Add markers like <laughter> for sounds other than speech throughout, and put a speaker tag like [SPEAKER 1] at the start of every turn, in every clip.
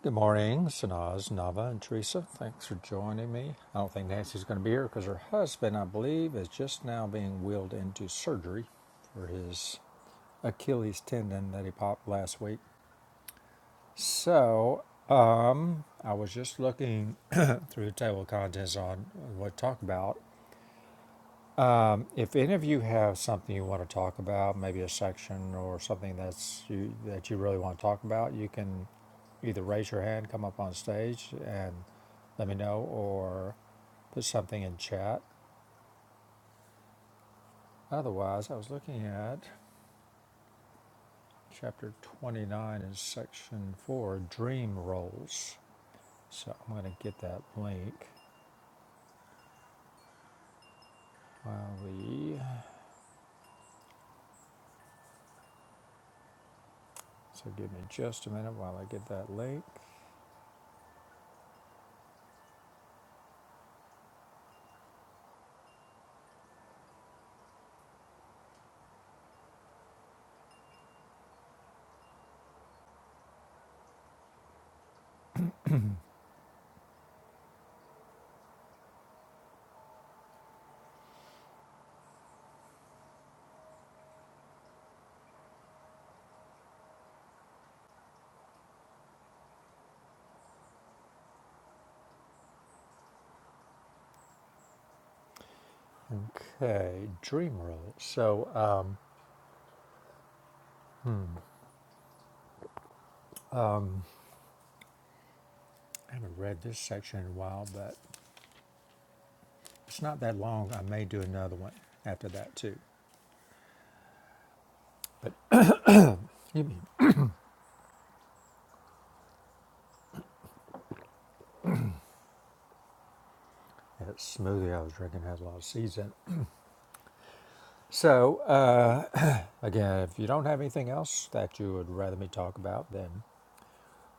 [SPEAKER 1] Good morning, Sanaz, Nava, and Teresa. Thanks for joining me. I don't think Nancy's going to be here because her husband, I believe, is just now being wheeled into surgery for his Achilles tendon that he popped last week. So I was just looking <clears throat> through the table of contents on what to talk about. If any of you have something you want to talk about, maybe a section or something that's you, that you really want to talk about, you can either raise your hand, come up on stage, and let me know, or Put something in chat. Otherwise, I was looking at chapter 29 in section 4, dream roles. So I'm going to get that link while we. So give me just a minute while I get that link. Okay, dream roles. So um, hmm, um, I haven't read this section in a while, but it's not that long. I may do another one after that too. But that smoothie I was drinking has a lot of seeds in it. So, uh, Again, if you don't have anything else that you would rather me talk about, then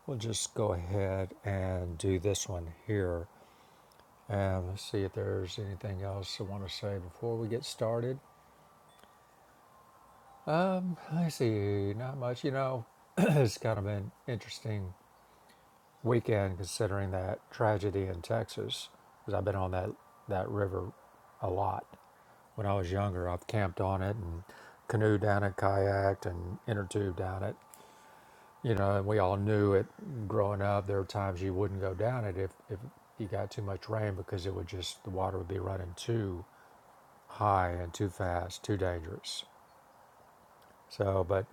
[SPEAKER 1] we'll just go ahead and do this one here. And let's see if there's anything else I want to say before we get started. Um, I see, not much. You know, <clears throat> it's kind of an interesting weekend considering that tragedy in Texas, because I've been on that, that river a lot. When I was younger, I've camped on it and canoed down it, kayaked, and inner tube down it. You know, and we all knew it growing up. There were times you wouldn't go down it if, if you got too much rain because it would just, the water would be running too high and too fast, too dangerous. So, but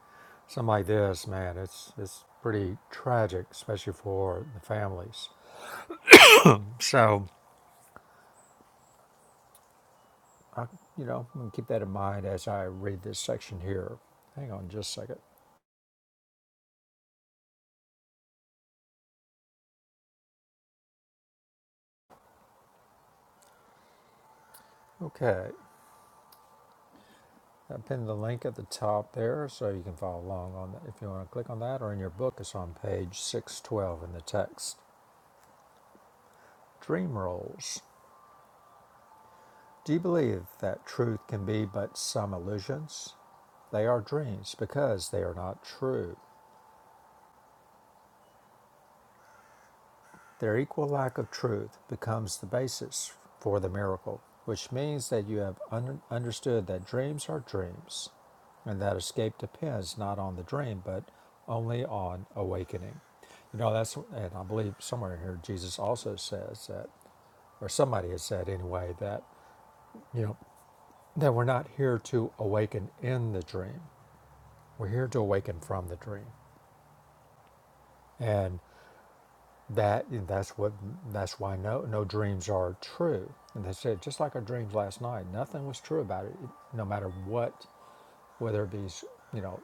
[SPEAKER 1] something like this, man, it's, it's pretty tragic, especially for the families. So, I, you know, I'm going to keep that in mind as I read this section here. Hang on just a second. Okay. I pinned the link at the top there so you can follow along on that if you want to click on that or in your book. It's on page 612 in the text. Dream roles. Do you believe that truth can be but some illusions? They are dreams because they are not true. Their equal lack of truth becomes the basis for the miracle, which means that you have un- understood that dreams are dreams and that escape depends not on the dream but only on awakening. You know, that's, and I believe somewhere here Jesus also says that, or somebody has said anyway, that, you know, that we're not here to awaken in the dream, we're here to awaken from the dream. And that that's what that's why no no dreams are true and they said just like our dreams last night nothing was true about it no matter what whether it be you know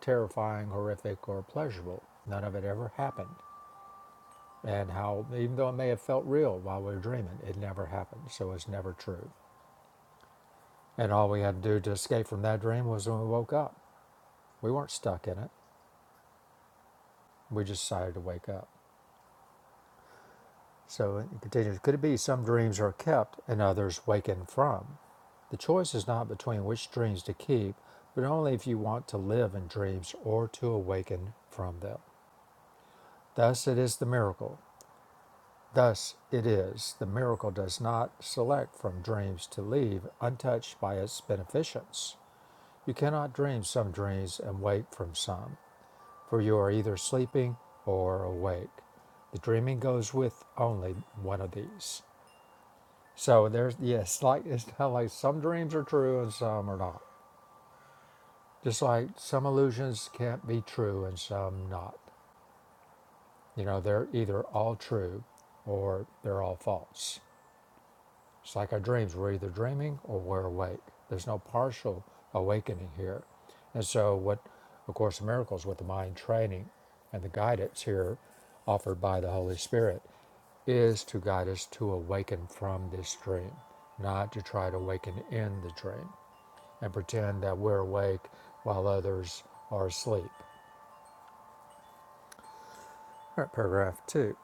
[SPEAKER 1] terrifying horrific or pleasurable none of it ever happened and how even though it may have felt real while we were dreaming it never happened so it's never true and all we had to do to escape from that dream was when we woke up we weren't stuck in it we just decided to wake up so it continues could it be some dreams are kept and others waken from The choice is not between which dreams to keep, but only if you want to live in dreams or to awaken from them. Thus it is the miracle. Thus it is the miracle does not select from dreams to leave untouched by its beneficence. You cannot dream some dreams and wake from some, for you are either sleeping or awake. The dreaming goes with only one of these. So there's yes, yeah, like it's not like some dreams are true and some are not Just like some illusions can't be true and some not. You know, they're either all true or they're all false. It's like our dreams. We're either dreaming or we're awake. There's no partial awakening here. And so, what, of course, miracles with the mind training and the guidance here offered by the Holy Spirit is to guide us to awaken from this dream, not to try to awaken in the dream and pretend that we're awake while others are asleep. Par- Paragraph 2.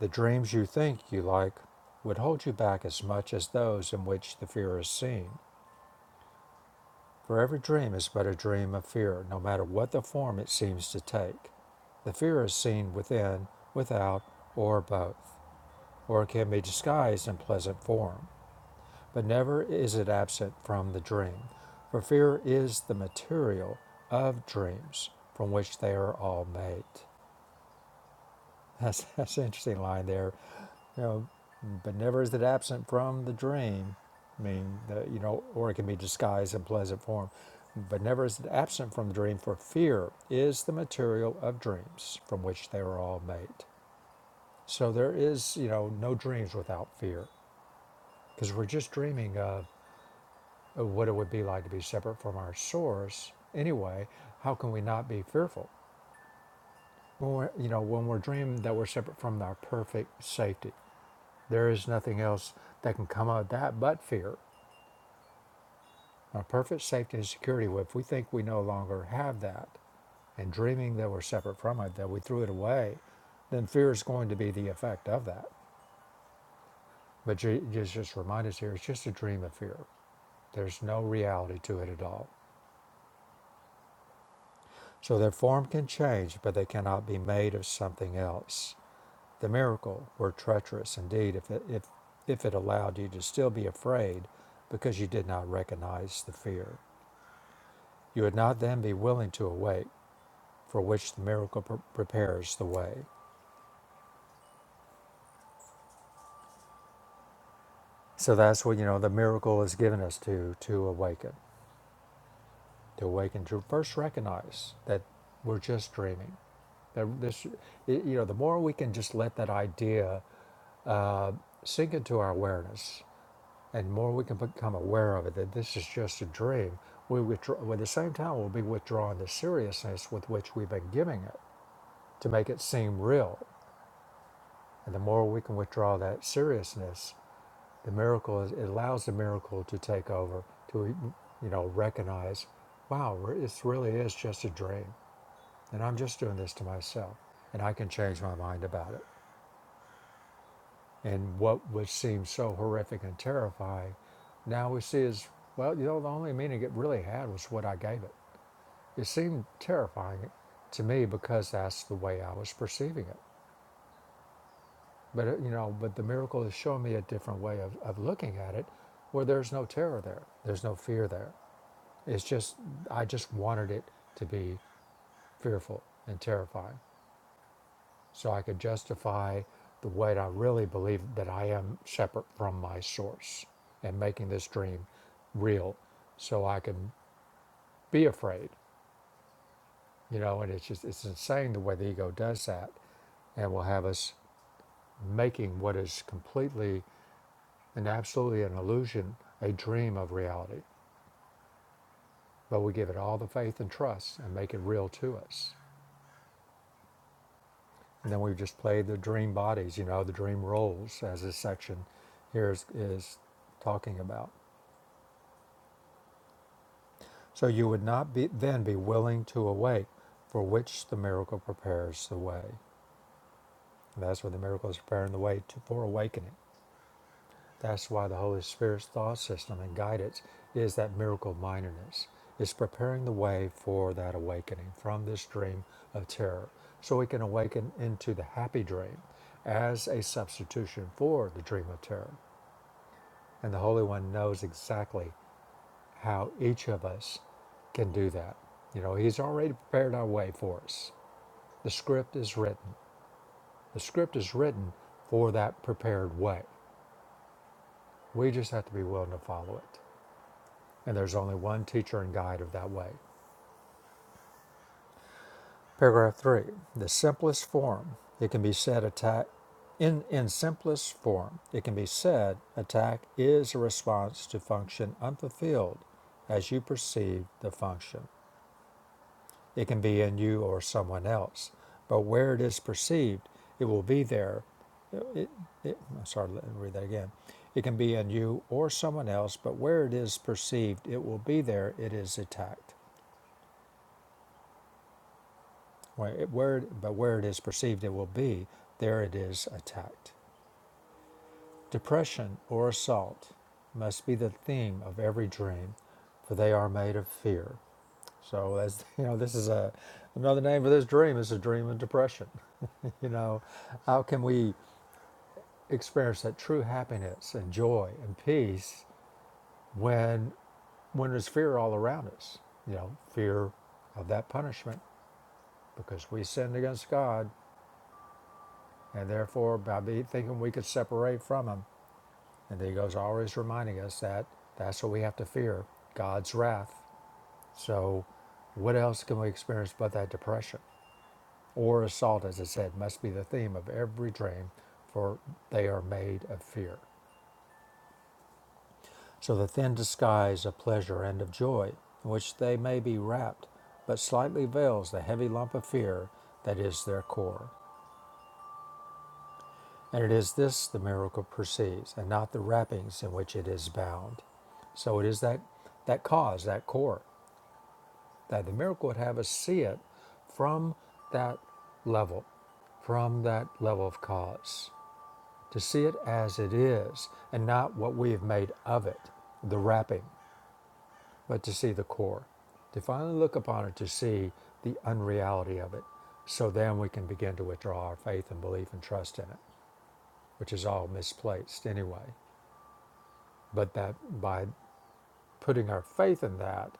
[SPEAKER 1] The dreams you think you like would hold you back as much as those in which the fear is seen. For every dream is but a dream of fear, no matter what the form it seems to take. The fear is seen within, without, or both, or can be disguised in pleasant form, but never is it absent from the dream, for fear is the material of dreams from which they are all made. <laughs> That's, that's an interesting line there. you know, but never is it absent from the dream. I mean, the, you know, or it can be disguised in pleasant form. But never is it absent from the dream, for fear is the material of dreams from which they were all made. So there is, you know, no dreams without fear, because we're just dreaming of what it would be like to be separate from our source. Anyway, how can we not be fearful? When we're, you know, when we're dreaming that we're separate from our perfect safety, there is nothing else that can come out of that but fear. Our perfect safety and security, if we think we no longer have that, and dreaming that we're separate from it, that we threw it away, then fear is going to be the effect of that. But just, just remind us here, it's just a dream of fear. There's no reality to it at all. So their form can change, but they cannot be made of something else. The miracle were treacherous indeed if it, if, if it allowed you to still be afraid because you did not recognize the fear. You would not then be willing to awake, for which the miracle pre- prepares the way. So that's what you know the miracle is given us to to awaken, to awaken to first recognize that we're just dreaming. That this, it- you know, the more we can just let that idea sink into our awareness, and the more we can become aware of it that this is just a dream, we withdraw. well, At the same time, we'll be withdrawing the seriousness with which we've been giving it to make it seem real. And the more we can withdraw that seriousness, the miracle is, it allows the miracle to take over to you know recognize wow it really is just a dream and i'm just doing this to myself and i can change my mind about it and what would seem so horrific and terrifying now we see is well you know the only meaning it really had was what i gave it it seemed terrifying to me because that's the way i was perceiving it but it, you know but the miracle is showing me a different way of, of looking at it where there's no terror there there's no fear there It's just, I just wanted it to be fearful and terrifying so I could justify the way I really believe that I am separate from my source and making this dream real so I can be afraid, you know. And it's just, it's insane the way the ego does that and will have us making what is completely and absolutely an illusion a dream of reality. But we give it all the faith and trust and make it real to us. And then we've just played the dream bodies, you know, the dream roles, as this section here is, is talking about. So you would not be, then be willing to awake, for which the miracle prepares the way. And that's what the miracle is preparing the way to, for awakening. That's why the Holy Spirit's thought system and guidance is that miracle mindedness. It's preparing the way for that awakening from this dream of terror, so we can awaken into the happy dream as a substitution for the dream of terror And the Holy One knows exactly how each of us can do that. You know, He's already prepared our way for us. The script is written. The script is written for that prepared way. We just have to be willing to follow it. And there's only one teacher and guide of that way. Paragraph three the simplest form, it can be said attack. In, in simplest form, it can be said attack is a response to function unfulfilled as you perceive the function. It can be in you or someone else. But where it is perceived, it will be there. It, it, I'm sorry, let me read that again. It can be in you or someone else, but where it is perceived, it will be there. It is attacked. Where, it, where but where it is perceived, it will be there. It is attacked. Depression or assault must be the theme of every dream, for they are made of fear. So that's <laughs> you know, this is a another name for this dream is a dream of depression. <laughs> you know, how can we experience that true happiness and joy and peace when when there's fear all around us? You know, fear of that punishment because we sinned against God and therefore by be thinking we could separate from him. And he goes always reminding us that that's what we have to fear, God's wrath. So what else can we experience but that depression? or assault, as it said, must be the theme of every dream, for they are made of fear. So the thin disguise of pleasure and of joy, in which they may be wrapped, but slightly veils the heavy lump of fear that is their core. And it is this the miracle perceives, and not the wrappings in which it is bound. So it is that, that cause, that core, that the miracle would have us see it from that level, from that level of cause. To see it as it is and not what we have made of it, the wrapping, but to see the core. To finally look upon it to see the unreality of it. So then we can begin to withdraw our faith and belief and trust in it, which is all misplaced anyway. But that by putting our faith in that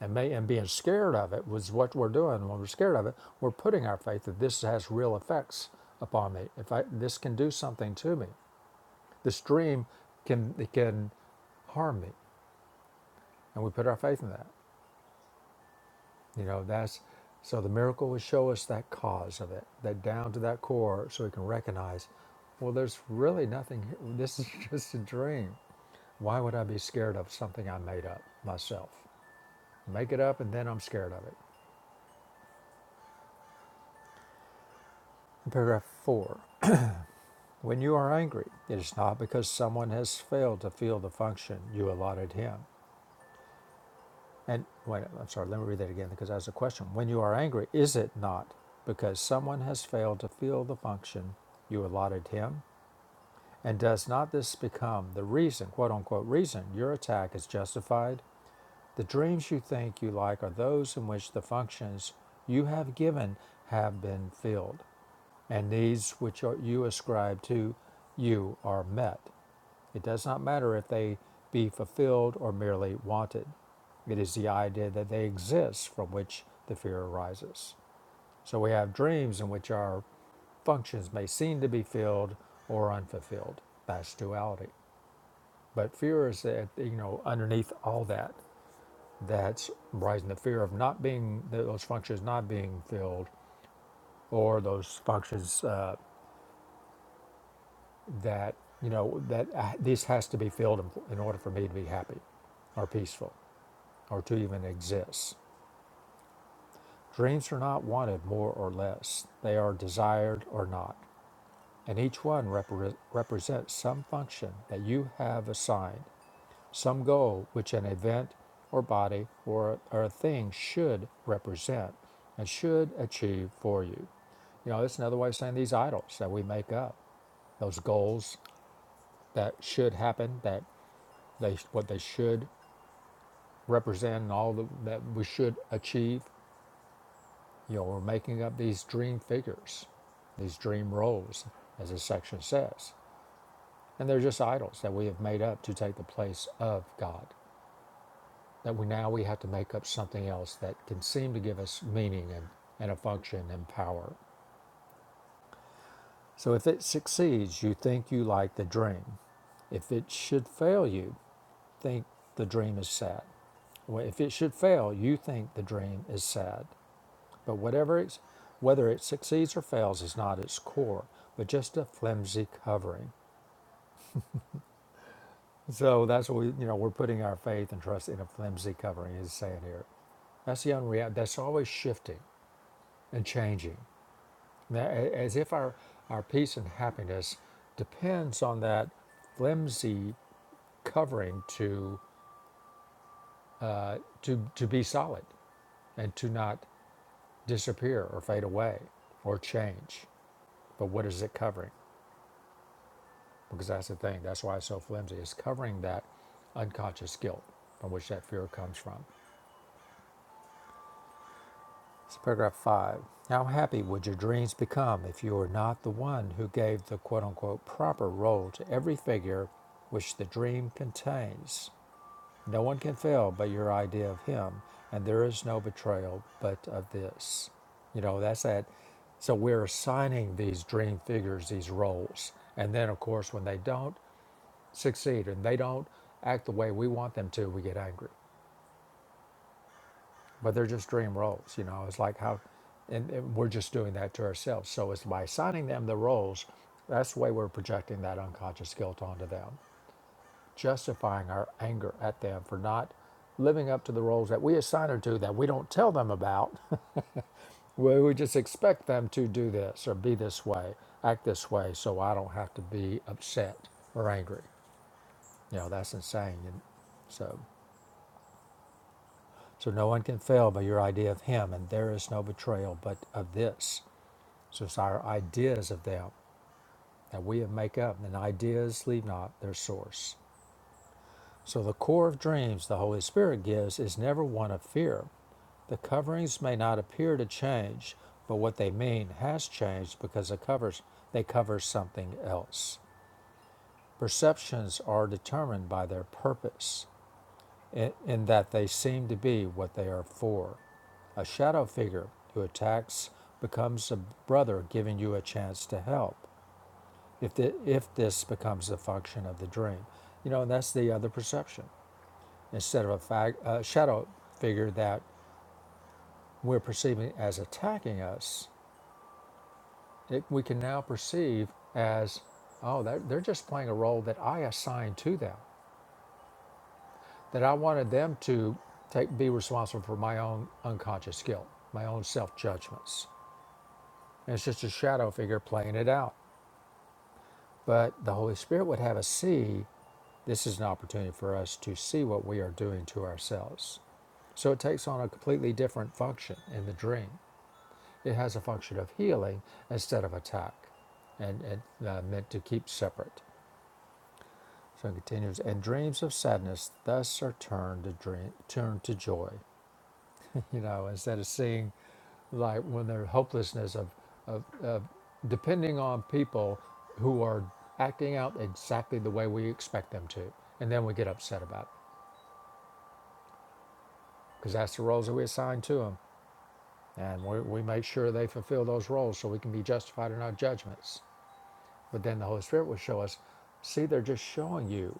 [SPEAKER 1] and, may, and being scared of it was what we're doing. When we're scared of it, we're putting our faith that this has real effects upon me. If I, this can do something to me, the stream can it can harm me and we put our faith in that you know that's so the miracle would show us that cause of it that down to that core so we can recognize well there's really nothing here. <laughs> this is just a dream why would i be scared of something i made up myself make it up and then i'm scared of it paragraph 4 when you are angry it is not because someone has failed to feel the function you allotted him And wait, I'm sorry, let me read that again because that's a question. When you are angry, is it not because someone has failed to fill the function you allotted him? And does not this become the reason, quote unquote, reason your attack is justified? The dreams you think you like are those in which the functions you have given have been filled, and needs which are, you ascribe to you are met. It does not matter if they be fulfilled or merely wanted. It is the idea that they exist from which the fear arises. So we have dreams in which our functions may seem to be filled or unfulfilled. That's duality. But fear is, uh, you know, underneath all that that's rising the fear of not being those functions not being filled or those functions uh, that you know that I, this has to be filled in, in order for me to be happy or peaceful or to even exist dreams are not wanted more or less they are desired or not and each one repre- represents some function that you have assigned some goal which an event or body or, or a thing should represent and should achieve for you. You know, it's another way of saying these idols that we make up, those goals that should happen, that they what they should represent, and all the, that we should achieve. You know, we're making up these dream figures, these dream roles, as this section says, and they're just idols that we have made up to take the place of God. that we now we have to make up something else that can seem to give us meaning and, and a function and power. So if it succeeds, you think you like the dream. If it should fail you, think the dream is sad. Well, if it should fail, you think the dream is sad. But whatever it's, whether it succeeds or fails is not its core, but just a flimsy covering. So that's what we, you know, we're putting our faith and trust in a flimsy covering. He's saying here, that's the unreal. That's always shifting and changing. As if our, our peace and happiness depends on that flimsy covering to, uh, to, to be solid and to not disappear or fade away or change. But what is it covering? Because that's the thing, that's why it's so flimsy. It's covering that unconscious guilt from which that fear comes from. It's paragraph five. How happy would your dreams become if you were not the one who gave the quote unquote proper role to every figure which the dream contains? No one can fail but your idea of him, and there is no betrayal but of this. You know, that's that. So we're assigning these dream figures these roles. And then, of course, when they don't succeed and they don't act the way we want them to, we get angry but they're just dream roles you know it's like how and, and we're just doing that to ourselves so it's by assigning them the roles that's the way we're projecting that unconscious guilt onto them justifying our anger at them for not living up to the roles that we assign them to that we don't tell them about <laughs> where we just expect them to do this or be this way act this way so i don't have to be upset or angry you know that's insane and so so no one can fail by your idea of him and there is no betrayal but of this So it's our ideas of them that we make up, and ideas leave not their source. So the core of dreams the Holy Spirit gives is never one of fear. The coverings may not appear to change, but what they mean has changed because the covers they cover something else. Perceptions are determined by their purpose, in, in that they seem to be what they are for. A shadow figure who attacks becomes a brother giving you a chance to help. if, the, if this becomes the function of the dream. You know, and that's the other perception. Instead of a fag, uh, shadow figure that we're perceiving as attacking us, it, we can now perceive as, oh, they're, they're just playing a role that I assigned to them, that I wanted them to take, be responsible for my own unconscious guilt, my own self judgments. And it's just a shadow figure playing it out. But the Holy Spirit would have us see this is an opportunity for us to see what we are doing to ourselves So it takes on a completely different function in the dream. It has a function of healing instead of attack, and, and uh, meant to keep separate. So it continues, and dreams of sadness thus are turned to dream, turned to joy. <laughs> You know, instead of seeing like when there's hopelessness of, of, of depending on people who are acting out exactly the way we expect them to, and then we get upset about it because that's the roles that we assign to them. And we, we make sure they fulfill those roles so we can be justified in our judgments. But then the Holy Spirit will show us see, they're just showing you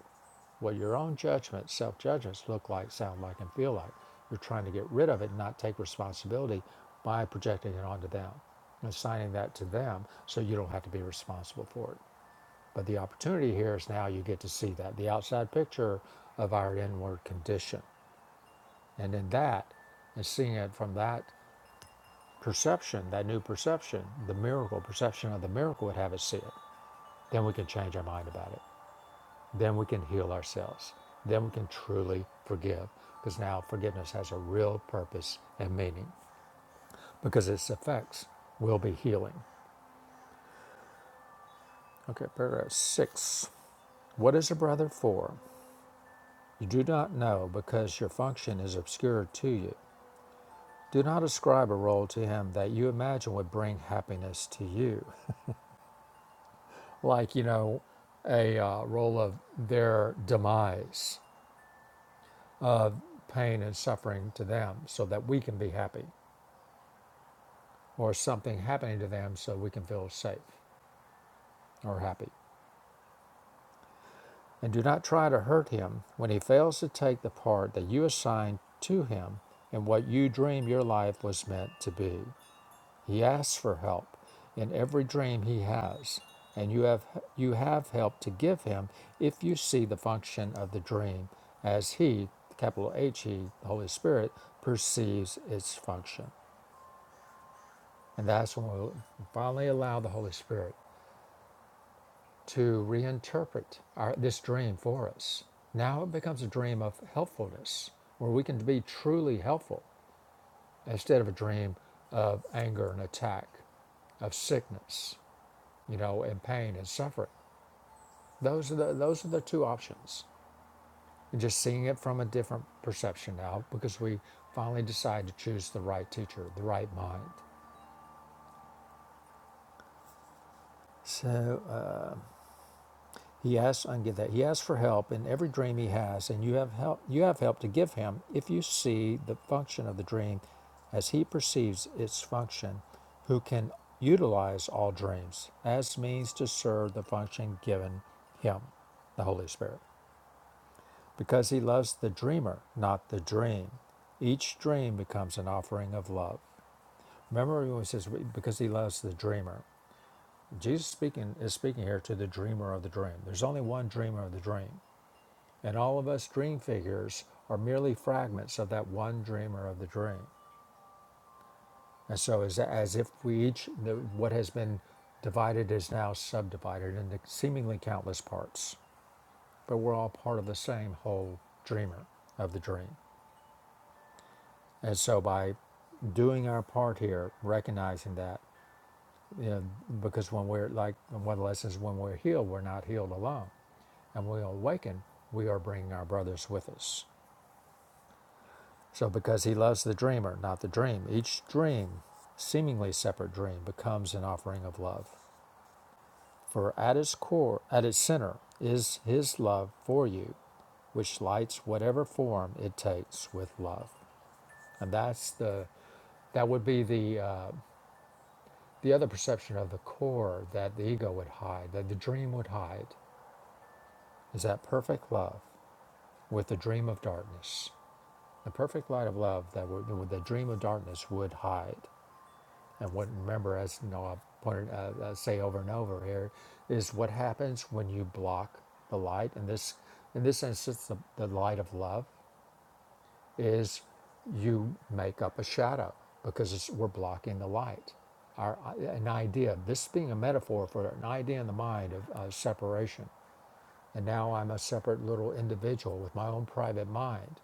[SPEAKER 1] what your own judgments, self judgments, look like, sound like, and feel like. You're trying to get rid of it and not take responsibility by projecting it onto them and assigning that to them so you don't have to be responsible for it. But the opportunity here is now you get to see that the outside picture of our inward condition. And in that, and seeing it from that Perception, that new perception, the miracle, perception of the miracle would have us see it. Then we can change our mind about it. Then we can heal ourselves. Then we can truly forgive because now forgiveness has a real purpose and meaning because its effects will be healing. Okay, paragraph six. What is a brother for? You do not know because your function is obscure to you. Do not ascribe a role to him that you imagine would bring happiness to you. like you know a uh, role of their demise pain and suffering to them so that we can be happy or something happening to them so we can feel safe or happy and do not try to hurt him when he fails to take the part that you assigned to him in what you dream your life was meant to be He asks for help in every dream he has, and you have you have help to give him if you see the function of the dream as he, capital H E, the Holy Spirit, perceives its function. And that's when we'll finally allow the Holy Spirit to reinterpret our, this dream for us. Now it becomes a dream of helpfulness, where we can be truly helpful instead of a dream of anger and attack, of sickness. you know, and pain and suffering. Those are the those are the two options. And just seeing it from a different perception now because we finally decide to choose the right teacher, the right mind. So uh, he asks, I can get that. He asks for help in every dream he has, and you have help. You have help to give him if you see the function of the dream, as he perceives its function, who can utilize all dreams as means to serve the function given him, the Holy Spirit. because he loves the dreamer, not the dream. Each dream becomes an offering of love. Remember when he says, because he loves the dreamer. Jesus speaking is speaking here to the dreamer of the dream. There's only one dreamer of the dream. And all of us dream figures are merely fragments of that one dreamer of the dream. And so as, as if we each, what has been divided is now subdivided into seemingly countless parts. But we're all part of the same whole dreamer of the dream. And so by doing our part here, recognizing that, you know, because when we're like one of the lessons when we're healed, we're not healed alone, and when we awaken, we are bringing our brothers with us. So because he loves the dreamer, not the dream, each dream, seemingly separate dream, becomes an offering of love. For at its core, at its center, is his love for you, which lights whatever form it takes with love, and that's the that would be the uh, The other perception of the core that the ego would hide, that the dream would hide, is that perfect love with the dream of darkness. The perfect light of love that would, the dream of darkness would hide and would remember, as you know, I've pointed, uh, uh, say over and over here, is what happens when you block the light. In this, in this instance, the, the light of love. is you make up a shadow because it's, we're blocking the light. Our, an idea, this being a metaphor for an idea in the mind of uh, separation. And now I'm a separate little individual with my own private mind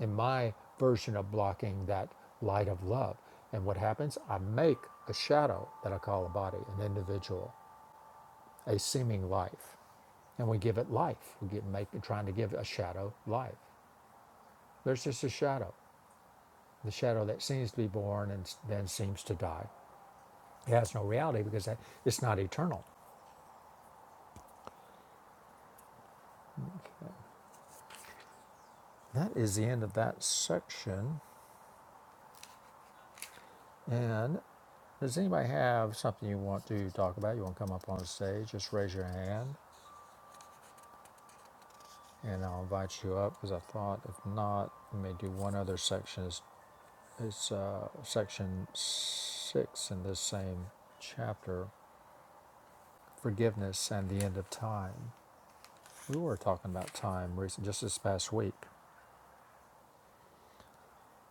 [SPEAKER 1] in my version of blocking that light of love. And what happens? I make a shadow that I call a body, an individual, a seeming life and we give it life. We get make, trying to give a shadow life. There's just a shadow. the shadow that seems to be born and then seems to die. It has no reality because it's not eternal. Okay. That is the end of that section. And does anybody have something you want to talk about? You want to come up on stage? Just raise your hand and I'll invite you up because I thought if not, we may do one other section. It's, it's uh, section six in this same chapter forgiveness and the end of time. We were talking about time recent, just this past week.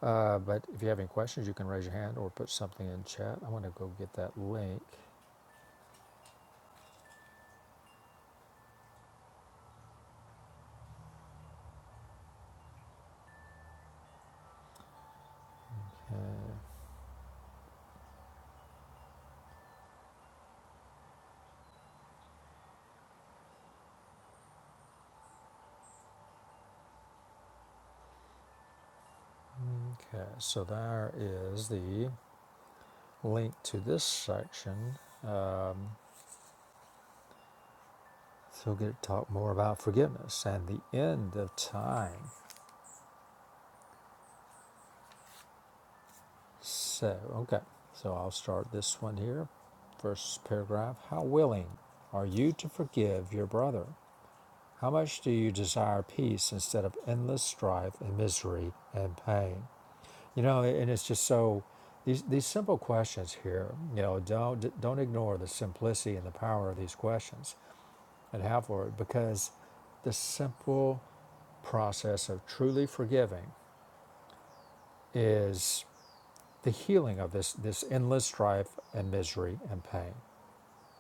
[SPEAKER 1] Uh, but if you have any questions, you can raise your hand or put something in chat. I want to go get that link. Uh, okay, so there is the link to this section. So we'll get to talk more about forgiveness and the end of time. So, okay, so I'll start this one here. First paragraph How willing are you to forgive your brother? How much do you desire peace instead of endless strife and misery and pain? You know, and it's just so these these simple questions here. You know, don't don't ignore the simplicity and the power of these questions and have for it because the simple process of truly forgiving is the healing of this this endless strife and misery and pain.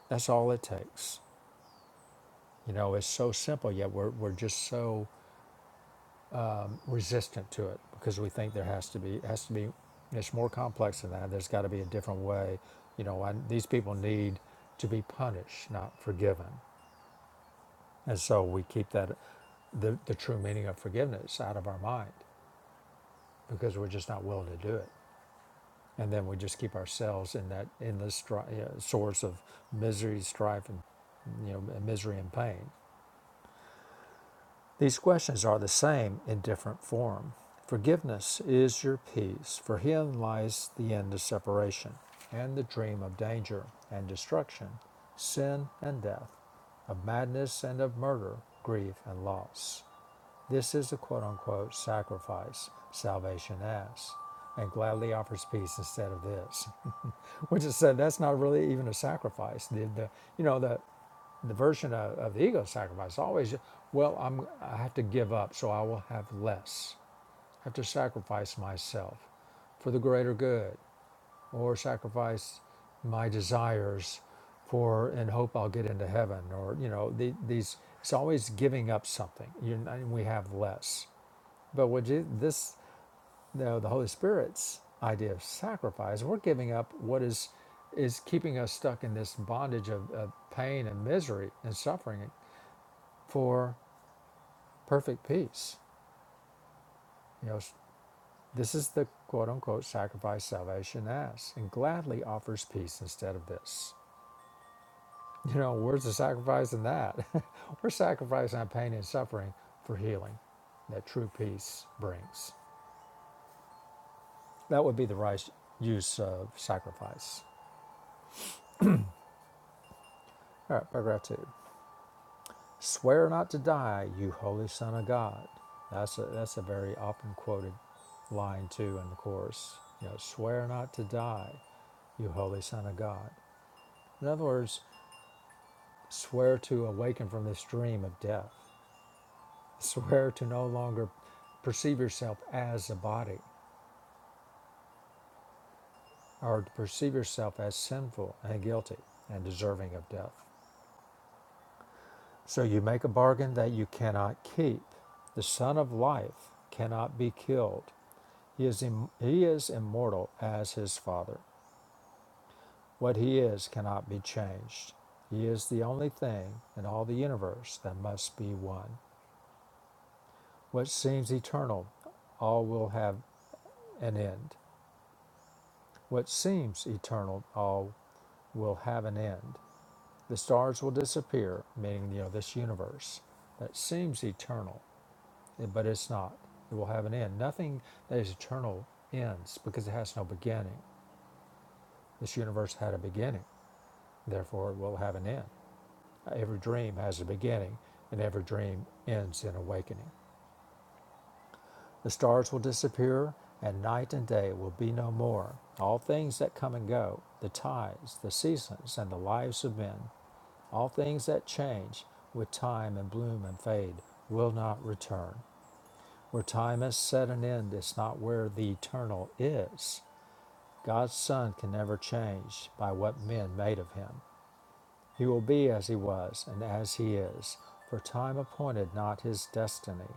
[SPEAKER 1] That's all it takes. You know, it's so simple, yet we're we're just so resistant to it because we think there has to be has to be it's more complex than that there's got to be a different way you know I, these people need to be punished not forgiven and so we keep that the, the true meaning of forgiveness out of our mind because we're just not willing to do it and then we just keep ourselves in that endless stri- you know, source of misery strife and you know misery and pain These questions are the same in different form. Forgiveness is your peace. For him lies the end of separation and the dream of danger and destruction, sin and death, of madness and of murder, grief and loss. This is the quote unquote sacrifice salvation asks and gladly offers peace instead of this. <laughs> Which is said that's not really even a sacrifice. The, the you know the the version of, of the ego sacrifice always, well, I'm, I have to give up, so I will have less. I have to sacrifice myself for the greater good, or sacrifice my desires for in hope I'll get into heaven, or you know, the, these. It's always giving up something. You and we have less, but with Je- this, you know, the Holy Spirit's idea of sacrifice, we're giving up what is is keeping us stuck in this bondage of, of pain and misery and suffering for perfect peace. You know, this is the quote unquote sacrifice salvation asks and gladly offers peace instead of this. <laughs> You know, where's the sacrifice in that? <laughs> We're sacrificing our pain and suffering for healing that true peace brings. That would be the right use of sacrifice. All right, paragraph two. Swear not to die, you holy son of God. That's a, that's a very often quoted line too in the course, You know, swear not to die, you holy son of God. In other words, swear to awaken from this dream of death. Swear to no longer perceive yourself as a body or to perceive yourself as sinful and guilty and deserving of death. So you make a bargain that you cannot keep. The son of life cannot be killed He is, im- he is immortal as his Father. What he is cannot be changed. He is the only thing in all the universe that must be one. What seems eternal, all will have an end. What seems eternal, all will have an end. The stars will disappear, meaning you know this universe that seems eternal, but it's not. It will have an end. Nothing that is eternal ends because it has no beginning. This universe had a beginning, therefore it will have an end. Every dream has a beginning, and every dream ends in awakening. The stars will disappear, and night and day will be no more. All things that come and go, the tides, the seasons, and the lives of men, all things that change with time and bloom and fade, will not return. Where time has set an end is not where the eternal is. God's Son can never change by what men made of him. He will be as he was and as he is, for time appointed not his destiny,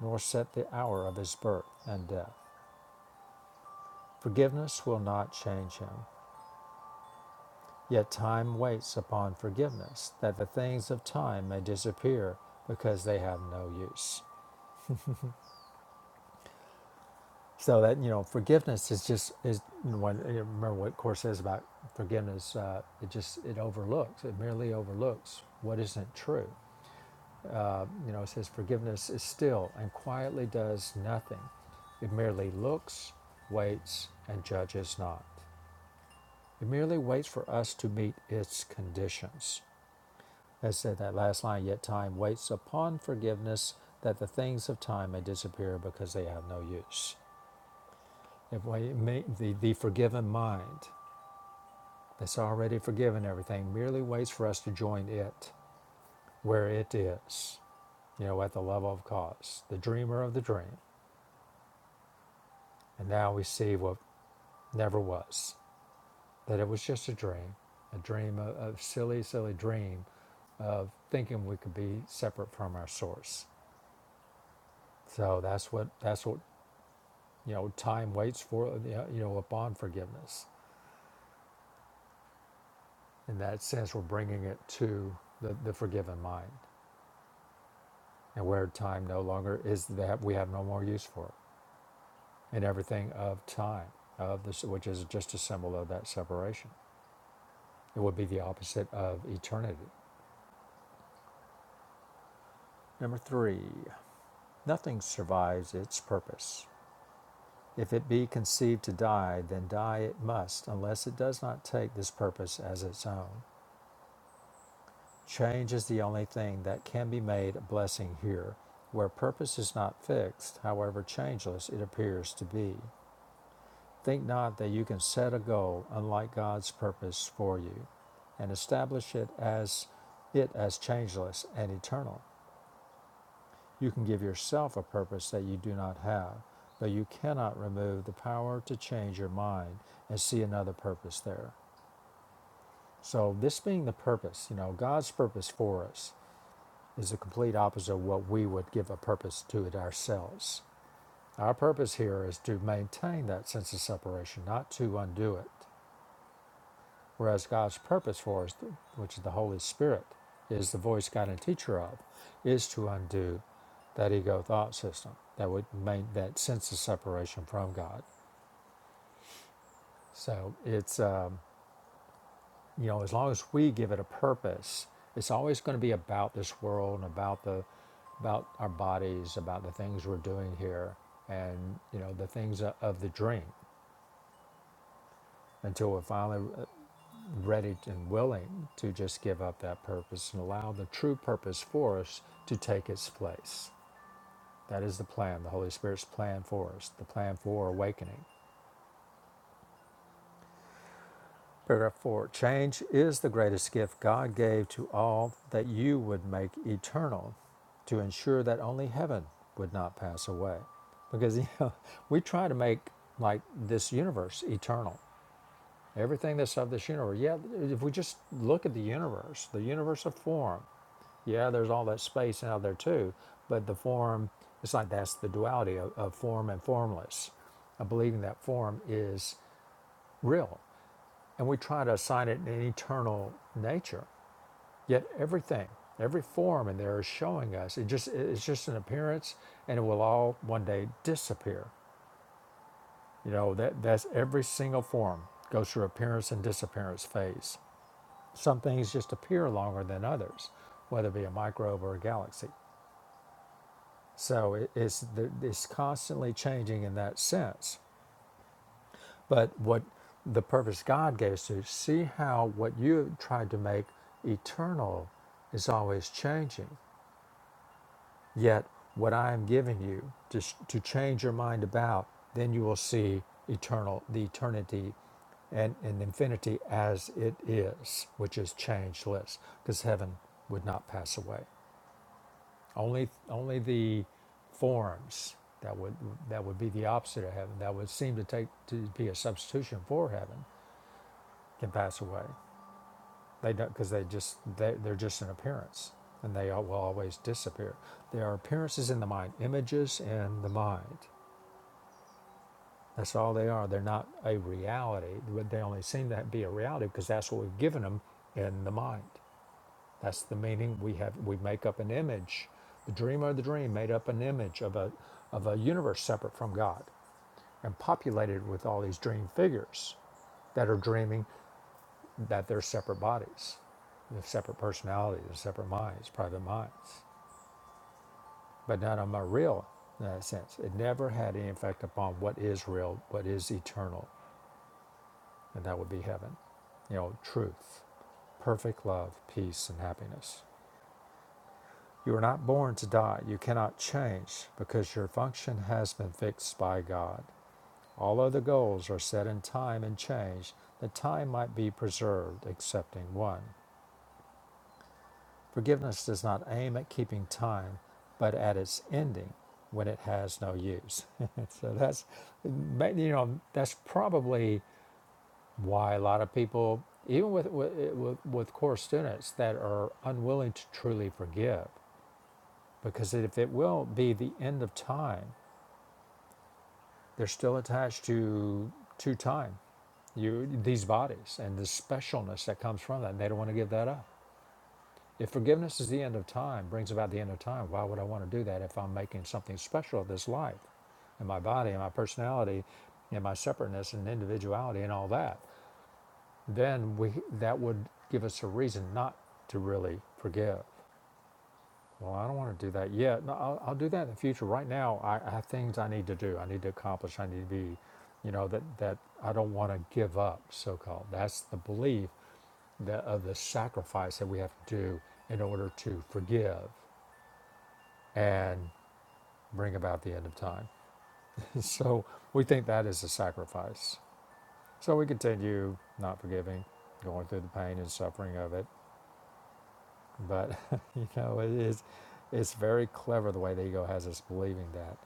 [SPEAKER 1] nor set the hour of his birth and death. Forgiveness will not change him, yet time waits upon forgiveness, that the things of time may disappear because they have no use. So that you know, forgiveness is just is when remember what course says about forgiveness. Uh, it just it overlooks, it merely overlooks what isn't true Uh, you know, it says forgiveness is still and quietly does nothing. It merely looks, waits, and judges not. It merely waits for us to meet its conditions. As said that last line, yet time waits upon forgiveness that the things of time may disappear because they have no use. If we the, the forgiven mind that's already forgiven everything merely waits for us to join it where it is, you know, at the level of cause, the dreamer of the dream And now we see what never was that it was just a dream, a dream, a, a silly, silly dream of thinking we could be separate from our source. So that's what, that's what, you know, time waits for, you know, upon forgiveness. In that sense, we're bringing it to the, the forgiven mind and where time no longer is that we have no more use for it and everything of time of this which is just a symbol of that separation it would be the opposite of eternity number three Nothing survives its purpose. If it be conceived to die, then die it must, unless it does not take this purpose as its own. Change is the only thing that can be made a blessing here, where purpose is not fixed, however changeless it appears to be. Think not that you can set a goal unlike God's purpose for you, and establish it as it as changeless and eternal. You can give yourself a purpose that you do not have, but you cannot remove the power to change your mind and see another purpose there. So, this being the purpose, you know, God's purpose for us is the complete opposite of what we would give a purpose to it ourselves. Our purpose here is to maintain that sense of separation, not to undo it. Whereas God's purpose for us, which is the Holy Spirit, is the voice guide and teacher of, is to undo that ego thought system that would make that sense of separation from God. So it's um, you know as long as we give it a purpose, it's always going to be about this world and about the about our bodies, about the things we're doing here, and you know the things of the dream until we finally ready and willing to just give up that purpose and allow the true purpose for us to take its place. That is the plan, the Holy Spirit's plan for us, the plan for awakening. Paragraph 4 Change is the greatest gift God gave to all that you would make eternal to ensure that only heaven would not pass away. Because, you know, <laughs> we try to make like this universe eternal Everything that's of this universe. Yeah, if we just look at the universe, the universe of form, yeah, there's all that space out there too, but the form, it's like that's the duality of, of form and formless, of believing that form is real. And we try to assign it an eternal nature. Yet everything, every form in there is showing us. It just it's just an appearance and it will all one day disappear. You know, that that's every single form goes through appearance and disappearance phase Some things just appear longer than others, whether it be a microbe or a galaxy. So it- it's, the- it's constantly changing in that sense. But what the purpose God gave us to see how what you have tried to make eternal is always changing. Yet what I am giving you to, sh- to change your mind about, then you will see eternal, the eternity and, and infinity as it is, which is changeless, because heaven would not pass away. Only, only the forms that would that would be the opposite of heaven. That would seem to take to be a substitution for heaven can pass away. They don't because they just they, they're just an appearance, and they will always disappear. They are appearances in the mind, images in the mind. That's all they are. They're not a reality. But they only seem to be a reality because that's what we've given them in the mind. That's the meaning we have. We make up an image. The dreamer of the dream made up an image of a of a universe separate from God, and populated it with all these dream figures that are dreaming that they're separate bodies, they're separate personalities, they're separate minds, private minds. But none of them are real in that sense. It never had any effect upon what is real, what is eternal, and that would be heaven. You know, truth, perfect love, peace, and happiness. You are not born to die. You cannot change because your function has been fixed by God. All other goals are set in time and change that time might be preserved, excepting one. Forgiveness does not aim at keeping time, but at its ending when it has no use. <laughs> so that's, you know, that's probably why a lot of people, even with, with, with core students that are unwilling to truly forgive, because if it will be the end of time, They're still attached to to time, you these bodies and the specialness that comes from that. They don't want to give that up. If forgiveness is the end of time, brings about the end of time, why would I want to do that if I'm making something special of this life and my body and my personality and my separateness and individuality and all that? Then we that would give us a reason not to really forgive. Well, I don't want to do that yet. No, I'll, I'll do that in the future. Right now, I, I have things I need to do. I need to accomplish. I need to be, you know, that that I don't want to give up. So called. That's the belief that of the sacrifice that we have to do in order to forgive and bring about the end of time. <laughs> so we think that is a sacrifice. So we continue not forgiving, going through the pain and suffering of it. But <laughs> you know, it is it's very clever the way the ego has us believing that.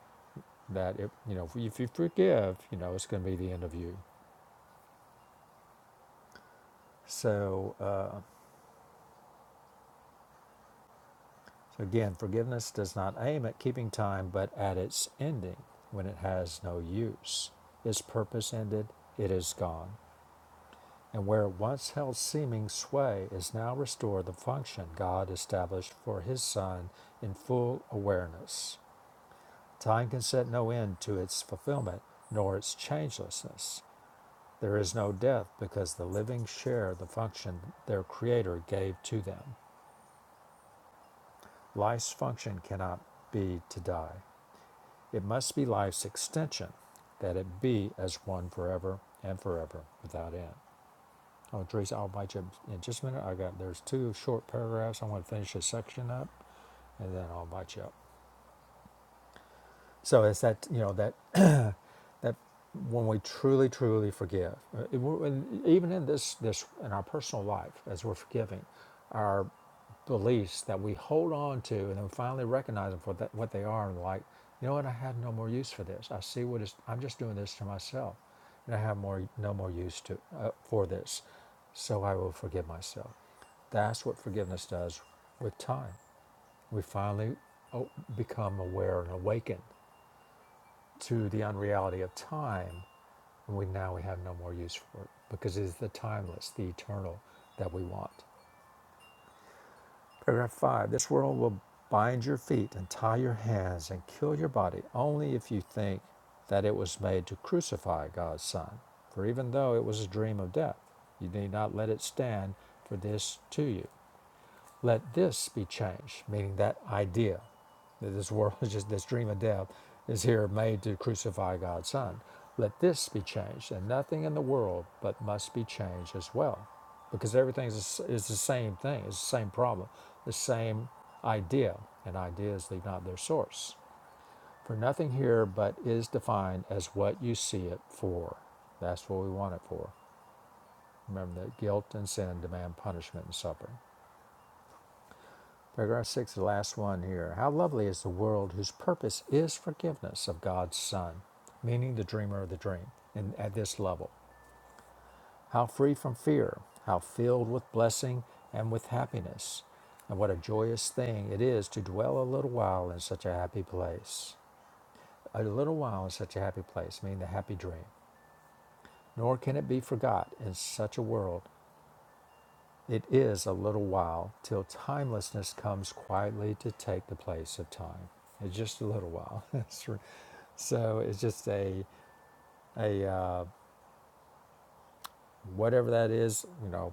[SPEAKER 1] that it, you know, if you, forgive, you know, it's going to be the end of you. So, uh, so again, forgiveness does not aim at keeping time, but at its ending when it has no use. Its purpose ended, it is gone. And where it once held seeming sway is now restored the function God established for His Son in full awareness. Time can set no end to its fulfillment, nor its changelessness. There is no death because the living share the function their Creator gave to them. Life's function cannot be to die. It must be life's extension, that it be as one forever and forever without end. Oh, Teresa, I'll bite you in just a minute. I got there's two short paragraphs. I want to finish this section up, and then I'll bite you up. So it's that you know that that when we truly, truly forgive, uh, it- and even in this, this, in our personal life, as we're forgiving, our beliefs that we hold on to, and then finally recognize them for that, what they are, and like, you know what, I have no more use for this. I see what is. I'm just doing this to myself, and I have more, no more use to uh, for this. So I will forgive myself. That's what forgiveness does with time. We finally oh, become aware and awakened to the unreality of time and we now we have no more use for it because it is the timeless, the eternal that we want. Paragraph five: This world will bind your feet and tie your hands and kill your body only if you think that it was made to crucify God's Son. For even though it was a dream of death, you need not let it stand for this to you. Let this be changed, meaning that idea that this world <laughs> is just this dream of death is here made to crucify God's Son. Let this be changed, and nothing in the world but must be changed as well, because everything is, is the same thing, it's the same problem, the same idea, and ideas leave not their source. For nothing here but is defined as what you see it for. That's what we want it for. Remember that guilt and sin demand punishment and suffering. Paragraph six, the last one here. How lovely is the world whose purpose is forgiveness of God's Son, meaning the dreamer of the dream, and at this level. How free from fear, how filled with blessing and with happiness. And what a joyous thing it is to dwell a little while in such a happy place. A little while in such a happy place, meaning the happy dream. Nor can it be forgot in such a world It is a little while till timelessness comes quietly to take the place of time. It's just a little while. <laughs> It's re- so it's just a a uh, whatever that is. You know,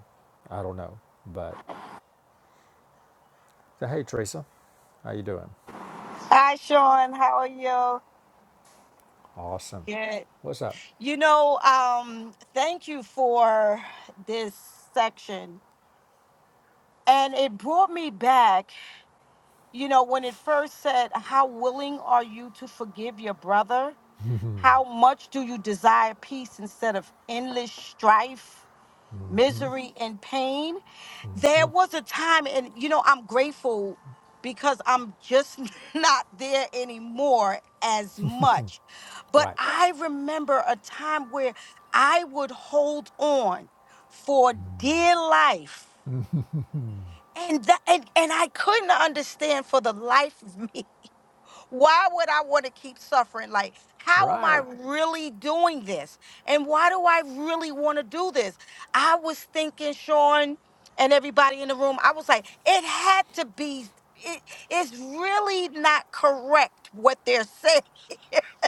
[SPEAKER 1] I don't know. But so, hey, Teresa, how you doing?
[SPEAKER 2] Hi, Sean. How are you?
[SPEAKER 1] Awesome.
[SPEAKER 2] Good.
[SPEAKER 1] What's up?
[SPEAKER 2] You know, um, thank you for this section. And it brought me back, you know, when it first said, How willing are you to forgive your brother? How much do you desire peace instead of endless strife, misery, and pain? there was a time and you know i'm grateful because i'm just <laughs> not there anymore as much but
[SPEAKER 1] Right,
[SPEAKER 2] i remember a time where i would hold on for dear life and that and, and i couldn't understand for the life of me why would I want to keep suffering? Like, how am I
[SPEAKER 1] right,
[SPEAKER 2] really doing this? And why do I really want to do this? I was thinking, Sean, and everybody in the room, I was like, it had to be. It, it's really not correct what they're saying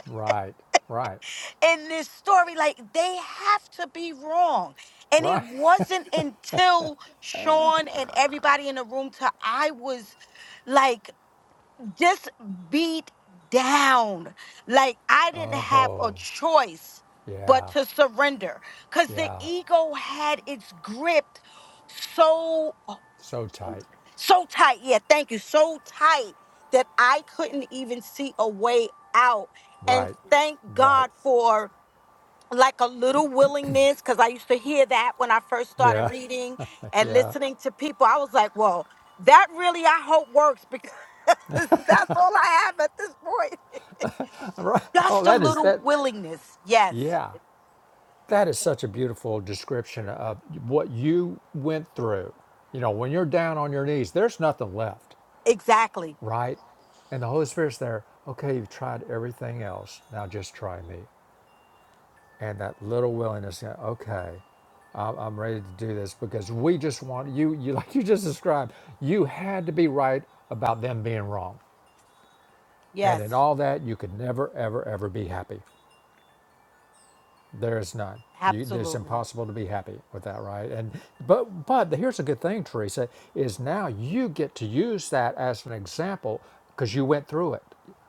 [SPEAKER 1] right, right,
[SPEAKER 2] in this story. Like, they have to be wrong. And it
[SPEAKER 1] right. <laughs>
[SPEAKER 2] wasn't until Sean and everybody in the room, till I was like, just beat down. Like I didn't have a
[SPEAKER 1] Oh,
[SPEAKER 2] choice but
[SPEAKER 1] yeah,
[SPEAKER 2] to surrender because the
[SPEAKER 1] yeah.
[SPEAKER 2] ego had its grip so
[SPEAKER 1] So tight.
[SPEAKER 2] so tight. Yeah, thank you. So tight that I couldn't even see a way out. And
[SPEAKER 1] Right,
[SPEAKER 2] thank
[SPEAKER 1] right.
[SPEAKER 2] God for like a little willingness because I used to hear that when I first started
[SPEAKER 1] Yeah,
[SPEAKER 2] reading
[SPEAKER 1] <laughs>
[SPEAKER 2] and
[SPEAKER 1] yeah.
[SPEAKER 2] listening to people. I was like, "Whoa, that really I hope works because <laughs> that's all I have at this point."
[SPEAKER 1] Right.
[SPEAKER 2] <laughs>
[SPEAKER 1] <laughs> Oh,
[SPEAKER 2] Just a
[SPEAKER 1] that is
[SPEAKER 2] little
[SPEAKER 1] that.
[SPEAKER 2] willingness. Yes,
[SPEAKER 1] Yeah, that is such a beautiful description of what you went through. You know, when you're down on your knees, there's nothing left,
[SPEAKER 2] exactly.
[SPEAKER 1] right? And the Holy Spirit's there. Okay, you've tried everything else. Now just try me. And that little willingness. yeah, Okay, I'm I'm ready to do this because we just want you. You <laughs> like you just described. You had to be right about them being wrong, and
[SPEAKER 2] Yes,
[SPEAKER 1] in all that, you could never, ever, ever be happy. There is none. You, it's
[SPEAKER 2] absolutely.
[SPEAKER 1] impossible to be happy with that, right? And but but here's a good thing, Teresa, is now you get to use that as an example because you went through it.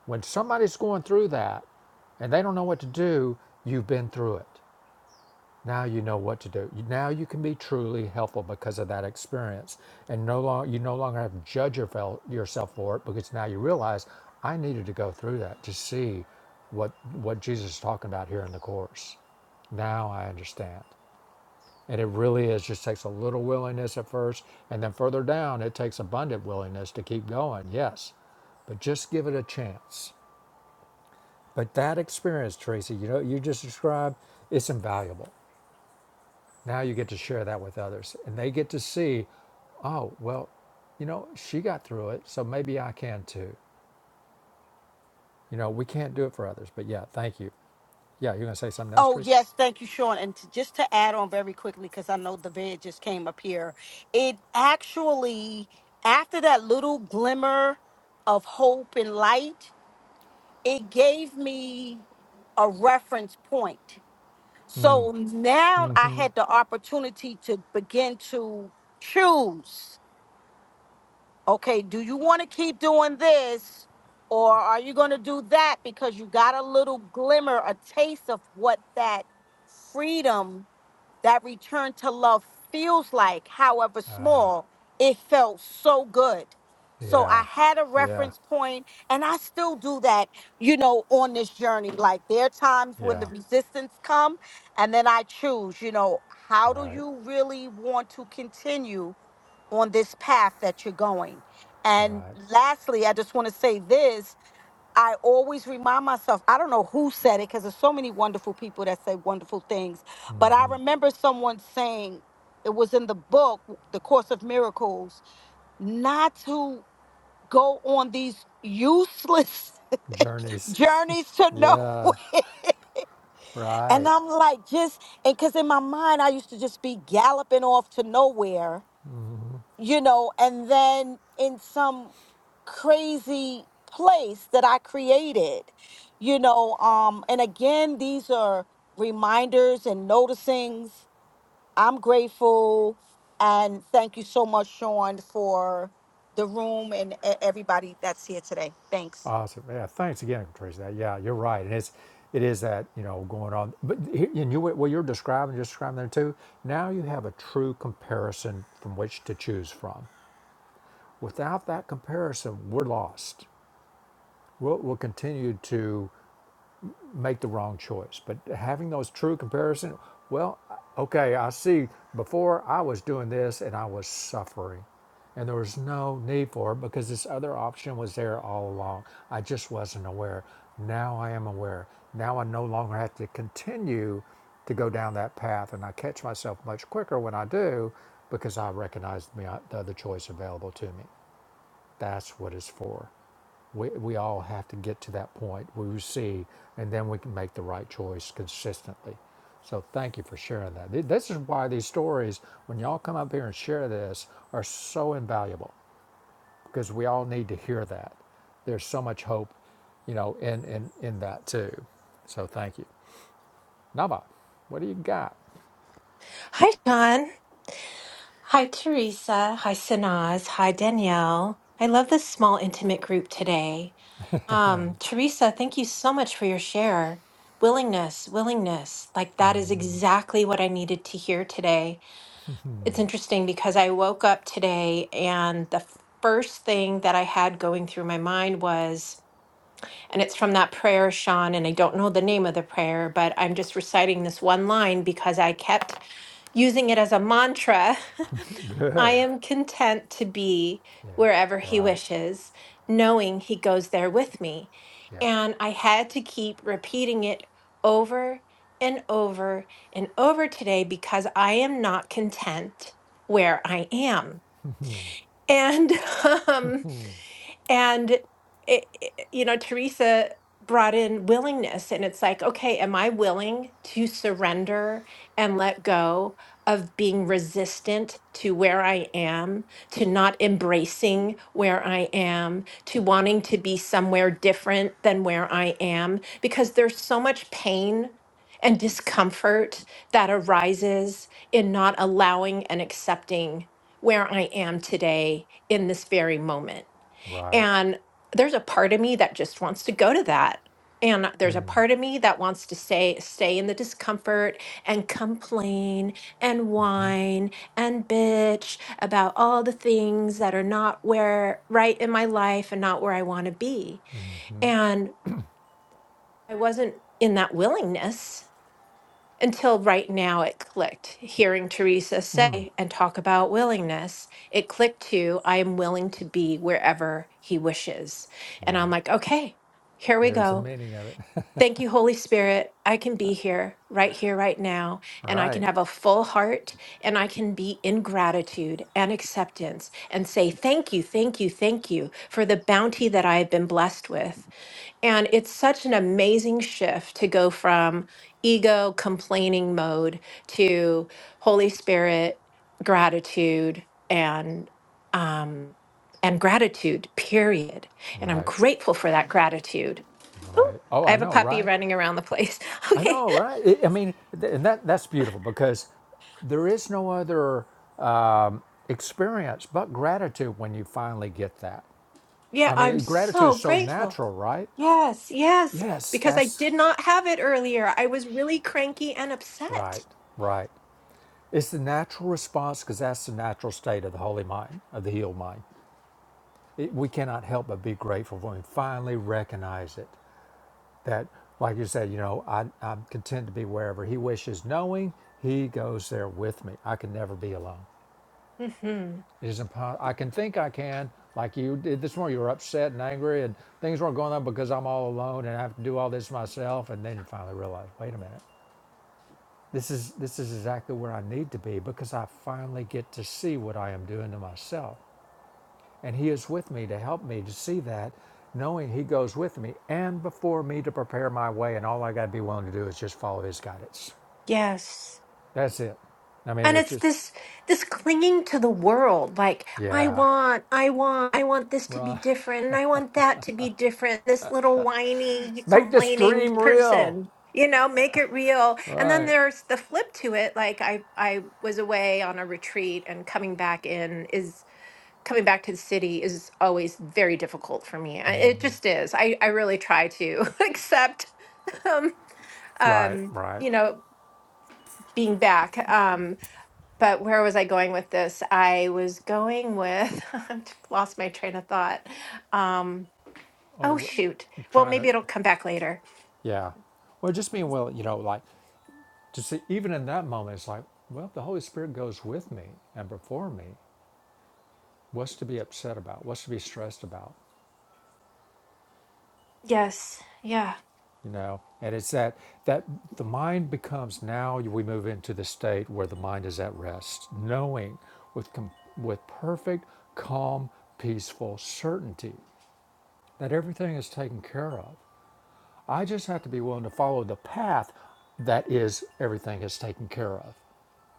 [SPEAKER 1] When somebody's going through that and they don't know what to do, you've been through it. Now you know what to do. Now you can be truly helpful because of that experience, and no longer you no longer have to judge your fel- yourself for it because now you realize I needed to go through that to see what what Jesus is talking about here in the course. Now I understand, and it really is just takes a little willingness at first, and then further down it takes abundant willingness to keep going. Yes, but just give it a chance. But that experience, Tracy, you know you just described, it's invaluable now you get to share that with others and they get to see, oh, well, you know, she got through it, so maybe I can too. You know, we can't do it for others, but yeah, thank you. Yeah, you're going to say something else,
[SPEAKER 2] Oh
[SPEAKER 1] Teresa?
[SPEAKER 2] yes, thank you, Sean. And to, just to add on very quickly, because I know the bid just came up here. It actually, after that little glimmer of hope and light, it gave me a reference point. So now I
[SPEAKER 1] Mm-hmm.
[SPEAKER 2] had the opportunity to begin to choose. Okay, do you want to keep doing this or are you going to do that because you got a little glimmer, a taste of what that freedom that return to love feels like, however small, it felt so good. So
[SPEAKER 1] Yeah,
[SPEAKER 2] I had a
[SPEAKER 1] yeah,
[SPEAKER 2] reference point, and I still do that, you know, on this journey. Like there are times when the
[SPEAKER 1] yeah,
[SPEAKER 2] resistance come, and then I choose, you know, how do
[SPEAKER 1] right,
[SPEAKER 2] you really want to continue on this path that you're going? And
[SPEAKER 1] right.
[SPEAKER 2] lastly, I just want to say this I always remind myself, I don't know who said it because there's so many wonderful people that say wonderful things, but I
[SPEAKER 1] Mm-hmm.
[SPEAKER 2] remember someone saying it was in the book, The Course of Miracles, not to go on these useless <laughs>
[SPEAKER 1] Journeys. <laughs>
[SPEAKER 2] journeys to
[SPEAKER 1] Yeah,
[SPEAKER 2] nowhere. And
[SPEAKER 1] right.
[SPEAKER 2] I'm like, just, and because in my mind, I used to just be galloping off to nowhere you know, and then in some crazy place that I created, you know, um, and again, these are reminders and noticings. I'm grateful and thank you so much, Sean, for the room and e- everybody that's here today. Thanks.
[SPEAKER 1] Awesome. Yeah. Thanks again, Patricia. That- Yeah, you're right. And it's it is that you know going on. But he- and you what you're describing, just describing there too. Now you have a true comparison from which to choose from. Without that comparison, we're lost. We'll, we'll continue to make the wrong choice. But having those true comparison, well, okay, I see. Before I was doing this and I was suffering, and there was no need for it because this other option was there all along. I just wasn't aware. Now I am aware. Now I no longer have to continue to go down that path, and I catch myself much quicker when I do because I recognize the the other choice available to me. That's what it's for. We, we all have to get to that point where we see, and then we can make the right choice consistently. So thank you for sharing that. Th- This is why these stories, when y'all come up here and share this, are so invaluable because we all need to hear that. There's so much hope, you know, in in, in that too. So thank you, Nava. What do you got?
[SPEAKER 3] Hi, John. Hi, Teresa. Hi, Sanaz. Hi, Danielle. I love this small, intimate group today. Um, Teresa, thank you so much for your share. Willingness, willingness. Like, that is exactly what I needed to hear today. It's interesting because I woke up today and the first thing that I had going through my mind was, and it's from that prayer, Sean, and I don't know the name of the prayer, but I'm just reciting this one line because I kept using it as a mantra <laughs> I
[SPEAKER 1] Good.
[SPEAKER 3] am content to be
[SPEAKER 1] Yeah.
[SPEAKER 3] wherever he
[SPEAKER 1] Right.
[SPEAKER 3] wishes, knowing he goes there with me.
[SPEAKER 1] Yeah.
[SPEAKER 3] And I had to keep repeating it over and over and over today because I am not content where I am. And <laughs> um, and it, it- you know, Teresa brought in willingness, and it's like, okay, am I willing to surrender and let go of being resistant to where I am, to not embracing where I am, to wanting to be somewhere different than where I am? Because there's so much pain and discomfort that arises in not allowing and accepting where I am today in this very moment.
[SPEAKER 1] Right.
[SPEAKER 3] And there's a part of me that just wants to go to that. And there's
[SPEAKER 1] Hmm,
[SPEAKER 3] a part of me that wants to stay stay in the discomfort and complain and
[SPEAKER 1] hmm,
[SPEAKER 3] whine and bitch about all the things that are not where right in my life and not where I want to be.
[SPEAKER 1] hmm,
[SPEAKER 3] And I wasn't in that willingness until right now it clicked hearing teresa say and talk about willingness it clicked to i am willing to be wherever he wishes and i'm
[SPEAKER 1] Right.
[SPEAKER 3] like okay here we
[SPEAKER 1] There's the
[SPEAKER 3] go
[SPEAKER 1] meaning of it.
[SPEAKER 3] thank you holy spirit i can be here right here right now and i can
[SPEAKER 1] Right,
[SPEAKER 3] have a full heart and i can be in gratitude and acceptance and say thank you thank you thank you for the bounty that i have been blessed with and it's such an amazing shift to go from ego complaining mode to Holy Spirit gratitude and um, and gratitude. Period. And I'm
[SPEAKER 1] right,
[SPEAKER 3] grateful for that gratitude.
[SPEAKER 1] right. Oh,
[SPEAKER 3] I
[SPEAKER 1] I
[SPEAKER 3] have a
[SPEAKER 1] know,
[SPEAKER 3] puppy
[SPEAKER 1] right?
[SPEAKER 3] running around the place. <laughs>
[SPEAKER 1] I
[SPEAKER 3] Okay.
[SPEAKER 1] know, right? It, I mean, th- and that that's beautiful because there is no other experience but gratitude when you finally get that.
[SPEAKER 3] Yeah,
[SPEAKER 1] I
[SPEAKER 3] I'm
[SPEAKER 1] mean, gratitude
[SPEAKER 3] so
[SPEAKER 1] is so
[SPEAKER 3] grateful.
[SPEAKER 1] natural, right?
[SPEAKER 3] Yes, yes,
[SPEAKER 1] Yes,
[SPEAKER 3] because I
[SPEAKER 1] that's
[SPEAKER 3] did not have it earlier. I was really cranky and
[SPEAKER 1] right,
[SPEAKER 3] upset.
[SPEAKER 1] right. It's the natural response because that's the natural state of the holy mind, of the healed mind. It, we cannot help but be grateful when we finally recognize it. that like you said you know I, i'm content to be wherever he wishes knowing he goes there with me i can never be alone
[SPEAKER 3] hmm
[SPEAKER 1] it is impo- i can think i can like you did this morning you were upset and angry and things weren't going on because i'm all alone and i have to do all this myself and then you finally realize wait a minute this is this is exactly where i need to be because i finally get to see what i am doing to myself And He is with me to help me to see that, knowing He goes with me and before me to prepare my way. And all I got to be willing to do is just follow His guidance.
[SPEAKER 3] Yes.
[SPEAKER 1] That's it. I mean,
[SPEAKER 3] And
[SPEAKER 1] it's
[SPEAKER 3] it's
[SPEAKER 1] just,
[SPEAKER 3] this this clinging to the world, like I
[SPEAKER 1] yeah,
[SPEAKER 3] want, I want, I want this to be
[SPEAKER 1] right.
[SPEAKER 3] different, and I want that to be different. This little whiny,
[SPEAKER 1] Make this
[SPEAKER 3] complaining
[SPEAKER 1] dream real.
[SPEAKER 3] person, you know, make it real. And then
[SPEAKER 1] Right,
[SPEAKER 3] there's the flip to it. Like I, I was away on a retreat, and coming back in is coming back to the city is always very difficult for me. I- It just is. I, I really try to <laughs> accept, um,
[SPEAKER 1] right,
[SPEAKER 3] um,
[SPEAKER 1] right.
[SPEAKER 3] you know, being back. um but where was I going with this? I was going with <laughs> i lost my train of thought. Um,
[SPEAKER 1] Or the,
[SPEAKER 3] oh
[SPEAKER 1] w-
[SPEAKER 3] shoot. Well,
[SPEAKER 1] trying to,
[SPEAKER 3] maybe it'll come back later.
[SPEAKER 1] yeah. Well, just being well, you know, like to see, even in that moment, it's like, well, the Holy Spirit goes with me and before me. What's to be upset about? What's to be stressed about?
[SPEAKER 3] Yes. Yeah.
[SPEAKER 1] you know and it's that that the mind becomes now we move into the state where the mind is at rest knowing with com- with perfect calm peaceful certainty that everything is taken care of I just have to be willing to follow the path that is everything is taken care of.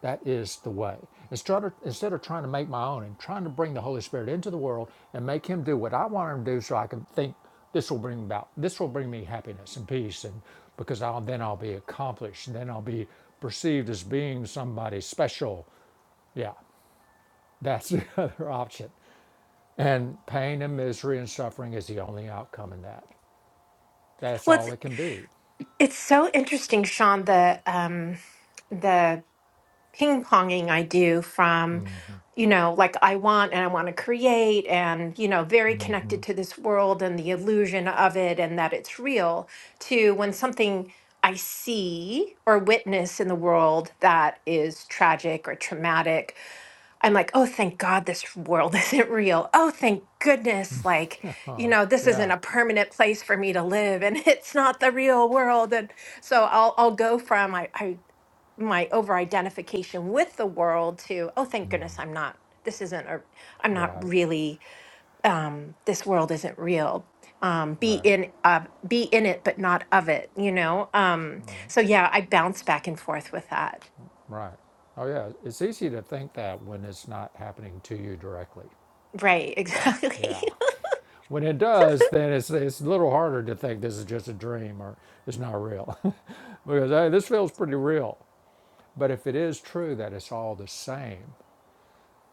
[SPEAKER 1] That is the way. Instead of, instead of trying to make my own and trying to bring the Holy Spirit into the world and make Him do what I want Him to do so I can think this will bring about, this will bring me happiness and peace, and because I'll, then I'll be accomplished, and then I'll be perceived as being somebody special. Yeah, that's <laughs> the other option. And pain and misery and suffering is the only outcome in that. That's
[SPEAKER 3] Well, it's
[SPEAKER 1] all it can be.
[SPEAKER 3] it's so interesting, Sean, the um the ping ponging I do from, you know, like I want and I want to create and, you know, very connected to this world and the illusion of it and that it's real to when something I see or witness in the world that is tragic or traumatic, I'm like, oh, thank God this world <laughs> isn't real. Oh, thank goodness. Like,
[SPEAKER 1] <laughs>
[SPEAKER 3] you know, this isn't
[SPEAKER 1] yeah.
[SPEAKER 3] a permanent place for me to live and <laughs> it's not the real world. And so I'll, I'll go from, I, I my over identification with the world to oh thank goodness i'm not this isn't a i'm not
[SPEAKER 1] Right,
[SPEAKER 3] really um this world isn't real um be
[SPEAKER 1] right,
[SPEAKER 3] in uh be in it but not of it you know um so yeah i bounce back and forth with that
[SPEAKER 1] right. Oh, yeah. It's easy to think that when it's not happening to you directly.
[SPEAKER 3] right exactly
[SPEAKER 1] Yeah. When it does,
[SPEAKER 3] <laughs>
[SPEAKER 1] then it's, it's a little harder to think this is just a dream or it's not real. <laughs> because, hey, this feels pretty real. But if it is true that it's all the same,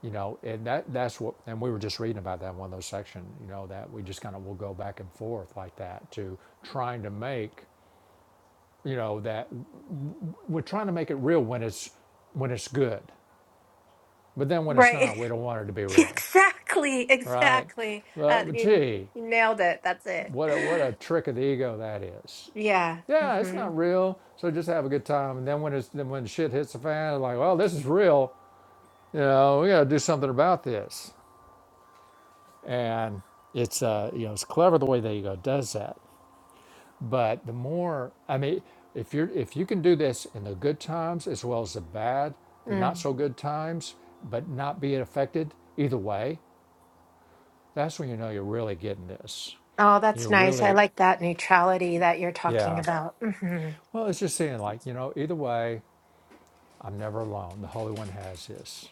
[SPEAKER 1] you know, and that that's what, and we were just reading about that in one of those sections, you know, that we just kind of will go back and forth like that to trying to make, you know, that we're trying to make it real when it's when it's good. But then when it's
[SPEAKER 3] right
[SPEAKER 1] not, we don't want it to be
[SPEAKER 3] <laughs>
[SPEAKER 1] real,
[SPEAKER 3] exactly
[SPEAKER 1] right?
[SPEAKER 3] exactly
[SPEAKER 1] But,
[SPEAKER 3] uh,
[SPEAKER 1] but
[SPEAKER 3] you,
[SPEAKER 1] gee,
[SPEAKER 3] you nailed it that's it
[SPEAKER 1] what a, what a trick of the ego that is.
[SPEAKER 3] yeah
[SPEAKER 1] Yeah, it's
[SPEAKER 3] hmm
[SPEAKER 1] not real, so just have a good time. And then when it's then when shit hits the fan, like, well, this is real. You know, we got to do something about this. And it's uh, you know, it's clever the way the ego does that. But the more, I mean, if you're if you can do this in the good times as well as the bad, the not
[SPEAKER 3] Mm.
[SPEAKER 1] so good times, but not be affected either way, That's when you know you're really getting this.
[SPEAKER 3] Oh, that's
[SPEAKER 1] You're
[SPEAKER 3] nice. I
[SPEAKER 1] really,
[SPEAKER 3] like that neutrality that you're talking
[SPEAKER 1] yeah.
[SPEAKER 3] about. mm-hmm.
[SPEAKER 1] Well, it's just saying, like, you know, either way, I'm never alone. The Holy One has this.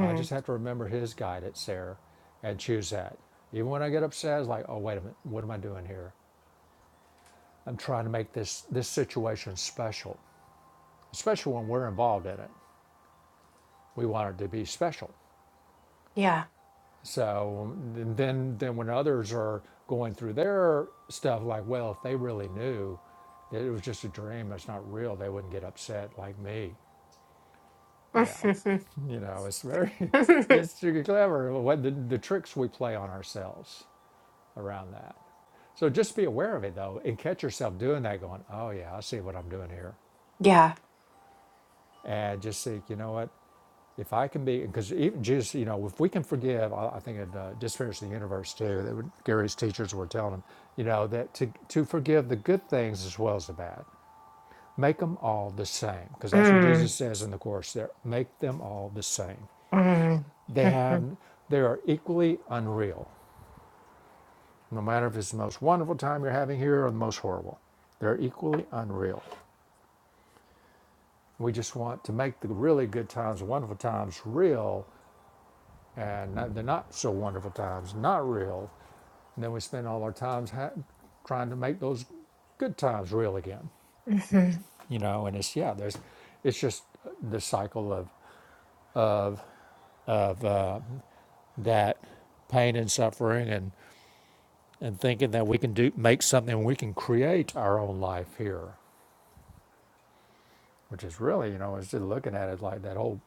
[SPEAKER 1] I just have to remember His guidance there and choose that. Even when I get upset, it's like, oh, wait a minute, what am I doing here? I'm trying to make this, this situation special, especially when we're involved in it. We want it to be special.
[SPEAKER 3] Yeah.
[SPEAKER 1] So and then, then when others are going through their stuff, like, well, if they really knew that it was just a dream, it's not real, they wouldn't get upset like me.
[SPEAKER 3] <laughs>
[SPEAKER 1] Yeah, you know, it's very, <laughs> it's super clever. What the, the tricks we play on ourselves around that. So just be aware of it though, and catch yourself doing that, going, oh yeah, I see what I'm doing here,
[SPEAKER 3] yeah.
[SPEAKER 1] and just see, you know what? If I can be, because even Jesus, you know, if we can forgive, I, I think it uh, just finished the universe too. That would, Gary's teachers were telling him, you know, that to to forgive the good things as well as the bad, make them all the same, because that's what
[SPEAKER 3] Mm.
[SPEAKER 1] Jesus says in the course there. Make them all the same.
[SPEAKER 3] Mm.
[SPEAKER 1] They have, they are equally unreal. No matter if it's the most wonderful time you're having here or the most horrible, they're equally unreal. We just want to make the really good times, the wonderful times, real, and the not so wonderful times not real, And then we spend all our times ha- trying to make those good times real again,
[SPEAKER 3] hmm
[SPEAKER 1] you know. And it's yeah, there's, it's just the cycle of of of uh, that pain and suffering and and thinking that we can do make something, we can create our own life here, which is really you know, instead of looking at it like that whole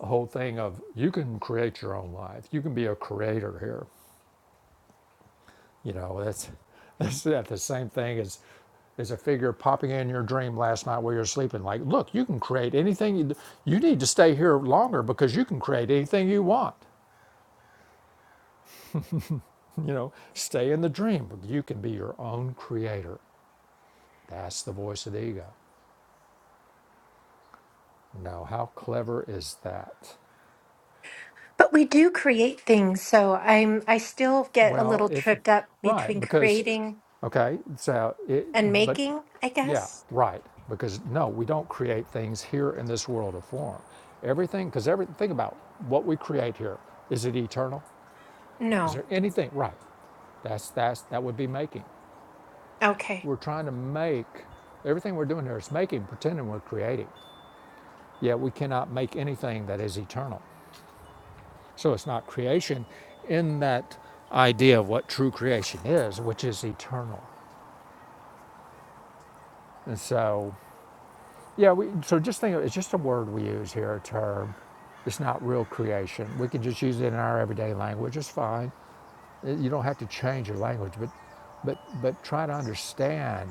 [SPEAKER 1] whole thing of you can create your own life, you can be a creator here. You know, that's <laughs> that's the same thing as as a figure popping in your dream last night while you're sleeping. Like, look, you can create anything. You, you need to stay here longer because you can create anything you want. <laughs> You know, stay in the dream. You can be your own creator. That's the voice of the ego. Now, how clever is that?
[SPEAKER 3] But we do create things, so I'm I still get a
[SPEAKER 1] Well,
[SPEAKER 3] little
[SPEAKER 1] if
[SPEAKER 3] tripped up
[SPEAKER 1] right,
[SPEAKER 3] between
[SPEAKER 1] because
[SPEAKER 3] creating
[SPEAKER 1] okay, so it,
[SPEAKER 3] and
[SPEAKER 1] but
[SPEAKER 3] making, I
[SPEAKER 1] yeah,
[SPEAKER 3] guess.
[SPEAKER 1] right, because no, we don't create things here in this world of form. Everything, because everything. Think about what we create here. Is it eternal? Is
[SPEAKER 3] No.
[SPEAKER 1] there anything right? That's that's that would be making.
[SPEAKER 3] Okay.
[SPEAKER 1] We're trying to make everything we're doing here is making, pretending we're creating. Yet we cannot make anything that is eternal. So it's not creation in that idea of what true creation is, which is eternal. And so, yeah, we, so just think of it, it's just a word we use here, a term. It's not real creation. We can just use it in our everyday language. It's fine. Uh, You don't have to change your language, but, but, but try to understand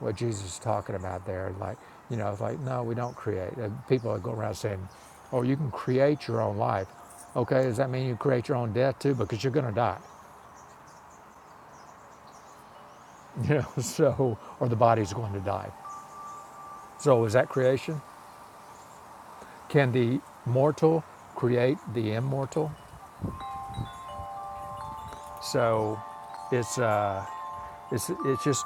[SPEAKER 1] what Jesus is talking about there. Like, you know, it's like, no, we don't create. Uh, people that go around saying, oh, you can create your own life. Okay, does that mean you create your own death too? Because you're going to die, <laughs> you know, so, or the body's going to die. So is that creation? Can the mortal create the immortal? So it's, uh, it's, it's just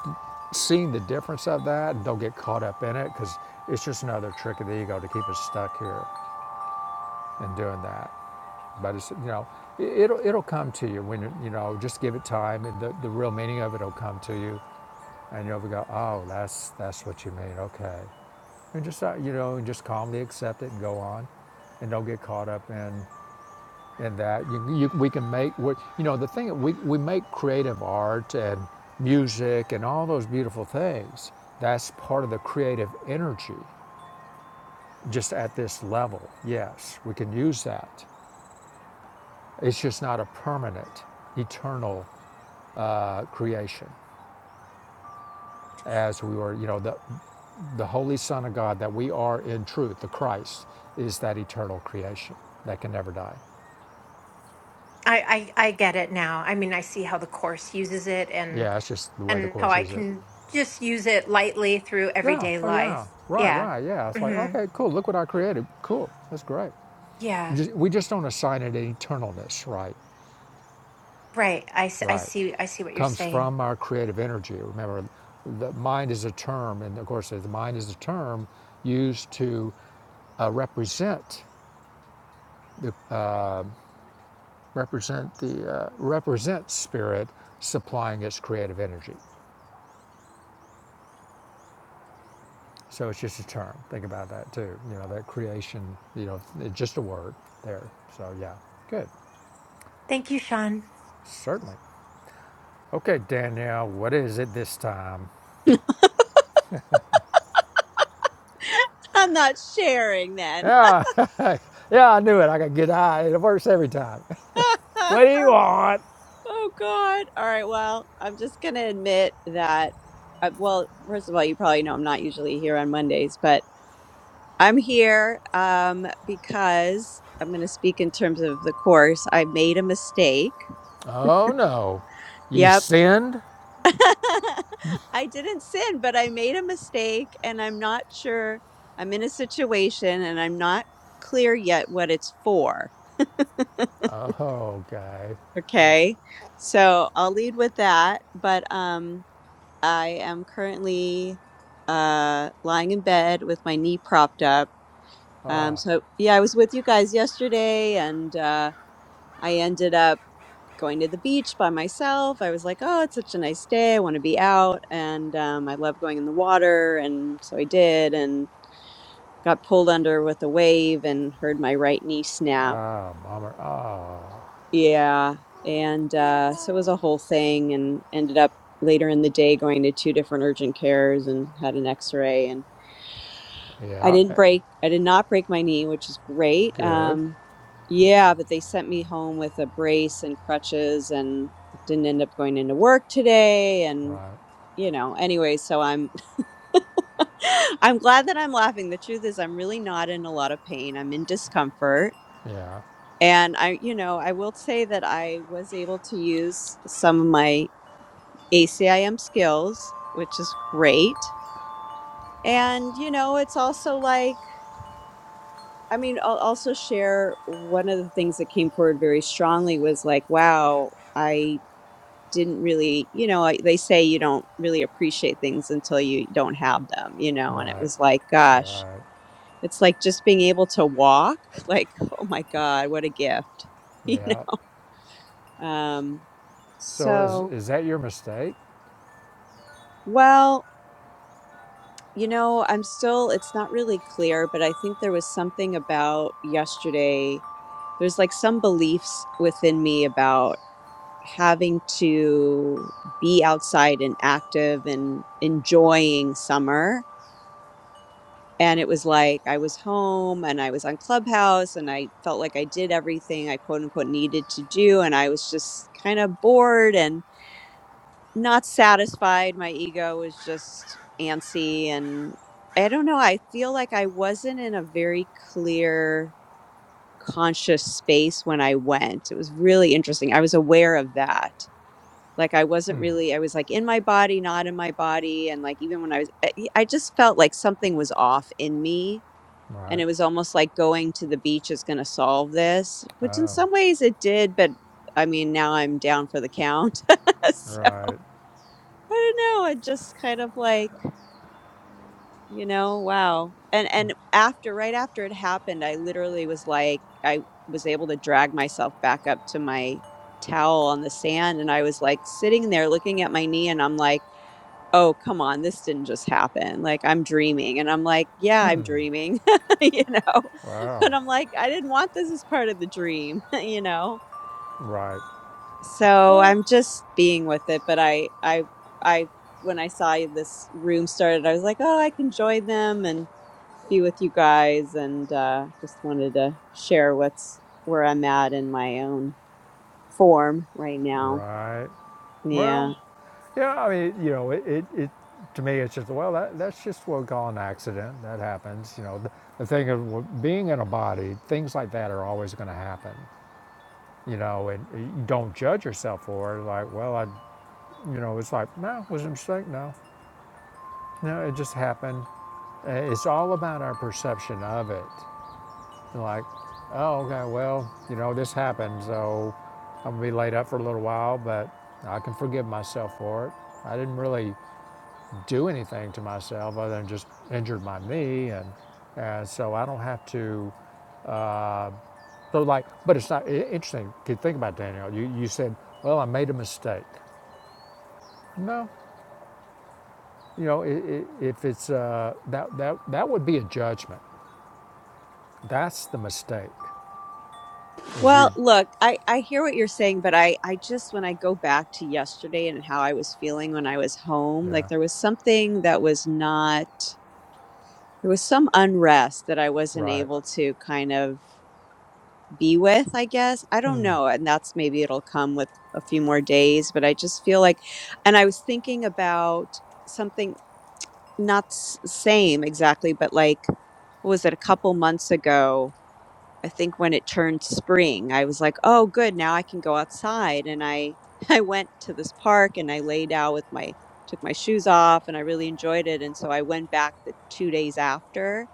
[SPEAKER 1] seeing the difference of that and don't get caught up in it because it's just another trick of the ego to keep us stuck here in doing that. But it's, you know, it- it'll, it'll come to you when, you know, just give it time and the, the real meaning of it will come to you. And you'll go, oh, that's, that's what you mean. Okay. And just, uh, you know, and just calmly accept it and go on and don't get caught up in and that you, you, we can make what you know the thing we, we make creative art and music and all those beautiful things that's part of the creative energy just at this level yes we can use that it's just not a permanent eternal uh, creation as we were you know the the holy son of god that we are in truth the christ is that eternal creation that can never die
[SPEAKER 3] I, I I get it now. I mean, I see how the course uses it and
[SPEAKER 1] yeah it's just the way the
[SPEAKER 3] and how
[SPEAKER 1] course
[SPEAKER 3] I
[SPEAKER 1] uses it
[SPEAKER 3] can just use it lightly through
[SPEAKER 1] Yeah.
[SPEAKER 3] everyday
[SPEAKER 1] Oh,
[SPEAKER 3] life.
[SPEAKER 1] yeah. Right.
[SPEAKER 3] Yeah.
[SPEAKER 1] Right. Yeah. It's like,
[SPEAKER 3] hmm
[SPEAKER 1] okay, cool. Look what I created. Cool. That's great.
[SPEAKER 3] Yeah.
[SPEAKER 1] Just, we just don't assign it an eternalness. Right.
[SPEAKER 3] Right. I, s- I
[SPEAKER 1] Right.
[SPEAKER 3] see I see what you're
[SPEAKER 1] Comes
[SPEAKER 3] saying.
[SPEAKER 1] from our creative energy. Remember, the mind is a term, and of course, the mind is a term used to uh, represent the uh, represent the uh, represent spirit supplying its creative energy. So it's just a term. Think about that too. You know that creation. You know, it's just a word there. So yeah, good.
[SPEAKER 3] Thank you, Sean.
[SPEAKER 1] Certainly. Okay, Danielle, what is it this time?
[SPEAKER 4] I'm not sharing then.
[SPEAKER 1] Yeah, <laughs> yeah, I knew it. I could good eye. It works every time. <laughs>
[SPEAKER 4] <laughs>
[SPEAKER 1] What do
[SPEAKER 4] oh
[SPEAKER 1] you want?
[SPEAKER 4] God. All right. Well, I'm just going to admit that. I, well, first of all, you probably know I'm not usually here on Mondays, but I'm here um, because I'm going to speak in terms of the course. I made a mistake.
[SPEAKER 1] Oh no, you
[SPEAKER 4] Yep.
[SPEAKER 1] sinned.
[SPEAKER 4] <laughs> I didn't sin, but I made a mistake and I'm not sure. I'm in a situation and I'm not clear yet what it's for.
[SPEAKER 1] Oh, okay.
[SPEAKER 4] Okay. So I'll lead with that. But, um, I am currently uh, lying in bed with my knee propped up. Um, so, yeah, I was with you guys yesterday and uh, I ended up going to the beach by myself. I was like, oh, it's such a nice day. I want to be out. And um, I love going in the water. And so I did and got pulled under with a wave and heard my right knee snap.
[SPEAKER 1] Oh, bummer. Oh,
[SPEAKER 4] Yeah. And uh, so it
[SPEAKER 3] Hi,
[SPEAKER 4] was a whole thing and ended up later in the day going to two different urgent cares and had an x ray. I
[SPEAKER 1] yeah.
[SPEAKER 4] didn't
[SPEAKER 1] eh,
[SPEAKER 4] break, I did not break my knee, which is great.
[SPEAKER 1] Good.
[SPEAKER 4] Um, yeah, but they sent me home with a brace and crutches and didn't end up going into work today. And,
[SPEAKER 1] Right.
[SPEAKER 4] you know, anyway, so I'm, <laughs> I'm glad that I'm laughing. The truth is, I'm really not in a lot of pain. I'm in discomfort.
[SPEAKER 1] Yeah.
[SPEAKER 4] And I, you know, I will say that I was able to use some of my ACIM skills, which is great. And, you know, it's also like, I mean, I'll also share one of the things that came forward very strongly was like, wow, I didn't really, you know, I, they say you don't really appreciate things until you don't have them, you know, and it
[SPEAKER 1] Right.
[SPEAKER 4] was like, gosh,
[SPEAKER 1] Right.
[SPEAKER 4] it's like just being able to walk, <laughs> like, oh my God, what a gift, <laughs> you know?
[SPEAKER 1] Yeah.
[SPEAKER 4] Um,
[SPEAKER 1] So is
[SPEAKER 4] so,
[SPEAKER 1] is that your mistake?
[SPEAKER 4] well, you know, I'm still, it's not really clear, but I think there was something about yesterday. There's like some beliefs within me about having to be outside and active and enjoying summer. And it was like I was home and I was on Clubhouse and I felt like I did everything I quote unquote needed to do. And I was just kind of bored and not satisfied. My ego was just antsy. And I don't know. I feel like I wasn't in a very clear, conscious space when I went. It was really interesting. I was aware of that Like I wasn't really I was like in my body, not in my body, and like even when I was I I just felt like something was off in me, and
[SPEAKER 1] Right.
[SPEAKER 4] it was almost like going to the beach is going to solve this, which in
[SPEAKER 1] Oh.
[SPEAKER 4] some ways it did, but I mean, now I'm down for the count. <laughs> so, I
[SPEAKER 1] Right.
[SPEAKER 4] don't know. I just kind of like, you know, wow. And and after right after it happened, I literally was like I was able to drag myself back up to my towel on the sand and I was like sitting there looking at my knee and I'm like oh, come on, this didn't just happen. Like, I'm dreaming. And I'm like, yeah, I'm dreaming, <laughs> you know?
[SPEAKER 1] Wow.
[SPEAKER 4] But I'm like, I didn't want this as part of the dream, <laughs> you know?
[SPEAKER 1] Right.
[SPEAKER 4] So I'm just being with it. But I, I, I, when I saw this room started, I was like, oh, I can join them and be with you guys. And uh, just wanted to share what's where I'm at in my own form right now.
[SPEAKER 1] Right.
[SPEAKER 4] Yeah.
[SPEAKER 1] Well, yeah, I mean, you know, it, it, it to me, it's just, well, that, that's just what we call an accident. That happens. You know, the, the thing of being in a body, things like that are always going to happen, you know, and you don't judge yourself for it. Like, well, I, you know, it's like, no, it was a mistake. No, no, it just happened. Uh, It's all about our perception of it. And like, oh, okay, well, you know, this happened. So I'm going to be laid up for a little while, but I can forgive myself for it. I didn't really do anything to myself other than just injured my knee, and and so I don't have to. Uh, so like, but it's not i- interesting. to think about Daniel. You you said, well, I made a mistake. No, you know, i i if it's uh, that that that would be a judgment. That's the mistake. Is
[SPEAKER 4] Well,
[SPEAKER 1] you,
[SPEAKER 4] look, I, I hear what you're saying, but I, I just, when I go back to yesterday and how I was feeling when I was home, like
[SPEAKER 1] yeah,
[SPEAKER 4] there was something that was not, there was some unrest that I wasn't
[SPEAKER 1] right.
[SPEAKER 4] able to kind of be with, I guess. I don't know. And that's maybe it'll come with a few more days, but I just feel like, and I was thinking about something not s- same exactly, but like, what was it a couple months ago? I think when it turned spring, I was like, "Oh, good, now I can go outside." And I <laughs> I went to this park and I laid out with my took my shoes off and I really enjoyed it. And so I went back the 2 days after,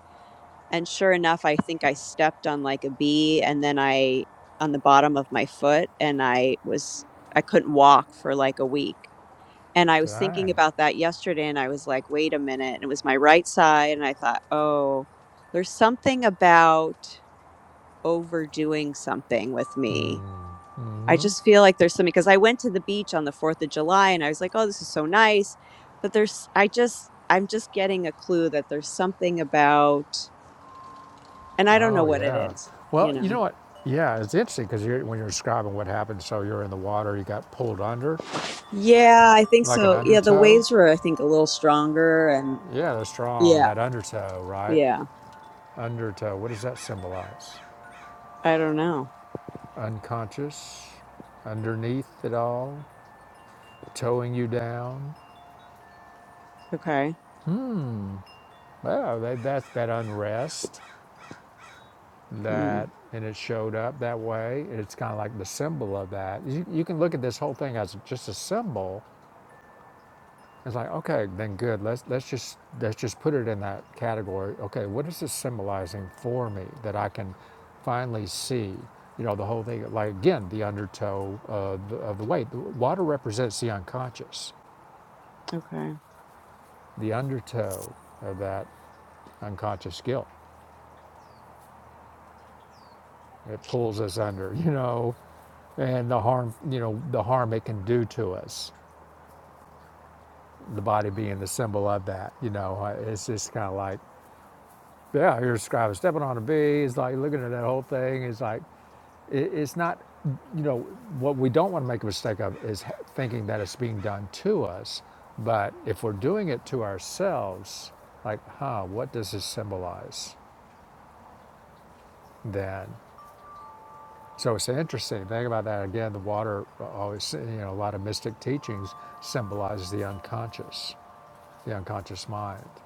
[SPEAKER 4] and sure enough, I think I stepped on like a bee and then I on the bottom of my foot and I was I couldn't walk for like a week. And I was thinking
[SPEAKER 1] Dang.
[SPEAKER 4] about that yesterday and I was like, "Wait a minute." And it was my right side and I thought, "Oh, there's something about overdoing something with me. I just feel like there's something because I went to the beach on the 4th of July and I was like, oh, this is so nice. But there's, I just, I'm just getting a clue that there's something about, and I don't know
[SPEAKER 1] Oh
[SPEAKER 4] what it
[SPEAKER 1] yeah.
[SPEAKER 4] is, you
[SPEAKER 1] Well, you know
[SPEAKER 4] know?
[SPEAKER 1] what? Yeah, it's interesting because when you're describing what happened, so you're in the water, you got pulled under,
[SPEAKER 4] Yeah, I think
[SPEAKER 1] like an
[SPEAKER 4] so. Yeah, the
[SPEAKER 1] undertow.
[SPEAKER 4] waves were, I think, a little stronger. And
[SPEAKER 1] Yeah, they're strong.
[SPEAKER 4] yeah,
[SPEAKER 1] That undertow, right?
[SPEAKER 4] yeah.
[SPEAKER 1] Undertow. What does that symbolize?
[SPEAKER 4] I don't know.
[SPEAKER 1] Unconscious, underneath it all, towing you down.
[SPEAKER 4] Okay.
[SPEAKER 1] Well, they, that's that unrest
[SPEAKER 4] Mm,
[SPEAKER 1] that, and it showed up that way. It's kind of like the symbol of that. You, you can look at this whole thing as just a symbol It's like, okay, then good. Let's let's just let's just put it in that category. Okay, what is this symbolizing for me that I can finally see? You know, the whole thing. Like again, the undertow of the, of the weight. The water represents the unconscious.
[SPEAKER 4] okay.
[SPEAKER 1] The undertow of that unconscious guilt. It pulls us under. <laughs> You know, and the harm. You know, the harm it can do to us. The body being the symbol of that. You know, it's just kind of like Yeah, you're describing stepping on a bee. It's like looking at that whole thing. It's like it, it's not. You know what we don't want to make a mistake of is thinking that it's being done to us. But if we're doing it to ourselves, like, huh, what does this symbolize? Then, so it's an interesting. Think about that again. The water always, you know, a lot of mystic teachings symbolizes the unconscious, the unconscious mind.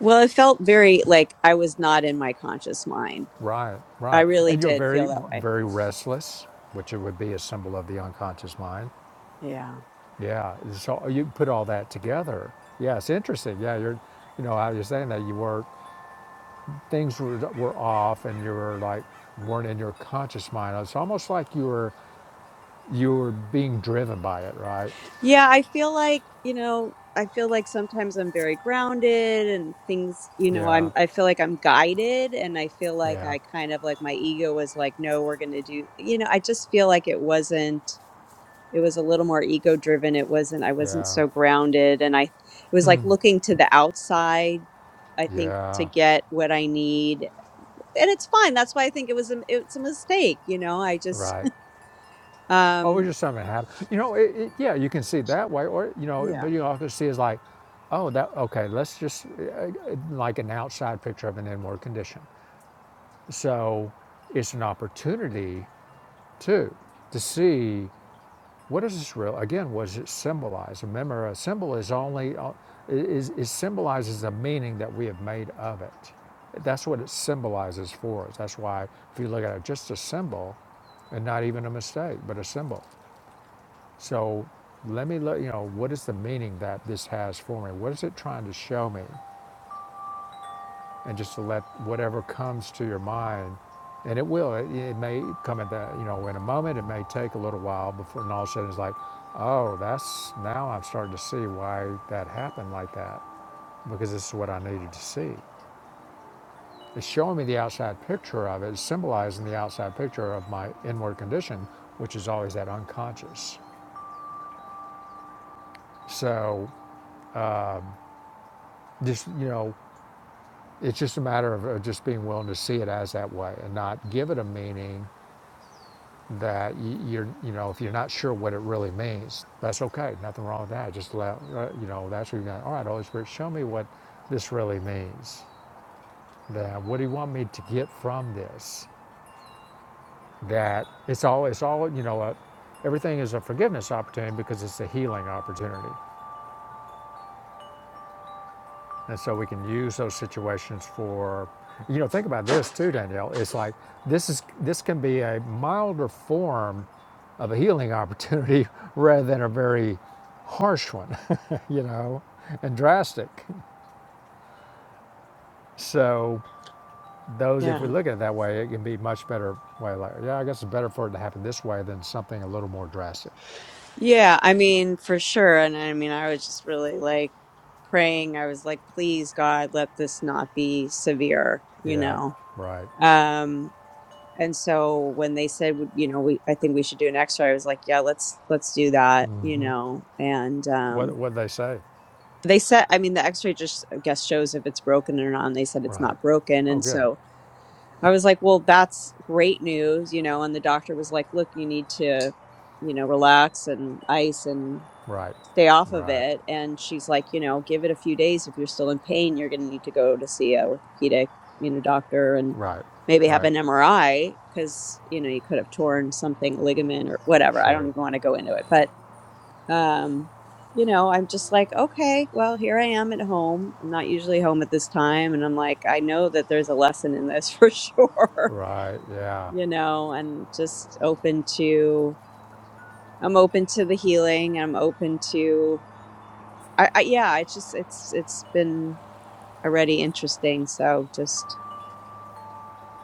[SPEAKER 4] Well, it felt very like I was not in my conscious mind.
[SPEAKER 1] Right,
[SPEAKER 4] I
[SPEAKER 1] right.
[SPEAKER 4] really
[SPEAKER 1] And you're
[SPEAKER 4] did
[SPEAKER 1] very,
[SPEAKER 4] feel that way.
[SPEAKER 1] very restless, which it would be a symbol of the unconscious mind.
[SPEAKER 4] Yeah.
[SPEAKER 1] Yeah. So you put all that together. Yeah, it's interesting. Yeah, you're, you know, how you're saying that you were, things were, were off and you were like, weren't in your conscious mind. It's almost like you were, you were being driven by it, right?
[SPEAKER 4] Yeah, I feel like, you know, I feel like sometimes I'm very grounded and things, you know,
[SPEAKER 1] Yeah,
[SPEAKER 4] I'm I feel like I'm guided and I feel like
[SPEAKER 1] yeah,
[SPEAKER 4] I kind of like my ego was like, no, we're going to do, you know, I just feel like it wasn't it was a little more ego driven. It wasn't I wasn't
[SPEAKER 1] yeah,
[SPEAKER 4] so grounded and I it was like looking to the outside I think to
[SPEAKER 1] yeah,
[SPEAKER 4] get what I need. And it's fine. That's why I think it was a it's a mistake, you know. I just
[SPEAKER 1] right.
[SPEAKER 4] <laughs>
[SPEAKER 1] Oh, we're
[SPEAKER 4] um
[SPEAKER 1] just something that happened. You know, it, it, yeah, you can see it that way, or you know, but
[SPEAKER 4] yeah.
[SPEAKER 1] you also see is like, oh, that okay. Let's just uh, uh, like an outside picture of an inward condition. So it's an opportunity too to see what is this real. Again, what does it symbolize? Remember, a symbol is only uh, is it symbolizes the meaning that we have made of it. That's what it symbolizes for us. That's why if you look at it, just a symbol, and not even a mistake, but a symbol so let me look, you know, what is the meaning that this has for me? What is it trying to show me? And just to let whatever comes to your mind, and it will, it, it may come at that, you know, in a moment, it may take a little while before, and all of a sudden it's like, oh, that's, now I'm starting to see why that happened like that, because this is what I needed to see. It's showing me the outside picture of it, it's symbolizing the outside picture of my inward condition, which is always that unconscious. So just, you know, It's just a matter of just being willing to see it as that way and not give it a meaning that you're, you know, if you're not sure what it really means, that's okay. Nothing wrong with that. Just let, uh, you know, that's where you're going, all right, Holy Spirit, show me what this really means. That what do you want me to get from this? That it's all, it's all, you know, uh everything is a forgiveness opportunity because it's a healing opportunity. And so we can use those situations for, you know, think about this too, Danielle. It's like this is this can be a milder form of a healing opportunity <laughs> rather than a very harsh one, <laughs> you know, and drastic. So those, if
[SPEAKER 4] Yeah.
[SPEAKER 1] we look at it that way, it can be much better way. Like, yeah, I guess it's better for it to happen this way than something a little more drastic.
[SPEAKER 4] Yeah, I mean, for sure. And I mean, I was just really like praying. I was like, please, God, let this not be severe, you
[SPEAKER 1] Yeah,
[SPEAKER 4] know?
[SPEAKER 1] right.
[SPEAKER 4] Um, and so when they said, would- you know, we, I think we should do an x-ray, I was like, yeah, let's, let's do that, you know? And,
[SPEAKER 1] What
[SPEAKER 4] um,
[SPEAKER 1] what they say?
[SPEAKER 4] they said, I mean, the x-ray just, I guess, shows if it's broken or not. And they said it's
[SPEAKER 1] Right.
[SPEAKER 4] not broken.
[SPEAKER 1] Oh,
[SPEAKER 4] And
[SPEAKER 1] good.
[SPEAKER 4] so I was like, well, that's great news, you know? And the doctor was like, look, you need to, you know, relax and ice. and
[SPEAKER 1] Right.
[SPEAKER 4] stay off of
[SPEAKER 1] Right.
[SPEAKER 4] it. And she's like, you know, give it a few days. If you're still in pain, you're going to need to go to see a orthopedic, you know, doctor and
[SPEAKER 1] Right.
[SPEAKER 4] maybe have
[SPEAKER 1] Right.
[SPEAKER 4] an MRI because, you know, you could have torn something, a ligament or whatever. I don't
[SPEAKER 1] Sure.
[SPEAKER 4] even want to go into it. But, um, you know, I'm just like, okay, well, here I am at home. I'm not usually home at this time. And I'm like, I know that there's a lesson in this <laughs> for sure,
[SPEAKER 1] Right. Yeah.
[SPEAKER 4] you know, and just open to, I'm open to the healing. I'm open to, I, I yeah, it's just it's it's been already interesting. So just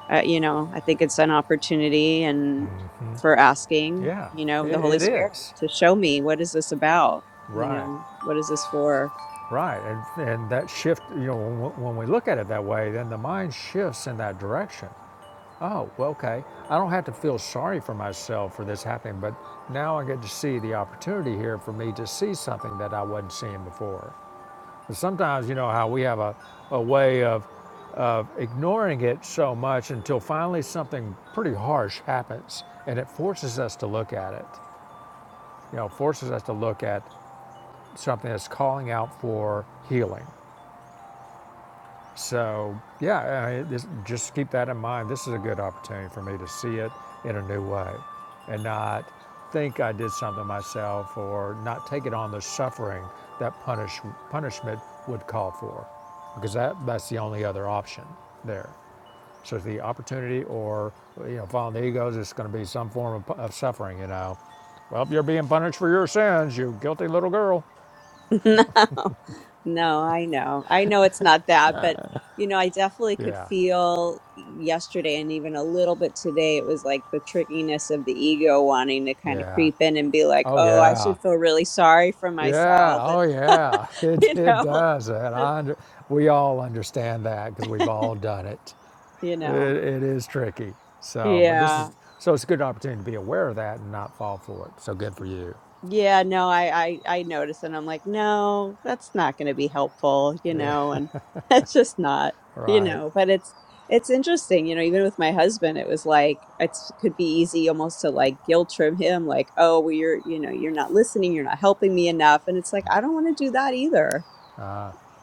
[SPEAKER 4] uh, you know, I think it's an opportunity and for asking,
[SPEAKER 1] Yeah,
[SPEAKER 4] you know,
[SPEAKER 1] it,
[SPEAKER 4] the Holy
[SPEAKER 1] it
[SPEAKER 4] Spirit
[SPEAKER 1] is.
[SPEAKER 4] to show me what is this about? You
[SPEAKER 1] Right,
[SPEAKER 4] know, what is this for?
[SPEAKER 1] right. And, and that shift, you know, when, when we look at it that way, then the mind shifts in that direction. Oh, well, okay. I don't have to feel sorry for myself for this happening, but now I get to see the opportunity here for me to see something that I wasn't seeing before. And sometimes, you know, how we have a, a way of, of ignoring it so much until finally something pretty harsh happens and it forces us to look at it. you know, forces us to look at something that's calling out for healing. So, yeah, I mean, this, just keep that in mind. This is a good opportunity for me to see it in a new way and not think I did something myself or not take it on the suffering that punish, punishment would call for because that, that's the only other option there. So it's the opportunity or, you know, following the egos, it's going to be some form of, of suffering, you know. Well, you're being punished for your sins, you guilty little girl.
[SPEAKER 4] No, no, I know. I know it's not that, but you know, I definitely could
[SPEAKER 1] Yeah,
[SPEAKER 4] feel yesterday and even a little bit today. It was like the trickiness of the ego wanting to kind of
[SPEAKER 1] yeah.
[SPEAKER 4] creep in and be like,
[SPEAKER 1] Oh
[SPEAKER 4] oh, I
[SPEAKER 1] yeah,
[SPEAKER 4] should feel really sorry for
[SPEAKER 1] yeah.
[SPEAKER 4] myself. <laughs>
[SPEAKER 1] Oh yeah. <laughs> It
[SPEAKER 4] You
[SPEAKER 1] it
[SPEAKER 4] know,
[SPEAKER 1] does, and
[SPEAKER 4] Uh,
[SPEAKER 1] I under, we all understand that because we've all done it.
[SPEAKER 4] you
[SPEAKER 1] it.
[SPEAKER 4] know,
[SPEAKER 1] It is tricky. So, but this
[SPEAKER 4] yeah.
[SPEAKER 1] is so it's a good opportunity to be aware of that and not fall for it. So good for you.
[SPEAKER 4] Yeah, no, I, I I notice and I'm like, no, that's not going to be helpful, you
[SPEAKER 1] Yeah. <laughs>
[SPEAKER 4] know, and <laughs> it's just not, you
[SPEAKER 1] Right.
[SPEAKER 4] know, but it's it's interesting, you know, even with my husband, it was like it's could be easy almost to like guilt trip him like, oh, well you're, you know, you're not listening, you're not helping me enough, and it's like I don't want to do that either.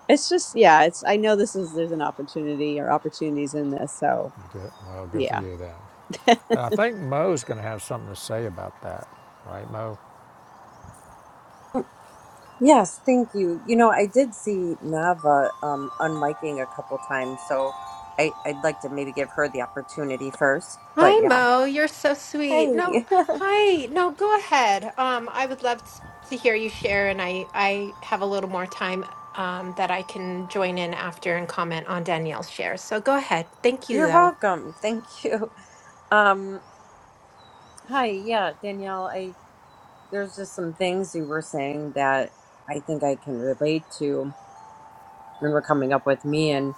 [SPEAKER 4] It's just yeah, it's I know this is there's an opportunity or opportunities in this, so
[SPEAKER 1] Good. Well, good for
[SPEAKER 4] yeah.
[SPEAKER 1] you then. And I think Mo's going to have something to say about that, right, Mo?
[SPEAKER 5] Yes, thank you. You know, I did see Nava um unmiking a couple times, so I I'd like to maybe give her the opportunity first. But yeah.
[SPEAKER 3] Mo. You're so sweet.
[SPEAKER 5] Hey.
[SPEAKER 3] No, hi. No, go ahead. Um, I would love t- to hear you share, and I I have a little more time um that I can join in after and comment on Danielle's share. So go ahead. Thank
[SPEAKER 5] <laughs>
[SPEAKER 3] you,
[SPEAKER 5] You're
[SPEAKER 3] though.
[SPEAKER 5] welcome. Thank you. Um hi, yeah, Danielle, I there's just some things you were saying that I think I can relate to and were coming up with me and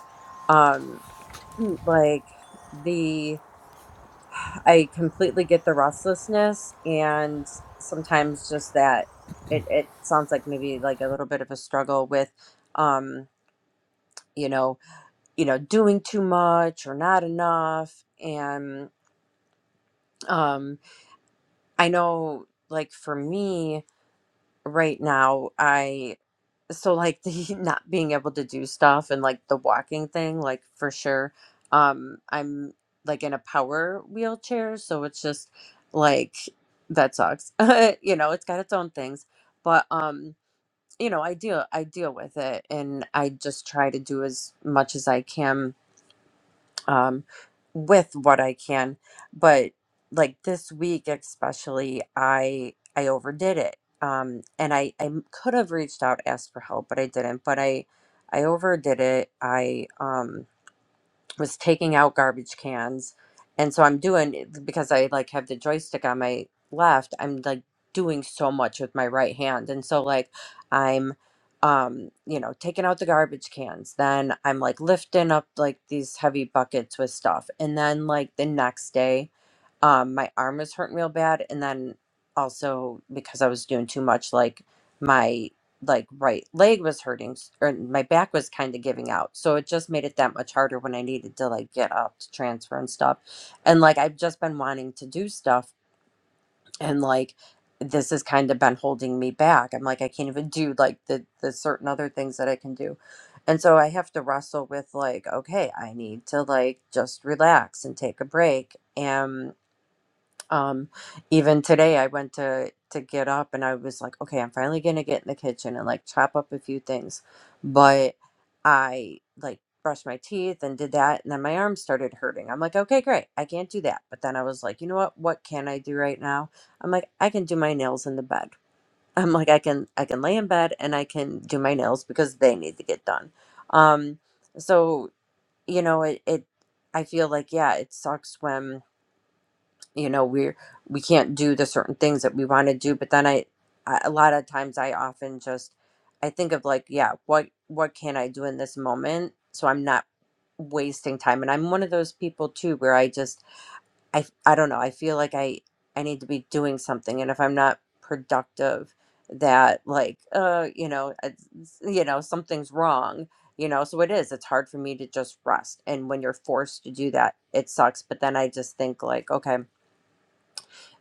[SPEAKER 5] um like the I completely get the restlessness and sometimes just that it, it sounds like maybe like a little bit of a struggle with um you know you know doing too much or not enough and um I know like for me right now I. so like the <laughs> not being able to do stuff and like the walking thing like for sure um i'm like in a power wheelchair so it's just like that sucks <laughs> you know it's got its own things but um you know i deal i deal with it and i just try to do as much as i can um, with what I can. But like this week, especially, I I overdid it, um, and I I m- could have reached out, asked for help, but I didn't. But I I overdid it. I um was taking out garbage cans and so i'm doing because i like have the joystick on my left i'm like doing so much with my right hand and so like i'm um you know taking out the garbage cans then i'm like lifting up like these heavy buckets with stuff and then like the next day um my arm was hurting real bad and then also because i was doing too much like my like right leg was hurting s- or my back was kind of giving out so it just made it that much harder when i needed to like get up to transfer and stuff and like i've just been wanting to do stuff and like this has kind of been holding me back i'm like i can't even do like the the certain other things that i can do and so i have to wrestle with like okay i need to like just relax and take a break um, even today, I went to to get up and I was like, okay, I'm finally gonna get in the kitchen and like chop up a few things, but I like brushed my teeth and did that, and then my arm started hurting. I'm like, okay, great, I can't do that. But then I was like, you know what? What can I do right now? I'm like, I can do my nails in the bed. <laughs> I'm like, I can I can lay in bed and I can do my nails because they need to get done. Um, so you know, it it I feel like yeah, it sucks when you know we're we can't do the certain things that we want to do but then I, I a lot of times i often just i think of like yeah what what can i do in this moment so i'm not wasting time and i'm one of those people too where i just i i don't know i feel like i i need to be doing something and if i'm not productive that like uh you know it's- you know something's wrong you know so it is it's hard for me to just rest and when you're forced to do that it sucks but then i just think like okay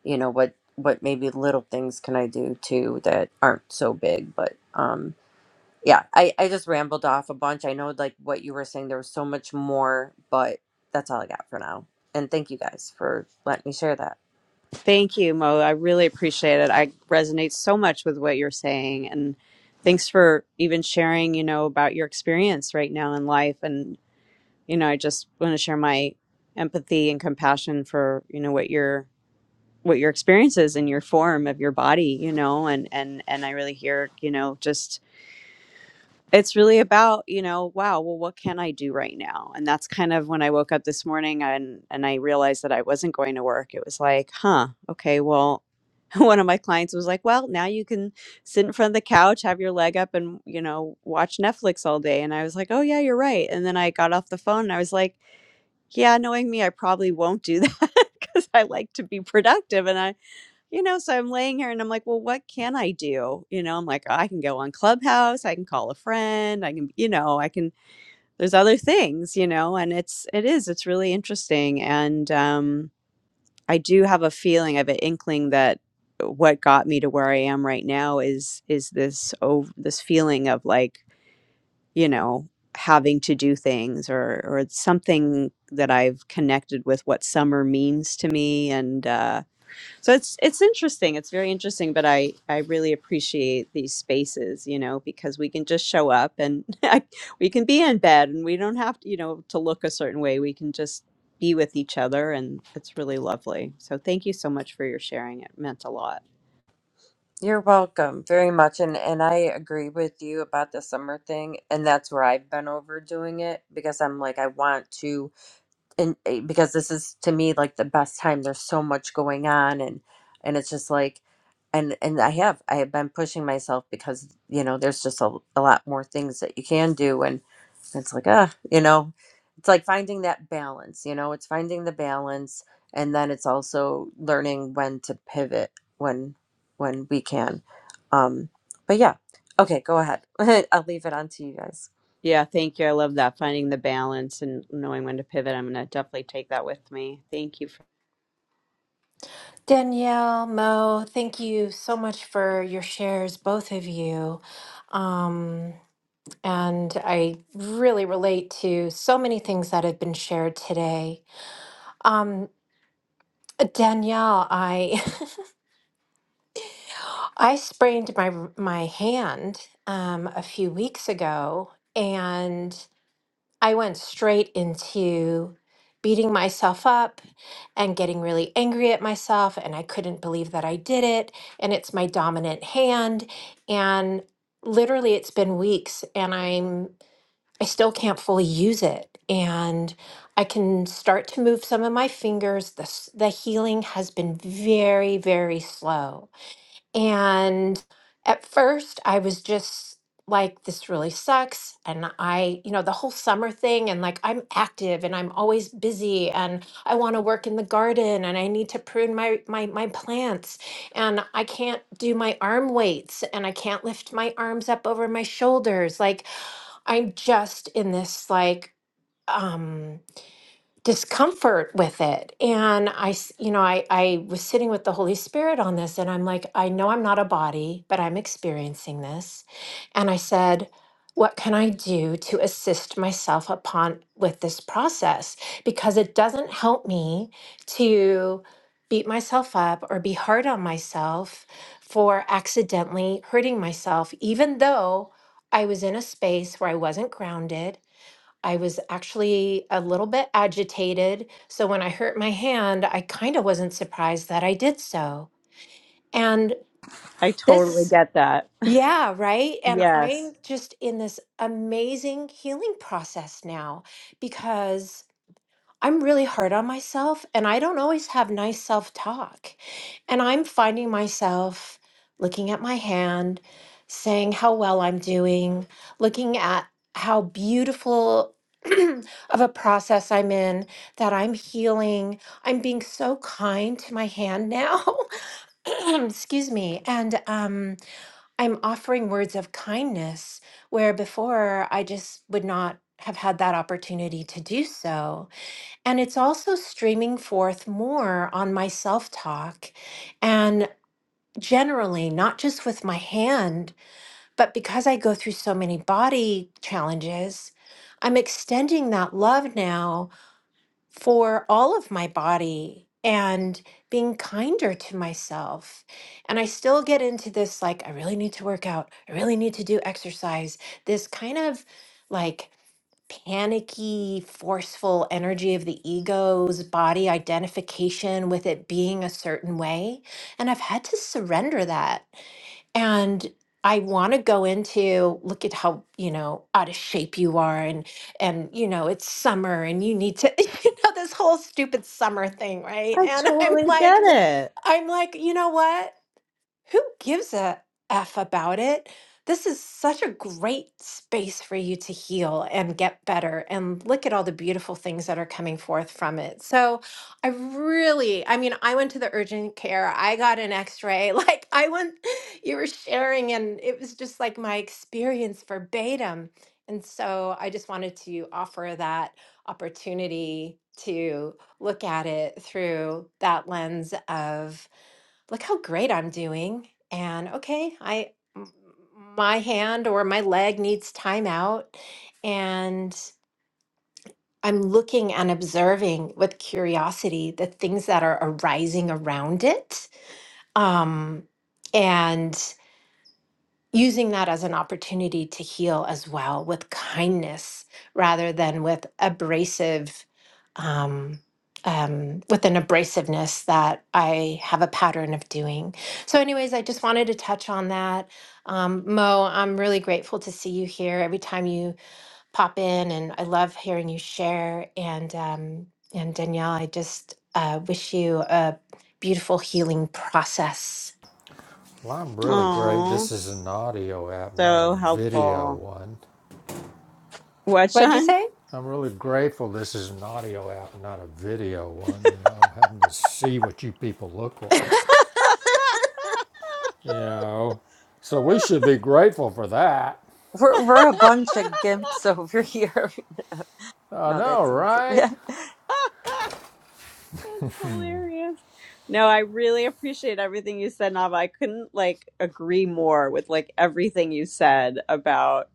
[SPEAKER 5] you know what what maybe little things can i do too that aren't so big but um yeah i i just rambled off a bunch i know like what you were saying there was so much more but that's all i got for now and thank you guys for letting me share that
[SPEAKER 4] Thank you, Mo. I really appreciate it. I resonate so much with what you're saying. And thanks for even sharing, you know, about your experience right now in life. And, you know, I just want to share my empathy and compassion for, you know, what your what your experience is in your form of your body, you know, and and and I really hear, you know, just it's really about, you know, wow, well what can I do right now? And that's kind of when I woke up this morning and and I realized that I wasn't going to work. It was like, huh, okay, well, <laughs> one of my clients was like, "Well, now you can sit in front of the couch, have your leg up and, you know, watch Netflix all day." And I was like, "Oh, yeah, you're right." And then I got off the phone and I was like, "Yeah, knowing me, I probably won't do that <laughs> because I like to be productive." And I, you know, so I'm laying here and I'm like, "Well, what can I do?" You know, I'm like, "I can go on Clubhouse, I can call a friend, I can, you know, I can there's other things, you know, and it's it is it's really interesting and um I do have a feeling, I have an inkling that what got me to where I am right now is is this over this feeling of like, you know, having to do things or or it's something that I've connected with what summer means to me and uh so it's it's interesting it's very interesting but i i really appreciate these spaces you know because we can just show up and <laughs> I, we can be in bed and we don't have to you know to look a certain way we can just be with each other and it's really lovely so thank you so much for your sharing it meant a lot
[SPEAKER 5] you're welcome very much and and i agree with you about the summer thing and that's where i've been overdoing it because i'm like i want to and eh, because this is to me like the best time there's so much going on and and it's just like and and i have i have been pushing myself because you know there's just a, a lot more things that you can do and it's like ah you know it's like finding that balance you know it's finding the balance and then it's also learning when to pivot when when we can um but yeah okay go ahead <laughs> i'll leave it on to you guys
[SPEAKER 4] yeah thank you i love that finding the balance and knowing when to pivot i'm going to definitely take that with me thank you for,
[SPEAKER 3] Danielle, Mo, thank you so much for your shares, both of you. Um, and I really relate to so many things that have been shared today. Um, Danielle, I <laughs> I sprained my my hand um, a few weeks ago, and I went straight into beating myself up and getting really angry at myself, and I couldn't believe that I did it, and it's my dominant hand, and literally it's been weeks, and I'm I still can't fully use it, and I can start to move some of my fingers. The s- the healing has been very very slow. And at first, I was just like, this really sucks. And I, you know, the whole summer thing, and like, I'm active and I'm always busy and I want to work in the garden and I need to prune my, my, my plants and I can't do my arm weights and I can't lift my arms up over my shoulders. Like, I'm just in this, like, um, discomfort with it and i s- you know i i was sitting with the holy spirit on this and i'm like i know i'm not a body but i'm experiencing this and i said what can i do to assist myself upon with this process because it doesn't help me to beat myself up or be hard on myself for accidentally hurting myself even though i was in a space where i wasn't grounded I was actually a little bit agitated. So when I hurt my hand, I kind of wasn't surprised that I did so. And
[SPEAKER 4] i totally
[SPEAKER 3] this,
[SPEAKER 4] get that <laughs>
[SPEAKER 3] yeah, right. And
[SPEAKER 4] yes
[SPEAKER 3] I'm just in this amazing healing process now because. I'm really hard on myself and I don't always have nice self talk. And I'm finding myself looking at my hand, saying how well I'm doing, looking at how beautiful <clears throat> of a process I'm in, that I'm healing. I'm being so kind to my hand now. <laughs> Excuse me. And um, I'm offering words of kindness where before I just would not have had that opportunity to do so. And it's also streaming forth more on my self talk and generally, not just with my hand, but because I go through so many body challenges, I'm extending that love now for all of my body and being kinder to myself. And I still get into this like, I really need to work out, I really need to do exercise, this kind of like, panicky, forceful energy of the ego's body identification with it being a certain way. And I've had to surrender that. And I want to go into look at how, you know, out of shape you are and and you know, it's summer and you need to <laughs> you know this whole stupid summer thing, right?
[SPEAKER 4] i
[SPEAKER 3] And I'm
[SPEAKER 4] totally get
[SPEAKER 3] like
[SPEAKER 4] it
[SPEAKER 3] I'm like, you know what? who gives a F about it? This is such a great space for you to heal and get better and look at all the beautiful things that are coming forth from it. So, I really, I mean, I went to the urgent care, I got an x ray. <laughs> Like, I went, you were sharing, and it was just like my experience verbatim. And so, I just wanted to offer that opportunity to look at it through that lens of look how great I'm doing. And okay, I m- my hand or my leg needs time out and I'm looking and observing with curiosity the things that are arising around it. Um, and using that as an opportunity to heal as well with kindness rather than with abrasive um, um, with an abrasiveness that I have a pattern of doing. So, anyways, I just wanted to touch on that. Um, Mo, I'm really grateful to see you here every time you pop in, and I love hearing you share. And um, and Danielle, I just uh, wish you a beautiful healing process.
[SPEAKER 1] Well, I'm really great. This
[SPEAKER 4] oh
[SPEAKER 1] is an audio app, not a
[SPEAKER 4] so
[SPEAKER 1] video
[SPEAKER 4] helpful
[SPEAKER 1] one.
[SPEAKER 4] What,
[SPEAKER 3] What'd you
[SPEAKER 4] Sean?
[SPEAKER 3] say?
[SPEAKER 1] I'm really grateful this is an audio app and not a video one, you know, having to see what you people look like,
[SPEAKER 4] <laughs> That's
[SPEAKER 1] you know. So we should be grateful for that.
[SPEAKER 5] we're, we're a bunch
[SPEAKER 3] Yes.
[SPEAKER 5] of gimps <laughs> over here
[SPEAKER 1] I
[SPEAKER 5] No, that
[SPEAKER 1] know,
[SPEAKER 5] sounds <laughs>
[SPEAKER 1] right?
[SPEAKER 5] yeah.
[SPEAKER 4] hilarious. No, I really appreciate everything you said, Nava. I couldn't like agree more with like everything you said about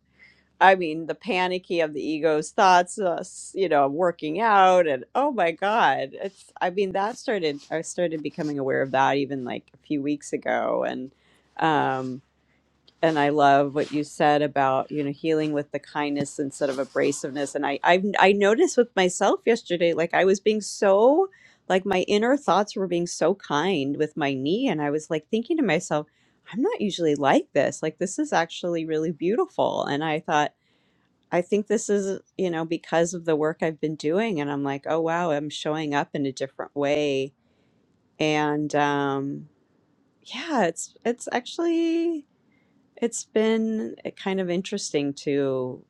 [SPEAKER 4] I mean, the panicky of the ego's thoughts, uh, s- you know, working out and oh my god. It's I mean, that started I started becoming aware of that even like a few weeks ago and um, and I love what you said about you know healing with the kindness instead of abrasiveness. And I I I noticed with myself yesterday, like I was being so like my inner thoughts were being so kind with my knee, and I was like thinking to myself, I'm not usually like this. Like this is actually really beautiful. And I thought. I think this is, you know, because of the work I've been doing. And I'm like, oh, wow, I'm showing up in a different way. And um, yeah, it's, it's actually, it's been uh, kind of interesting to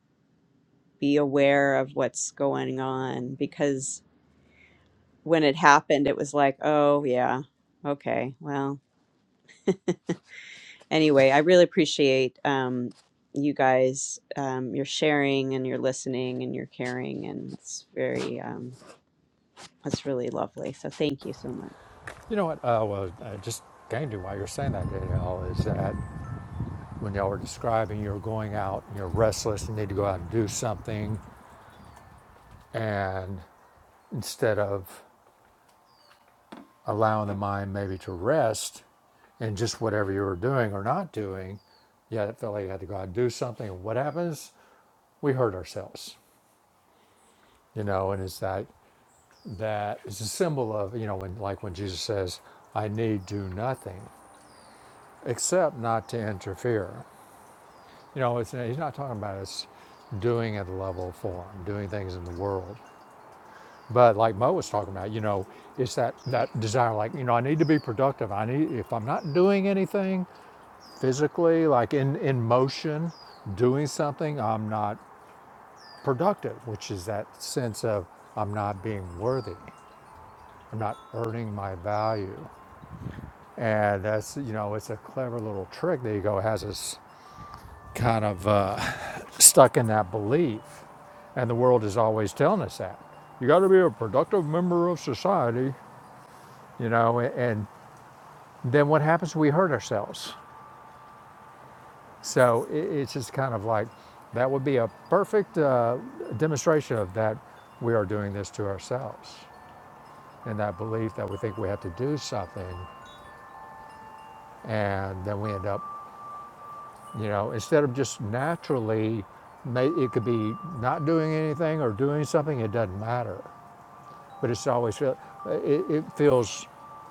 [SPEAKER 4] be aware of what's going on because when it happened, it was like, oh, yeah, okay, well, anyway, I really appreciate um, you guys, um, your sharing and your listening and your caring. And it's very, um, it's really lovely. So thank you so much.
[SPEAKER 1] You know what? Uh, well, I just came to while you're saying that, Danielle, is that when y'all were describing you're going out and you're restless and need to go out and do something, and instead of allowing the mind maybe to rest in just whatever you were doing or not doing. Yeah, it felt like you had to go out and do something. what happens? We hurt ourselves, you know. And it's that that it's a symbol of you know when like when Jesus says, "I need do nothing except not to interfere." You know, it's, he's not talking about us doing at a level form, doing things in the world. But like Mo was talking about, you know, it's that that desire, like you know, I need to be productive. I need if I'm not doing anything, physically, like in, in motion, doing something, I'm not productive, which is that sense of I'm not being worthy. I'm not earning my value. And that's, you know, it's a clever little trick the ego has us kind of uh, <laughs> stuck in that belief. And the world is always telling us that. You got to be a productive member of society, you know, and then what happens? We hurt ourselves So it's just kind of like that would be a perfect uh, demonstration of that we are doing this to ourselves and that belief that we think we have to do something and then we end up, you know, instead of just naturally, it could be not doing anything or doing something, it doesn't matter. but it's always feel, uh, it, it feels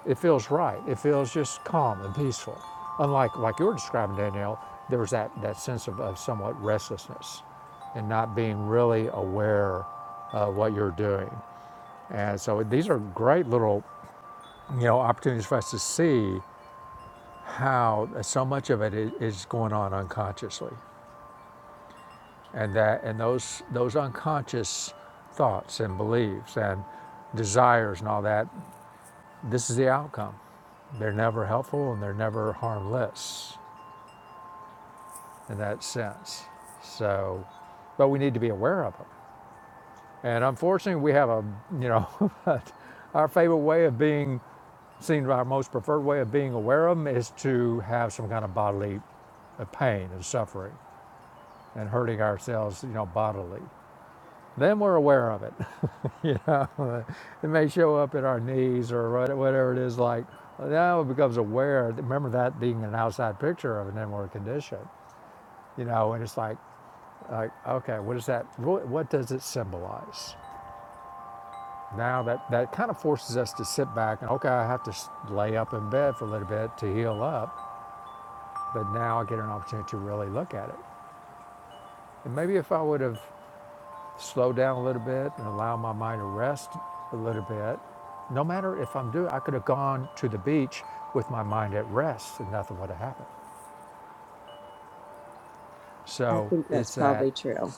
[SPEAKER 1] it feels right. It feels just calm and peaceful. Unlike like you were describing, Danielle, there was that, that sense of, of somewhat restlessness and not being really aware of what you're doing. And so these are great little you know opportunities for us to see how so much of it i- is going on unconsciously, and that and those those unconscious thoughts and beliefs and desires and all that. This is the outcome They're never helpful and they're never harmless in that sense. So, but we need to be aware of them. And unfortunately, we have a, you know, <laughs> our favorite way of being seen, our most preferred way of being aware of them is to have some kind of bodily uh, pain and suffering and hurting ourselves, you know, bodily. Then we're aware of it. <laughs> You know, it may show up in our knees or whatever it is. Like now, it becomes aware. Remember that being an outside picture of an inward condition. you know, and it's like, like okay, what does that, what, does it symbolize? Now that, that kind of forces us to sit back and, okay, I have to lay up in bed for a little bit to heal up, but now I get an opportunity to really look at it. And maybe if I would have slowed down a little bit and allowed my mind to rest a little bit, no matter if I'm doing, I could have gone to the beach with my mind at rest and nothing would have happened.
[SPEAKER 4] I
[SPEAKER 1] So
[SPEAKER 4] think that's
[SPEAKER 1] it's that
[SPEAKER 4] probably true.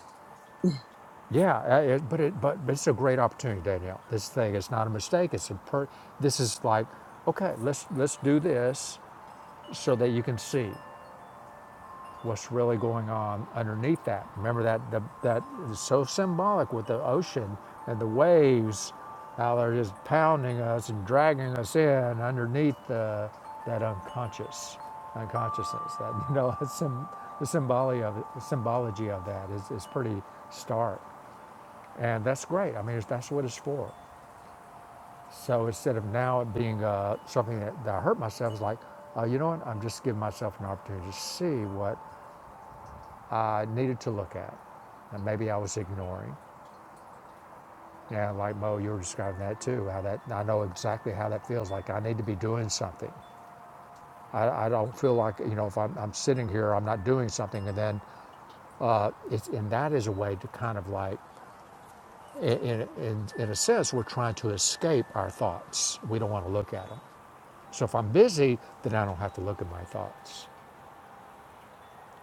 [SPEAKER 1] Yeah, uh, it, but it but, it's a great opportunity, Danielle. This thing is not a mistake. It's a per. This is like, okay, let's let's do this so that you can see what's really going on underneath that. Remember that the, that is so symbolic with the ocean and the waves, how they're just pounding us and dragging us in underneath the that unconscious unconsciousness. That you know, <laughs> it's sym the symbology of it, the symbology of that is is pretty stark. And that's great. I mean, it's, that's what it's for. So instead of now it being uh, something that, that I hurt myself, it's like, uh, you know what? I'm just giving myself an opportunity to see what I needed to look at. And maybe I was ignoring. And like Mo, you were describing that too, how that, I know exactly how that feels like I need to be doing something. I, I don't feel like, you know, if I'm, I'm sitting here, I'm not doing something. And then it's, and that is a way to kind of like, in, in, in in a sense, we're trying to escape our thoughts. We don't want to look at them. So if I'm busy, then I don't have to look at my thoughts.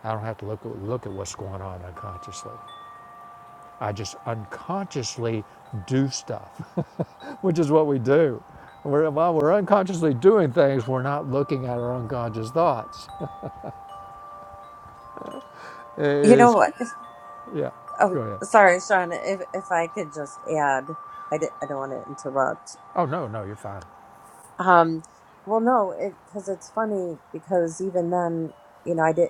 [SPEAKER 1] I don't have to look at, look at what's going on unconsciously. I just unconsciously do stuff, <laughs> which is what we do. We're, while we're unconsciously doing things, we're not looking at our unconscious thoughts. It
[SPEAKER 5] You know
[SPEAKER 1] is,
[SPEAKER 5] what?
[SPEAKER 1] yeah,
[SPEAKER 5] Oh,
[SPEAKER 1] go ahead.
[SPEAKER 5] sorry, Sean. If if I could just add, I di- I don't want to interrupt.
[SPEAKER 1] Oh, no, no, you're fine.
[SPEAKER 5] Um, well, no, it because it's funny because even then, you know, I did.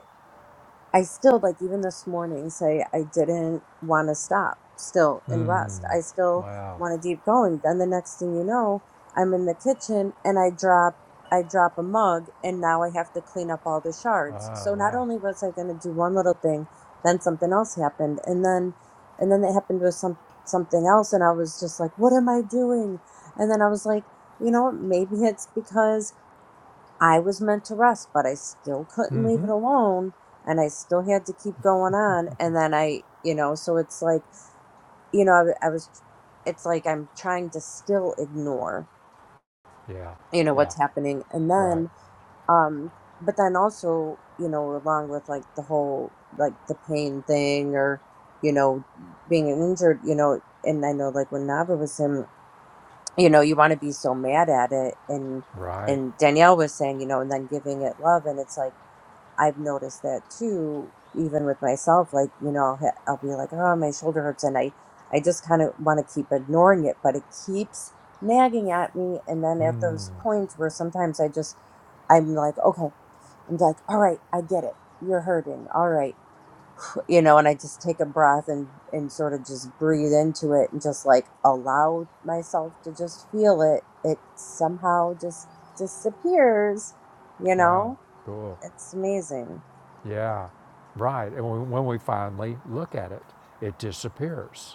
[SPEAKER 5] I still like even this morning say I didn't want to stop still and rest. I still
[SPEAKER 1] Wow.
[SPEAKER 5] want to keep going. Then the next thing you know, I'm in the kitchen and I drop I drop a mug and now I have to clean up all the
[SPEAKER 1] Oh,
[SPEAKER 5] shards. So not
[SPEAKER 1] wow.
[SPEAKER 5] only was I going to do one little thing, then something else happened and then and then it happened with some something else and I was just like, "What am I doing?" And then I was like, "You know what? Maybe it's because I was meant to rest, but I still couldn't leave it alone. And I still had to keep going on. And then I, you know, so it's like, you know, I, w- I was, it's like I'm trying to still ignore,
[SPEAKER 1] Yeah,
[SPEAKER 5] you know,
[SPEAKER 1] yeah,
[SPEAKER 5] what's happening. And
[SPEAKER 1] right,
[SPEAKER 5] then, um, but then also, you know, along with like the whole, like the pain thing or, you know, being injured, you know, and I know like when Nava was him, you know, you want to be so mad at it. And,
[SPEAKER 1] right.
[SPEAKER 5] and Danielle was saying, you know, and then giving it love. And it's like, I've noticed that too, even with myself. Like, you know, I'll, ha- I'll be like, oh, my shoulder hurts. And I, I just kind of want to keep ignoring it, but it keeps nagging at me. And then at those points where sometimes I just, I'm like, okay, I'm like, all right, I get it. You're hurting. All right. Put- You know, and I just take a breath and, and sort of just breathe into it and just like allow myself to just feel it. It somehow just disappears, you
[SPEAKER 1] Wow,
[SPEAKER 5] know?
[SPEAKER 1] cool.
[SPEAKER 5] It's amazing.
[SPEAKER 1] Yeah, right. And when when we finally look at it, it disappears.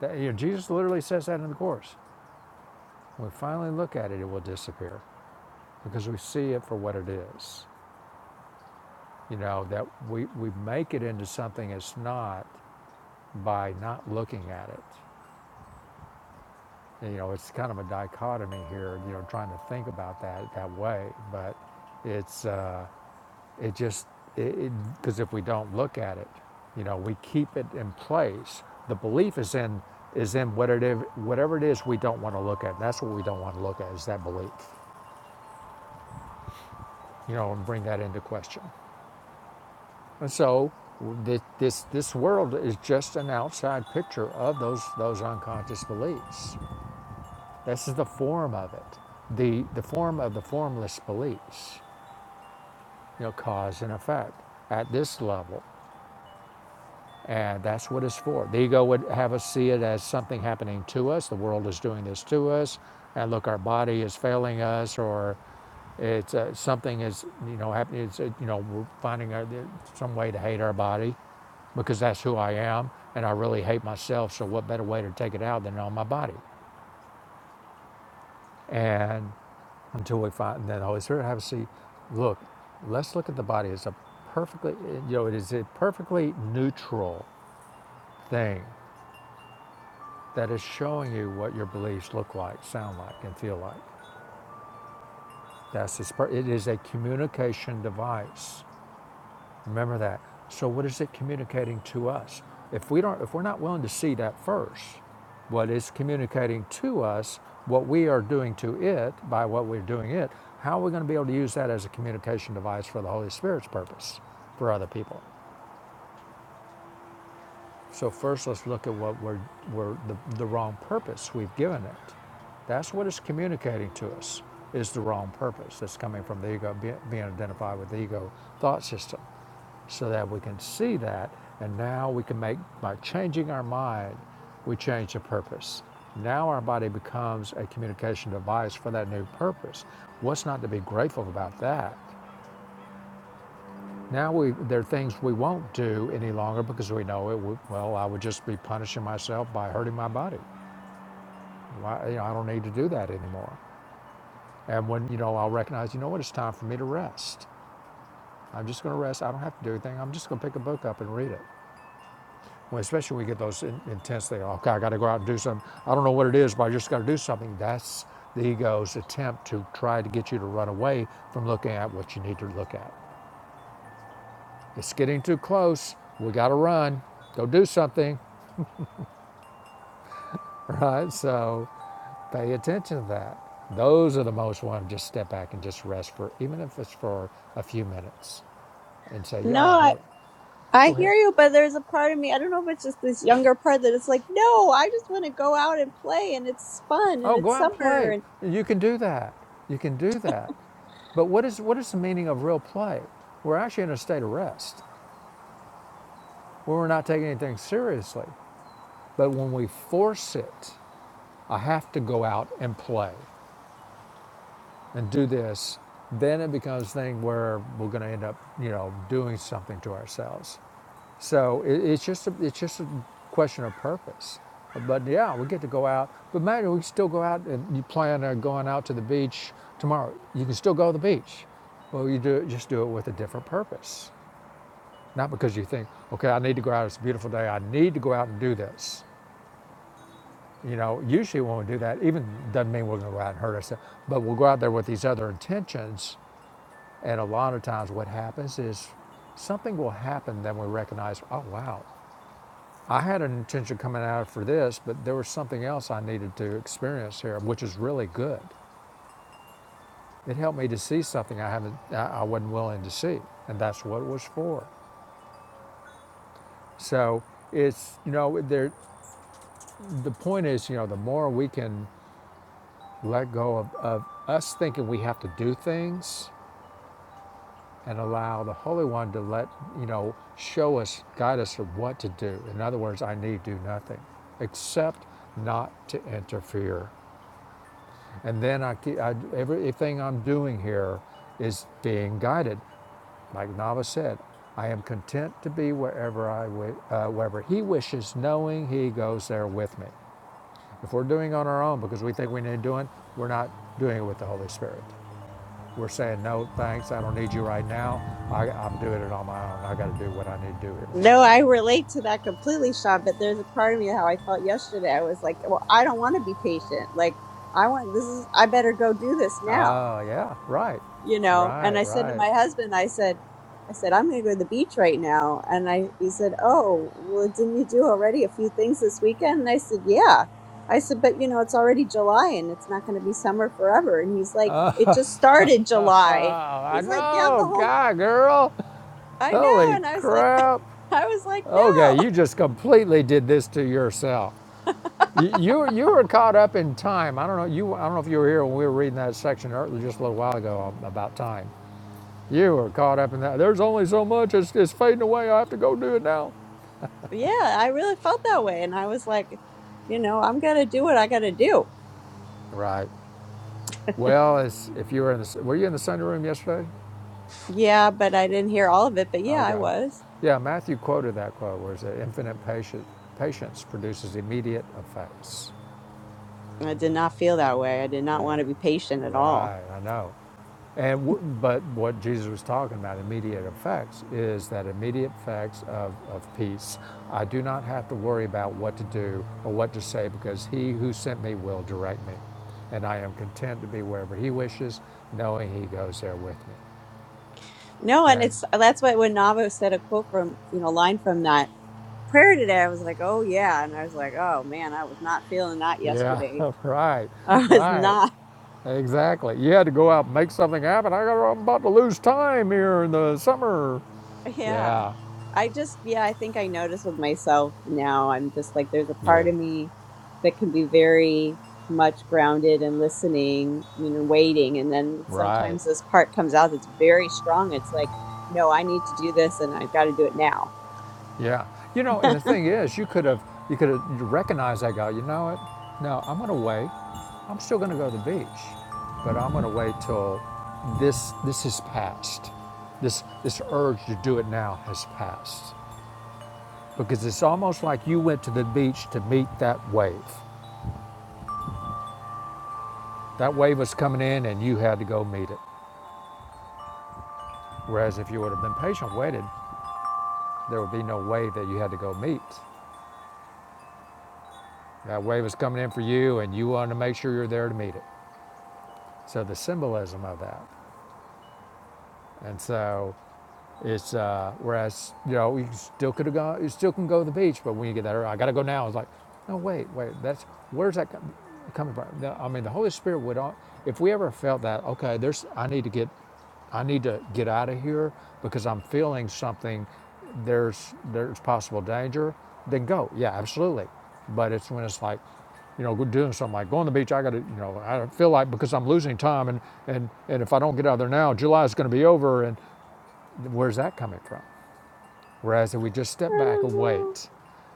[SPEAKER 1] That, you know, Jesus literally says that in the Course. When we finally look at it, it will disappear because we see it for what it is. You know, that we, we make it into something it's not by not looking at it. You know, it's kind of a dichotomy here, you know, trying to think about that that way. But it's, uh, it just, because if we don't look at it, you know, we keep it in place. The belief is in, is in whatever, whatever it is we don't want to look at. That's what we don't want to look at is that belief you know, and bring that into question. And so this, this world is just an outside picture of those, those unconscious beliefs. This is the form of it, the, the form of the formless beliefs, you know, cause and effect at this level. And that's what it's for. The ego would have us see it as something happening to us. The world is doing this to us. And look, our body is failing us, or it's uh, something is you know happening. It's, uh, you know we're finding our, some way to hate our body, because that's who I am, and I really hate myself. So what better way to take it out than on my body? And until we find then the Holy Spirit have a seat. Look, let's look at the body as a perfectly you know it is a perfectly neutral thing that is showing you what your beliefs look like, sound like, and feel like. That's its, pur- it is a communication device. Remember that. So what is it communicating to us? If we don't, if we're not willing to see that first, what is communicating to us, what we are doing to it by what we're doing it, how are we going to be able to use that as a communication device for the Holy Spirit's purpose for other people? So first, let's look at what we're, we're the, the wrong purpose we've given it. That's what it's communicating to us is the wrong purpose that's coming from the ego, be- being identified with the ego thought system, so that we can see that, and now we can make by changing our mind, we change the purpose. Now our body becomes a communication device for that new purpose. What's not to be grateful about that? Now we, there are things we won't do any longer because we know it. Would, well, I would just be punishing myself by hurting my body. Why, you know, I don't need to do that anymore. And when you know, I'll recognize. You know what? It's time for me to rest. I'm just going to rest. I don't have to do anything. I'm just going to pick a book up and read it. Well, especially when we get those in, intense things. Okay, I got to go out and do something. I don't know what it is, but I just got to do something. That's the ego's attempt to try to get you to run away from looking at what you need to look at. It's getting too close. We got to run. Go do something. right? So pay attention to that. Those are the most one just step back and just rest for, even if it's for a few minutes, and say, "Yeah, all right,
[SPEAKER 4] No, I,
[SPEAKER 1] hold,
[SPEAKER 4] I
[SPEAKER 1] go ahead.
[SPEAKER 4] hear you, but there's a part of me, I don't know if it's just this younger part that it's like, no, I just want to go out and play and it's fun and
[SPEAKER 1] Oh, go
[SPEAKER 4] it's
[SPEAKER 1] out and
[SPEAKER 4] summer
[SPEAKER 1] play.
[SPEAKER 4] and
[SPEAKER 1] You can do that. You can do that. But what is what is the meaning of real play? We're actually in a state of rest where we're not taking anything seriously. But when we force it, I have to go out and play. and do this, then it becomes a thing where we're going to end up, you know, doing something to ourselves. So it, it's just a, it's just a question of purpose. But yeah, we get to go out. But man, we can still go out and you plan on going out to the beach tomorrow. You can still go to the beach. Well, you do it, just do it with a different purpose. Not because you think, okay, I need to go out. It's a beautiful day. I need to go out and do this. You know, usually when we do that, even doesn't mean we're going to go out and hurt ourselves, but we'll go out there with these other intentions and a lot of times, what happens is something will happen Then we recognize, oh, wow, I had an intention coming out for this, but there was something else I needed to experience here, which is really good. It helped me to see something I haven't, I I wasn't willing to see, and that's what it was for. So it's, you know, there. The point is, you know, the more we can let go of, of us thinking we have to do things, and allow the Holy One to let, you know, show us, guide us of what to do. In other words, I need do nothing except not to interfere. And then I, keep- I, everything I'm doing here is being guided. Like Nava said, I am content to be wherever, I uh, wherever He wishes, knowing He goes there with me. If we're doing it on our own because we think we need doing, we're not doing it with the Holy Spirit. We're saying, no, thanks, I don't need you right now. I, I'm doing it on my own. I got to do what I need to do here.
[SPEAKER 4] no, I relate to that completely, Sean, but there's a part of me how I felt yesterday. I was like, well, I don't want to be patient. Like, I want this is I better go do this now.
[SPEAKER 1] Oh, yeah, right,
[SPEAKER 4] you know
[SPEAKER 1] right,
[SPEAKER 4] and i said to
[SPEAKER 1] right.
[SPEAKER 4] my husband i said i said i'm going to go to the beach right now and i he said oh well didn't you do already a few things this weekend and i said yeah i said but you know it's already july and it's not going to be summer forever and he's like it just started
[SPEAKER 1] Oh,
[SPEAKER 4] july
[SPEAKER 1] I
[SPEAKER 4] he's like yeah the
[SPEAKER 1] know,
[SPEAKER 4] whole
[SPEAKER 1] God, girl.
[SPEAKER 4] i know
[SPEAKER 1] Holy
[SPEAKER 4] and i was like
[SPEAKER 1] crap.
[SPEAKER 4] <laughs> i was like
[SPEAKER 1] Okay,
[SPEAKER 4] no
[SPEAKER 1] you just completely did this to yourself. You, you, you were caught up in time. I don't know. You, I don't know if you were here when we were reading that section ear- just a little while ago um, about time. You were caught up in that. There's only so much. It's, it's fading away. I have to go do it now.
[SPEAKER 4] <laughs> yeah i really felt that way and i was like you know i'm going to do what i got to do
[SPEAKER 1] Right. Well, as if you were in the, were you in the Sunday room yesterday?
[SPEAKER 4] yeah but i didn't hear all of it but yeah i
[SPEAKER 1] Okay.
[SPEAKER 4] was
[SPEAKER 1] Yeah, Matthew quoted that quote, where it said, infinite patient, patience produces immediate effects.
[SPEAKER 4] I did not feel that way. I did not want to be patient at all.
[SPEAKER 1] Right, I know. And w- but what Jesus was talking about, immediate effects, is that immediate effects of, of peace. I do not have to worry about what to do or what to say because he who sent me will direct me. And I am content to be wherever he wishes, knowing he goes there with me.
[SPEAKER 4] No, and
[SPEAKER 1] That
[SPEAKER 4] it's uh, that's why when Navo said a quote from you know line from that prayer today, I was like, oh yeah, and I was like, oh man, I was not feeling that
[SPEAKER 1] Yeah,
[SPEAKER 4] yesterday.
[SPEAKER 1] <laughs> right,
[SPEAKER 4] <laughs> I was
[SPEAKER 1] right.
[SPEAKER 4] not.
[SPEAKER 1] Exactly. You had to go out and make something happen. I got, I'm about to lose time here in the summer.
[SPEAKER 4] Yeah.
[SPEAKER 1] Yeah,
[SPEAKER 4] I just, yeah, I think I notice with myself now. I'm just like, there's a
[SPEAKER 1] yeah,
[SPEAKER 4] part of me that can be very much grounded and listening, you know, waiting. And then
[SPEAKER 1] right.
[SPEAKER 4] sometimes this part comes out that's very strong. It's like, no, I need to do this and I've got to do it now.
[SPEAKER 1] Yeah. You know,
[SPEAKER 4] <laughs>
[SPEAKER 1] and
[SPEAKER 4] I
[SPEAKER 1] the thing is, you could have, you could have recognized that guy. You know what? No, I'm going to wait. I'm still going to go to the beach, but I'm going to wait till this, this is past. This, this urge to do it now has passed because it's almost like you went to the beach to meet that wave That wave was coming in and you had to go meet it. Whereas if you would have been patient, waited, there would be no wave that you had to go meet. That wave was coming in for you and you wanted to make sure you're there to meet it. So the symbolism of that. And so It's uh, whereas you know you still could have gone, you still can go to the beach, but when you get there, I got to go now. It's like, no, wait, wait, that's where's that coming from? I mean, the Holy Spirit would, al- if we ever felt that, okay, there's, I need to get, I need to get out of here because I'm feeling something. There's there's possible danger. Then go, yeah, absolutely. But it's when it's like, you know, doing something like going to the beach. I got to, you know, I feel like because I'm losing time, and and and if I don't get out of there now, July's going to be over, and Where's that coming from? Whereas if we just step back
[SPEAKER 4] don't
[SPEAKER 1] and
[SPEAKER 4] know.
[SPEAKER 1] wait,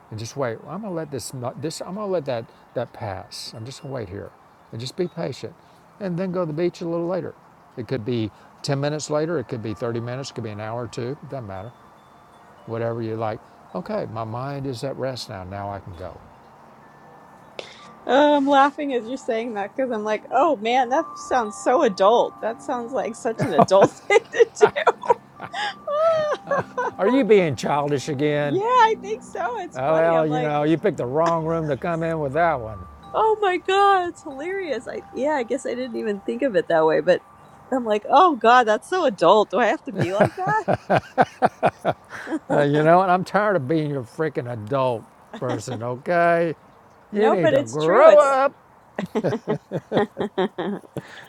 [SPEAKER 1] and just wait, well, I'm gonna let this, this I'm gonna let that that pass. I'm just gonna wait here, and just be patient, and then go to the beach a little later. It could be 10 minutes later. It could be 30 minutes. It could be an hour or two. it Doesn't matter. Whatever you like. Okay, my mind is at rest now. Now I can go.
[SPEAKER 4] Uh, I'm laughing as you're saying that because I'm like, oh man, that sounds so adult. That sounds like such an adult <laughs> thing to do. <laughs> Ah,
[SPEAKER 1] Are you being childish
[SPEAKER 4] yeah,
[SPEAKER 1] again?
[SPEAKER 4] I think so. It's
[SPEAKER 1] Oh
[SPEAKER 4] funny.
[SPEAKER 1] well,
[SPEAKER 4] I'm
[SPEAKER 1] you
[SPEAKER 4] like,
[SPEAKER 1] know, you picked the wrong room to come in with that one.
[SPEAKER 4] Oh my God, it's hilarious. I yeah, I guess I didn't even think of it that way, but I'm like, oh God, that's so adult. Do I have to be like
[SPEAKER 1] Uh, you
[SPEAKER 4] that?
[SPEAKER 1] know, and I'm tired of being your freaking adult person, okay?
[SPEAKER 4] <laughs>
[SPEAKER 1] You
[SPEAKER 4] no,
[SPEAKER 1] need
[SPEAKER 4] but
[SPEAKER 1] to
[SPEAKER 4] it's true.
[SPEAKER 1] grow
[SPEAKER 4] It's
[SPEAKER 1] up.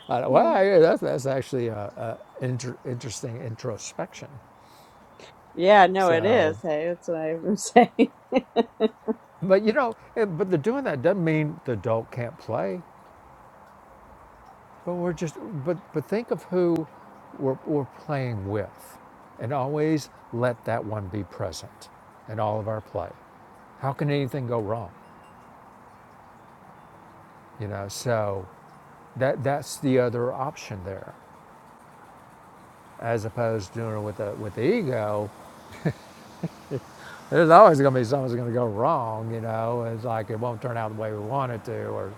[SPEAKER 1] I, well,
[SPEAKER 4] <laughs>
[SPEAKER 1] I, that's, that's actually an inter, interesting introspection.
[SPEAKER 4] yeah, no, it
[SPEAKER 1] So,
[SPEAKER 4] is. Hey, that's what I was saying. <laughs>
[SPEAKER 1] but you know, and, but the doing that doesn't mean the adult can't play. But we're just, but, but think of who we're, we're playing with and always let that one be present in all of our play. How can anything go wrong? You know, so that, that's the other option there as opposed to doing it with the with the ego. There's always going to be something's going to go wrong, you know. It's like it won't turn out the way we want it to, or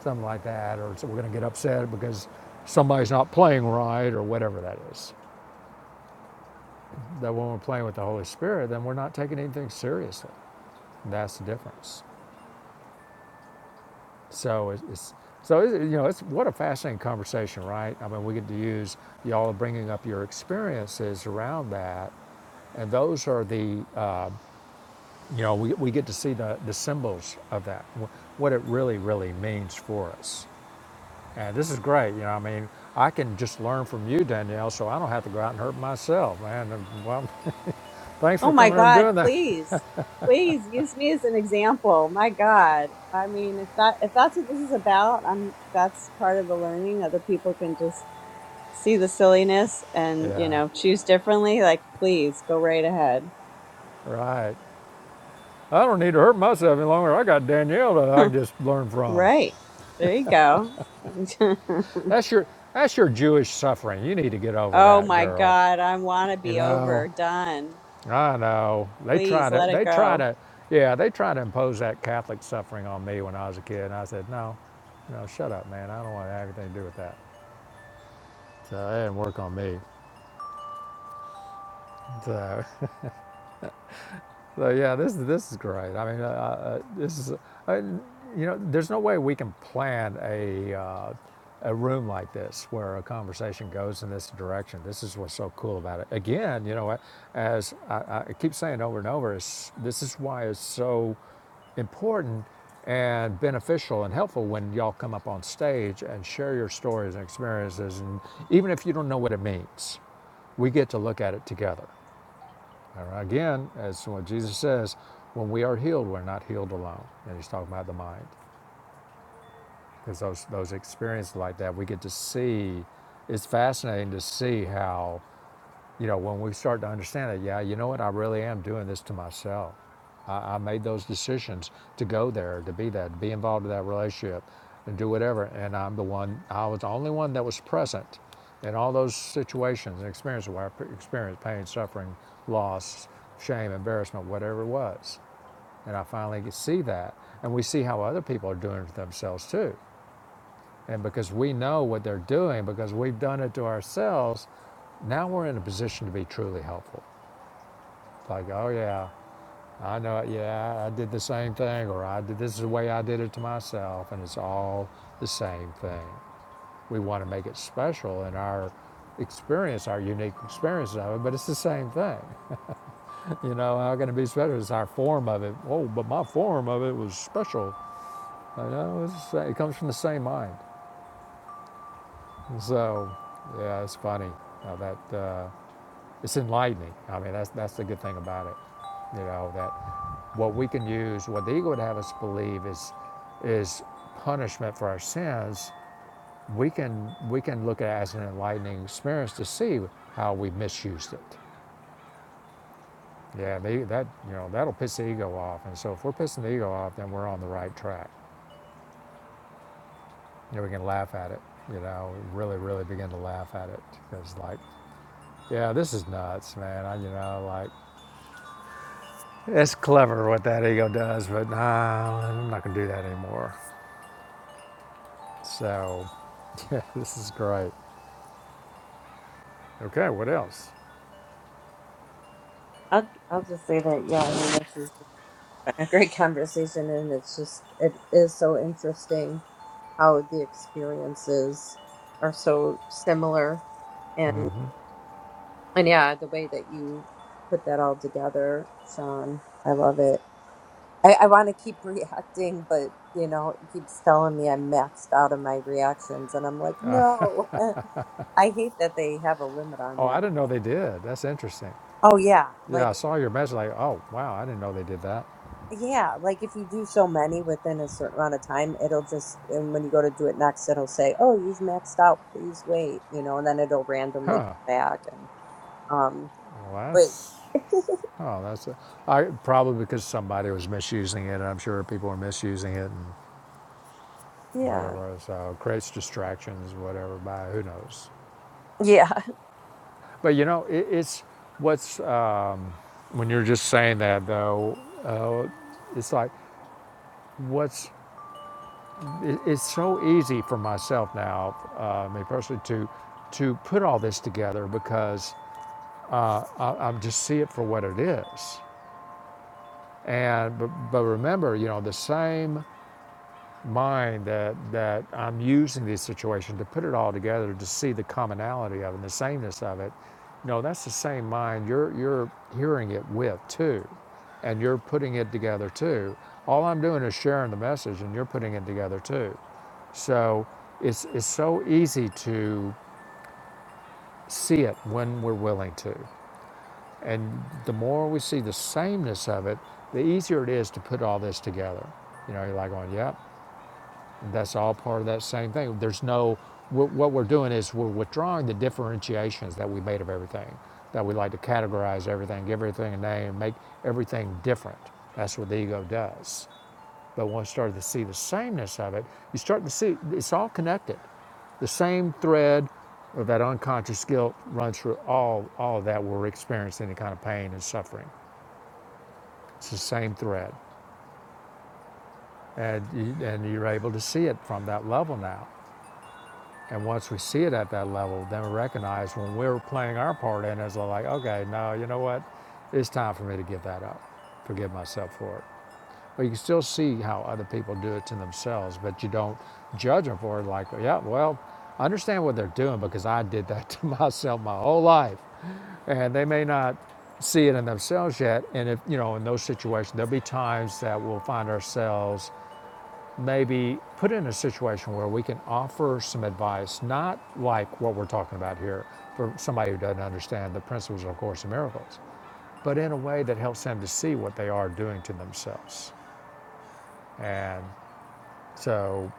[SPEAKER 1] something like that, or so we're going to get upset because somebody's not playing right, or whatever that is. That when we're playing with the Holy Spirit, then we're not taking anything seriously. That's the difference. So it's, so it's, you know it's what a fascinating conversation, right? I mean, we get to use y'all are bringing up your experiences around that, and those are the Uh, You know, we, we get to see the, the symbols of that, what it really, really means for us. And this is great. You know, I mean, I can just learn from you, Danielle, so I don't have to go out and hurt myself, man. Well, <laughs> thanks for
[SPEAKER 4] oh my
[SPEAKER 1] coming up and
[SPEAKER 4] God,
[SPEAKER 1] doing that.
[SPEAKER 4] please, please use me as an example. My God, I mean, if that if that's what this is about, I'm that's part of the learning. Other people can just see the silliness and you
[SPEAKER 1] Yeah,
[SPEAKER 4] know choose differently. Like, please go right ahead.
[SPEAKER 1] right. I don't need to hurt myself any longer. I got Danielle that
[SPEAKER 4] <laughs>
[SPEAKER 1] I can just learn from.
[SPEAKER 4] Right. There you go. <laughs>
[SPEAKER 1] That's your that's your Jewish suffering. You need to get over
[SPEAKER 4] oh
[SPEAKER 1] that,
[SPEAKER 4] my
[SPEAKER 1] girl.
[SPEAKER 4] God. I want to
[SPEAKER 1] You
[SPEAKER 4] be
[SPEAKER 1] know.
[SPEAKER 4] over. Done.
[SPEAKER 1] I know. They try
[SPEAKER 4] Please
[SPEAKER 1] to,
[SPEAKER 4] let it
[SPEAKER 1] they try
[SPEAKER 4] go.
[SPEAKER 1] to, yeah, they try to impose that Catholic suffering on me when I was a kid. And I said, no, no, shut up, man. I don't want to have anything to do with that. So it didn't work on me. So So yeah, this this is great. I mean, uh, uh, this is, I, you know, there's no way we can plan a uh, a room like this where a conversation goes in this direction. This is what's so cool about it. Again, you know, as I, I keep saying over and over, is this is why it's so important and beneficial and helpful when y'all come up on stage and share your stories and experiences, and even if you don't know what it means, we get to look at it together again, as what Jesus says, when we are healed, we're not healed alone. And he's talking about the mind. Because those, those experiences like that, we get to see, it's fascinating to see how you know, when we start to understand it, yeah, you know what? I really am doing this to myself. I, I made those decisions to go there, to be that, to be involved in that relationship, and do whatever. And I'm the one. I was the only one that was present in all those situations and experiences where I experienced pain, suffering, loss, shame, embarrassment, whatever it was. And I finally see that, and we see how other people are doing it to themselves too. And because we know what they're doing, because we've done it to ourselves, now we're in a position to be truly helpful. It's like, oh yeah, I know it. Yeah, I did the same thing, or I did this is the way I did it to myself, and it's all the same thing. We want to make it special in our experience, our unique experience of it, but it's the same thing. <laughs> You know, how can it be special? It's our form of it. Oh, but my form of it was special. You know it's, it comes from the same mind. so, yeah, it's funny how that uh, it's enlightening. I mean, that's that's the good thing about it. You know that what we can use, what the ego would have us believe is is punishment for our sins. We can we can look at it as an enlightening experience to see how we misused it. Yeah, they, that you know that'll piss the ego off. And so if we're pissing the ego off, then we're on the right track. You know, we can laugh at it. You know, really, really begin to laugh at it because like Yeah, this is nuts, man. I, you know, like, it's clever what that ego does, but nah, I'm not going to do that anymore. So, <laughs> yeah, this is great. Okay, what else?
[SPEAKER 5] I'll, I'll just say that, yeah, I mean, this is a great conversation, and it's just, it is so interesting how the experiences are so similar. And, and yeah, the way that you put that all together, Sean, I love it. I, I want to keep <laughs> reacting, but, you know, it keeps telling me I'm maxed out of my reactions, and I'm like, no. <laughs> I hate that they have a limit on
[SPEAKER 1] Oh,
[SPEAKER 5] that.
[SPEAKER 1] I didn't know
[SPEAKER 5] But,
[SPEAKER 1] they did. That's interesting.
[SPEAKER 5] oh, yeah. Like,
[SPEAKER 1] Yeah, I saw your message, like, oh, wow, I didn't know they did that.
[SPEAKER 5] Yeah, like if you do so many within a certain amount of time, it'll just, and when you go to do it next, it'll say, "Oh, you've maxed out. Please wait," you know, and then it'll randomly
[SPEAKER 1] Huh.
[SPEAKER 5] come back and um,
[SPEAKER 1] Well,
[SPEAKER 5] but
[SPEAKER 1] that's,
[SPEAKER 5] <laughs>
[SPEAKER 1] oh, that's, a, I probably because somebody was misusing it, and I'm sure people were misusing it and
[SPEAKER 5] yeah,
[SPEAKER 1] whatever. So, it creates distractions, whatever, by who knows.
[SPEAKER 5] yeah.
[SPEAKER 1] But, you know, it, it's what's, uh, When you're just saying that, though, it's like, what's, it's so easy for myself now, uh, me personally, to, to put all this together because I, I just see it for what it is. And, but, but remember, you know, the same mind that that I'm using this situation to put it all together to see the commonality of it, and the sameness of it. No, that's the same mind you're you're hearing it with too, and you're putting it together too. All I'm doing is sharing the message, and you're putting it together too. So it's it's so easy to see it when we're willing to, and the more we see the sameness of it, the easier it is to put all this together. You know, you're like going, "Yep, that's all part of that same thing. There's no, what we're doing is we're withdrawing the differentiations that we made of everything, that we like to categorize everything, give everything a name, make everything different. That's what the ego does. But once you start to see the sameness of it, you start to see it's all connected. The same thread of that unconscious guilt runs through all, all of that where we're experiencing, any kind of pain and suffering. It's the same thread. And, you, and you're able to see it from that level now. And once we see it at that level, then we recognize when we're playing our part in it, it's like, okay, no, you know what? It's time for me to give that up, forgive myself for it. But you can still see how other people do it to themselves, but you don't judge them for it like, yeah, well, I understand what they're doing because I did that <laughs> to myself my whole life. And they may not see it in themselves yet. And if, you know, in those situations, there'll be times that we'll find ourselves maybe put in a situation where we can offer some advice, not like what we're talking about here for somebody who doesn't understand the principles of A Course in Miracles, but in a way that helps them to see what they are doing to themselves. And so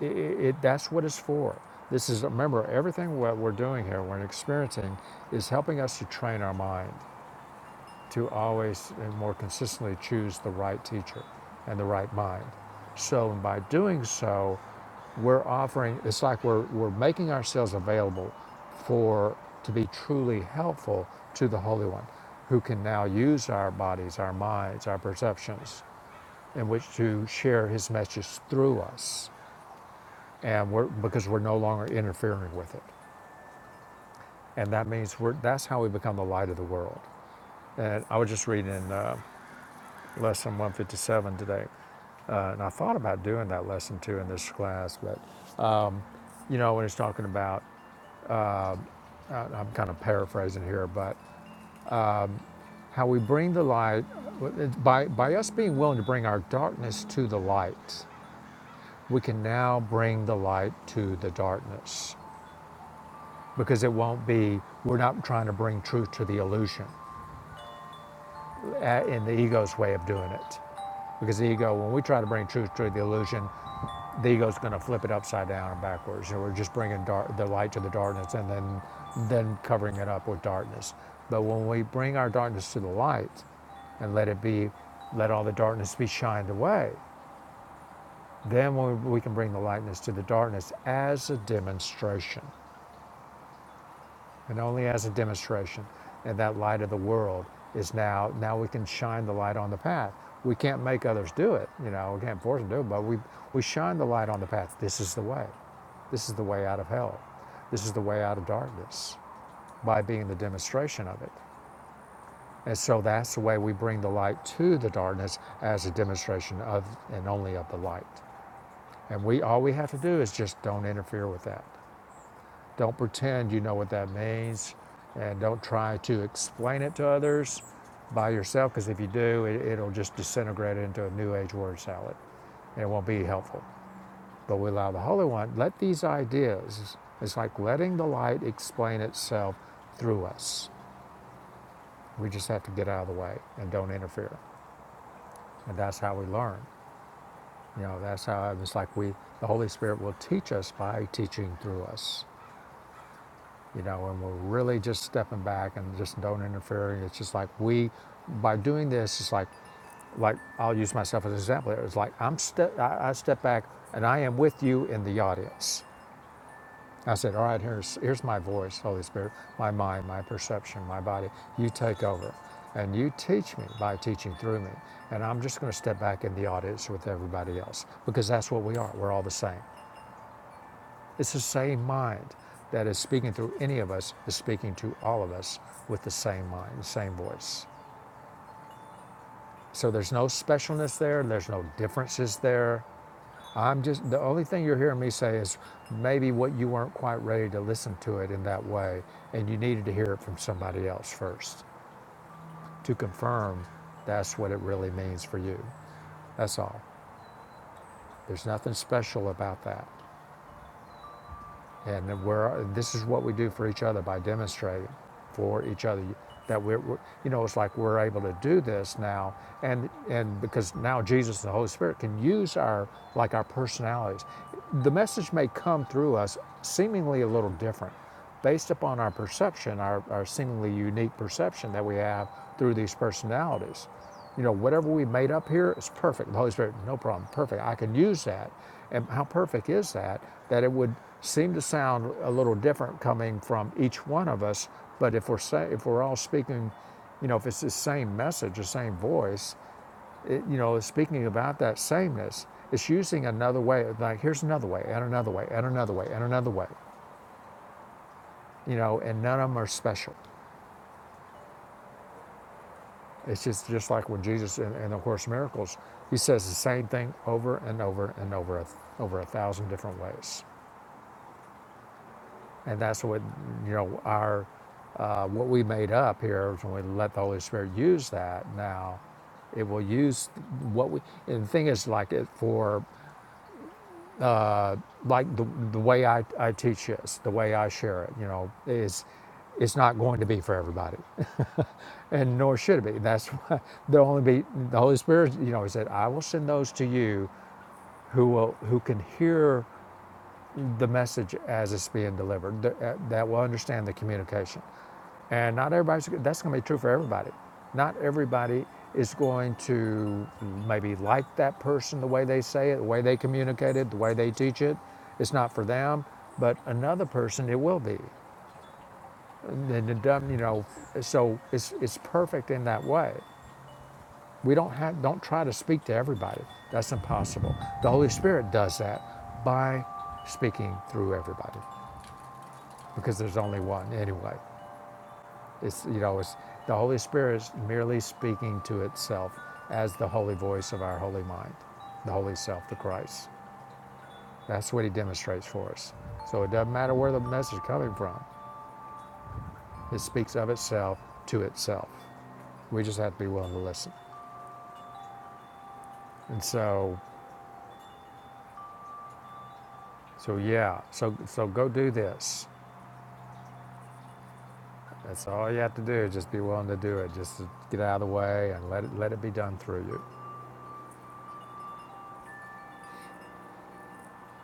[SPEAKER 1] i it, that's what it's for. This is, remember, everything what we're doing here, we're experiencing, is helping us to train our mind. to always and more consistently choose the right teacher and the right mind. So by doing so, we're offering it's like we're, we're making ourselves available for to be truly helpful to the Holy One, who can now use our bodies, our minds, our perceptions in which to share his message through us. And we're because we're no longer interfering with it. And that means we're that's how we become the light of the world. And I was just reading in uh, lesson 157 today. Uh, and I thought about doing that lesson too in this class, but you know, when it's talking about, uh, I'm kind of paraphrasing here, but how we bring the light, by, by us being willing to bring our darkness to the light, we can now bring the light to the darkness because it won't be, we're not trying to bring truth to the illusion. uh, in the ego's way of doing it. Because the ego, when we try to bring truth to the illusion, the ego's going to flip it upside down and backwards. And we're just bringing dark, the light to the darkness and then, then covering it up with darkness. But when we bring our darkness to the light and let it be, let all the darkness be shined away, then we can bring the lightness to the darkness as a demonstration and only as a demonstration. And that light of the world is now, now we can shine the light on the path. We can't make others do it, you know, we can't force them to do it, but we, we shine the light on the path. This is the way. This is the way out of hell. This is the way out of darkness by being the demonstration of it. And so that's the way we bring the light to the darkness as a demonstration of and only of the light. And we all we have to do is just don't interfere with that. Don't pretend you know what that means and don't try to explain it to others by yourself because if you do, it, it'll just disintegrate into a new age word salad and it won't be helpful. But we allow the Holy One, let these ideas, it's like letting the light explain itself through us. We just have to get out of the way and don't interfere. And that's how we learn. You know, that's how it's like we, the Holy Spirit will teach us by teaching through us. you know, and we're really just stepping back and just don't interfere. It's just like we, by doing this, it's like, like I'll use myself as an example. It was like I'm step, I, I step back and I am with you in the audience. I said, all right, here's here's my voice, Holy Spirit, my mind, my perception, my body. You take over, and you teach me by teaching through me. And I'm just going to step back in the audience with everybody else because that's what we are. We're all the same. It's the same mind that is speaking through any of us is speaking to all of us with the same mind, the same voice. So there's no specialness there, there's no differences there. I'm just the only thing you're hearing me say is maybe what you weren't quite ready to listen to it in that way and you needed to hear it from somebody else first to confirm that's what it really means for you. That's all. There's nothing special about that. And that we're, this is what we do for each other by demonstrating for each other that we're, we're, you know, it's like we're able to do this now. And, and because now Jesus and the Holy Spirit can use our, like our personalities. The message may come through us seemingly a little different, based upon our perception, our, our seemingly unique perception that we have through these personalities. You know, whatever we made up here is perfect. The Holy Spirit, no problem, perfect. I can use that. And how perfect is that? That it would seem to sound a little different coming from each one of us. But if we're say, if we're all speaking, you know, if it's the same message, the same voice, it, you know, speaking about that sameness, it's using another way. Like here's another way, and another way, and another way, and another way you know, and none of them are special. It's just, just like when Jesus in, in the Course in Miracles, he says the same thing over and over and over, over a thousand different ways. And that's what, you know, our, uh, what we made up here is when we let the Holy Spirit use that now, it will use what we, and the thing is like it for, uh, like the, the way I, I teach this, the way I share it, you know, is, it's not going to be for everybody. <laughs> and nor should it be. That's <laughs> why there'll only be the Holy Spirit. You know, He said, "I will send those to you who will who can hear the message as it's being delivered, uh, that will understand the communication." And not everybody's. That's going to be true for everybody. Not everybody is going to maybe like that person the way they say it, the way they communicate it, the way they teach it. It's not for them, but another person it will be. And it doesn't, you know, so it's it's perfect in that way We don't have, don't try to speak to everybody. That's impossible. The Holy Spirit does that by speaking through everybody, because there's only one anyway. It's you know, it's the Holy Spirit is merely speaking to itself as the holy voice of our holy mind, the holy self, the Christ. That's what He demonstrates for us. So it doesn't matter where the message is coming from. It speaks of itself to itself. We just have to be willing to listen. And so, so yeah. So so go do this. That's all you have to do. Just be willing to do it. Just to get out of the way and let it, let it be done through you.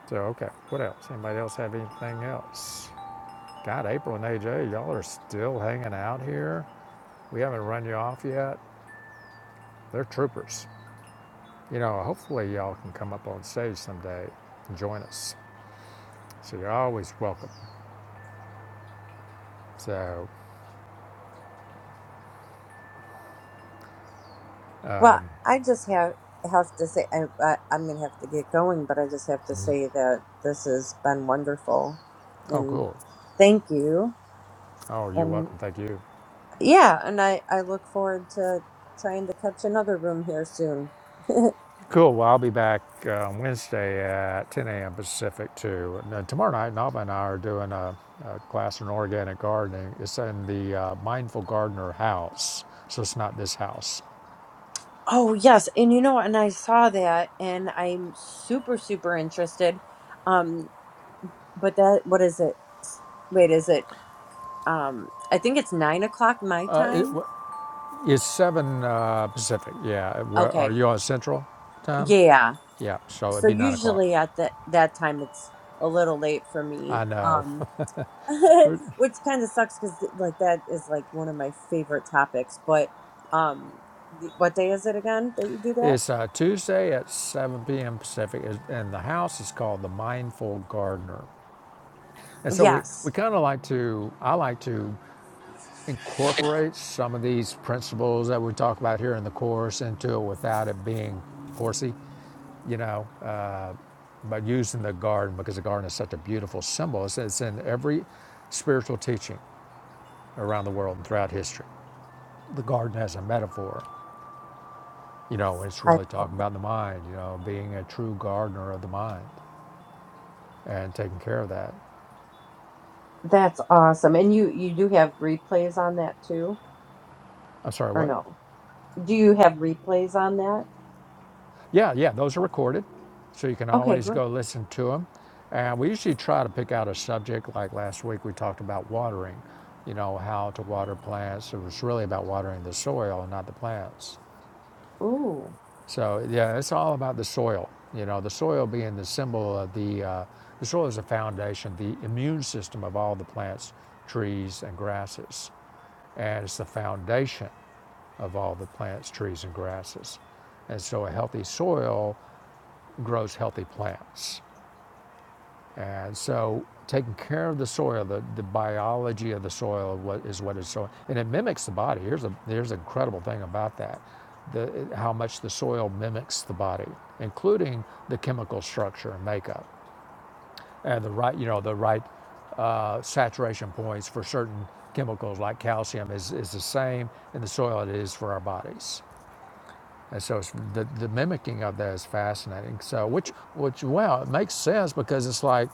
[SPEAKER 1] So, okay, what else? Anybody else have anything else? God, April and AJ, y'all are still hanging out here. We haven't run you off yet. They're troopers. You know, hopefully y'all can come up on stage someday and join us. So you're always welcome. So,
[SPEAKER 5] Well, I just have have to say, I, I I'm gonna have to get going, but I just have to
[SPEAKER 1] mm-hmm.
[SPEAKER 5] say that this has been wonderful,
[SPEAKER 1] oh,
[SPEAKER 5] and
[SPEAKER 1] cool.
[SPEAKER 5] thank you,
[SPEAKER 1] Oh, you're
[SPEAKER 5] and
[SPEAKER 1] welcome. Thank you.
[SPEAKER 5] yeah, and I I look forward to trying to catch another room here soon. <laughs>
[SPEAKER 1] Cool. Well, I'll be back uh, Wednesday at 10 a.m. Pacific too. And then tomorrow night, Nava and I are doing a, a class on organic gardening. It's in the uh, Mindful Gardener house, so it's not this house.
[SPEAKER 5] Oh, yes. And you know, and I saw that and I'm super, super interested. Um, but that, what is it? S- Wait, is it, um, I think it's nine o'clock my
[SPEAKER 1] Uh, it,
[SPEAKER 5] time.
[SPEAKER 1] w- it's 7 uh, Pacific. Yeah. Where, are
[SPEAKER 5] Okay.
[SPEAKER 1] you on Central time?
[SPEAKER 5] Yeah.
[SPEAKER 1] Yeah. So it'd
[SPEAKER 5] So
[SPEAKER 1] be 9 o'clock.
[SPEAKER 5] usually at the, that time, it's a little late for me.
[SPEAKER 1] I know.
[SPEAKER 5] Um,
[SPEAKER 1] <laughs>
[SPEAKER 5] <laughs> which kind of sucks because like that is like one of my favorite topics. But, um, y- what day is it again that you do that?
[SPEAKER 1] it's uh, Tuesday at 7 p.m. Pacific, is- and the house is called the Mindful Gardener. And so we,
[SPEAKER 5] Yes.
[SPEAKER 1] we kind of like to, I like to incorporate some of these principles that we talk about here in the course into it without it being coursey, you know, uh, but using the garden because the garden is such a beautiful symbol. It's, it's in every spiritual teaching around the world and throughout history. The garden as a metaphor, you know, it's
[SPEAKER 5] I
[SPEAKER 1] really
[SPEAKER 5] love that.
[SPEAKER 1] talking about the mind, you know, being a true gardener of the mind and taking care of that.
[SPEAKER 5] That's awesome. And you you do have replays on that too,
[SPEAKER 1] I'm sorry,
[SPEAKER 5] or
[SPEAKER 1] what?
[SPEAKER 5] no? Do you have replays on that?
[SPEAKER 1] Yeah, yeah, those are recorded, so you can
[SPEAKER 5] Okay,
[SPEAKER 1] always
[SPEAKER 5] good.
[SPEAKER 1] go listen to them. And we usually try to pick out a subject. Like last week, we talked about watering. You know how to water plants. It was really about watering the soil and not the plants.
[SPEAKER 5] Ooh.
[SPEAKER 1] So yeah, it's all about the soil. You know, the soil being the symbol of the uh, the soil is the foundation, the immune system of all the plants, trees, and grasses, and it's the foundation of all the plants, trees, and grasses. And so a healthy soil grows healthy plants. And so taking care of the soil, the, the biology of the soil what is what is so, and it mimics the body. Here's a here's an incredible thing about that, the, how much the soil mimics the body, including the chemical structure and makeup, and the right you know the right uh, saturation points for certain chemicals like calcium is, is the same in the soil it is for our bodies. And so it's, the, the mimicking of that is fascinating. So, which, which, well, it makes sense because it's like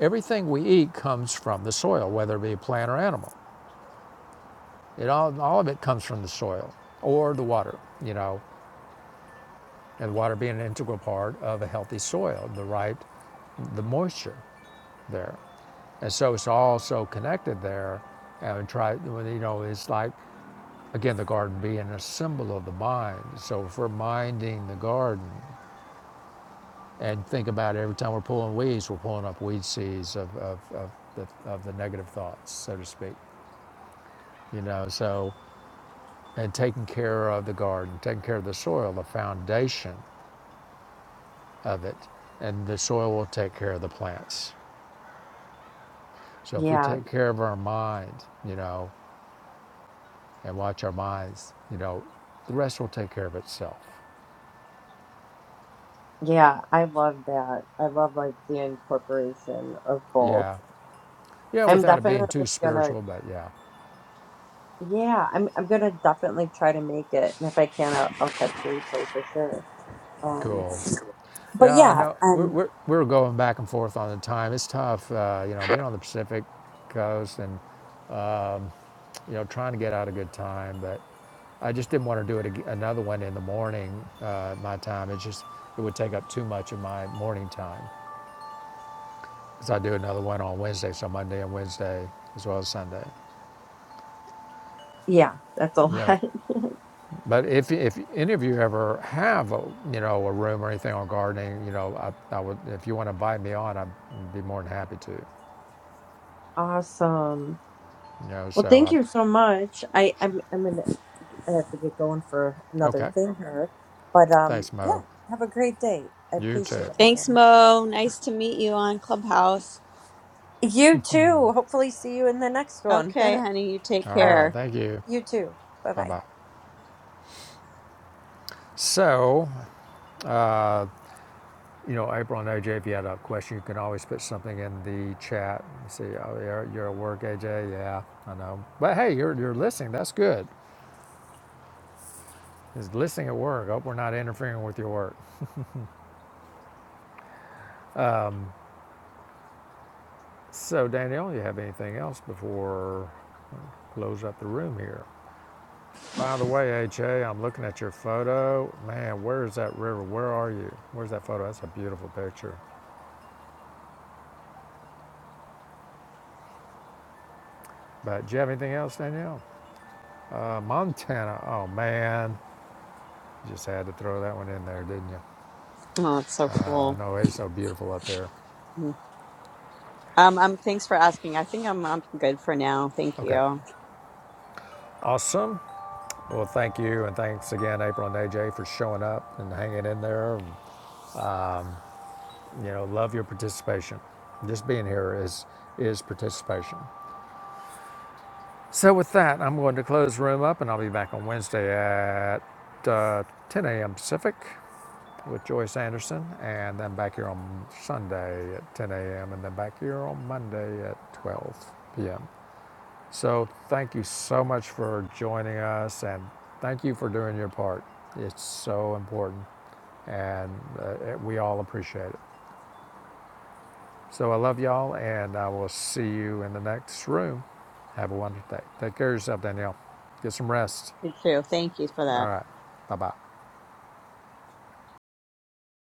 [SPEAKER 1] everything we eat comes from the soil, whether it be a plant or animal. It all, all of it comes from the soil or the water, you know, and water being an integral part of a healthy soil, the right, the moisture there. And so it's all so connected there. And try, well, you know, it's like, again, the garden being a symbol of the mind. So if we're minding the garden, and think about it, every time we're pulling weeds, we're pulling up weed seeds of, of, of, the, of the negative thoughts, so to speak. You know, so, and taking care of the garden, taking care of the soil, the foundation of it, and the soil will take care of the plants. So if we
[SPEAKER 5] Yeah,
[SPEAKER 1] take care of our mind, you know, and watch our minds, you know, the rest will take care of itself.
[SPEAKER 5] Yeah, I love that. I love like the incorporation of both.
[SPEAKER 1] Yeah. Yeah,
[SPEAKER 5] I'm
[SPEAKER 1] without it being
[SPEAKER 5] definitely
[SPEAKER 1] too
[SPEAKER 5] gonna,
[SPEAKER 1] spiritual, but yeah,
[SPEAKER 5] yeah, I'm I'm gonna definitely try to make it, and if I can, I'll, I'll catch the replay for sure. Um,
[SPEAKER 1] cool.
[SPEAKER 5] but
[SPEAKER 1] Yeah, I
[SPEAKER 5] yeah,
[SPEAKER 1] know. We're,
[SPEAKER 5] um,
[SPEAKER 1] we're, we're going back and forth on the time. It's tough, uh, you know, being on the Pacific coast and, you know, trying to get out a good time. But I just didn't want to do it ag- another one in the morning, uh, my time. It just, it would take up too much of my morning time. Because I do another one on Wednesday, so Monday and Wednesday, as well as Sunday.
[SPEAKER 5] yeah, that's a
[SPEAKER 1] But
[SPEAKER 5] lot. <laughs>
[SPEAKER 1] but if, if any of you ever have a, you know a room or anything on gardening, you know I, I would if you want to invite me on, I'd be more than happy to. You
[SPEAKER 5] Awesome.
[SPEAKER 1] know,
[SPEAKER 5] Well,
[SPEAKER 1] so
[SPEAKER 5] thank you so
[SPEAKER 1] I,
[SPEAKER 5] much. I I'm I'm gonna I have to get going for another
[SPEAKER 1] okay,
[SPEAKER 5] thing here, but um,
[SPEAKER 1] Thanks, Mo.
[SPEAKER 5] yeah, have a great day. I
[SPEAKER 1] You
[SPEAKER 5] appreciate
[SPEAKER 1] too.
[SPEAKER 4] Thanks,
[SPEAKER 5] everything.
[SPEAKER 4] Mo. Nice to meet you on Clubhouse.
[SPEAKER 5] You too. Hopefully, see you in the next one. <laughs>
[SPEAKER 4] Okay, honey. You take
[SPEAKER 1] All
[SPEAKER 5] All
[SPEAKER 1] right.
[SPEAKER 5] right.
[SPEAKER 4] care.
[SPEAKER 1] Thank you.
[SPEAKER 5] You too. Bye
[SPEAKER 1] Bye
[SPEAKER 5] bye.
[SPEAKER 1] bye. So, uh, you know, April and AJ, if you had a question, you can always put something in the chat. You see, oh, you're, you're at work, AJ. Yeah, I know. But hey, you're, you're listening. That's good. Is listening at work. Hope we're not interfering with your work. So, Danielle, you have anything else before close up the room here? By the way, AJ, I'm looking at your photo. Man, where is that river? Where are you? Where's that photo? That's a beautiful picture. But do you have anything else, Danielle? Uh, Montana, oh man, you just had to throw that one in there, didn't you?
[SPEAKER 4] Oh, it's so
[SPEAKER 1] Uh,
[SPEAKER 4] cool.
[SPEAKER 1] no, it's so beautiful up there.
[SPEAKER 4] Um, um, thanks for asking. I think I'm, I'm good for now. Thank
[SPEAKER 1] Okay,
[SPEAKER 4] you.
[SPEAKER 1] awesome. Well, thank you, and thanks again, April and AJ, for showing up and hanging in there. And, you know, love your participation. Just being here is is participation. So with that, I'm going to close the room up, and I'll be back on Wednesday at uh, 10 a.m. Pacific. with Joyce Anderson, and then back here on Sunday at 10 a.m., and then back here on Monday at 12 p.m. So thank you so much for joining us, and thank you for doing your part. It's so important, and uh, it- we all appreciate it. So I love y'all, and I will see you in the next room. Have a wonderful day. Take care of yourself, Danielle. Get some rest.
[SPEAKER 4] You too. Thank you for
[SPEAKER 1] All
[SPEAKER 4] that.
[SPEAKER 1] right. Bye bye.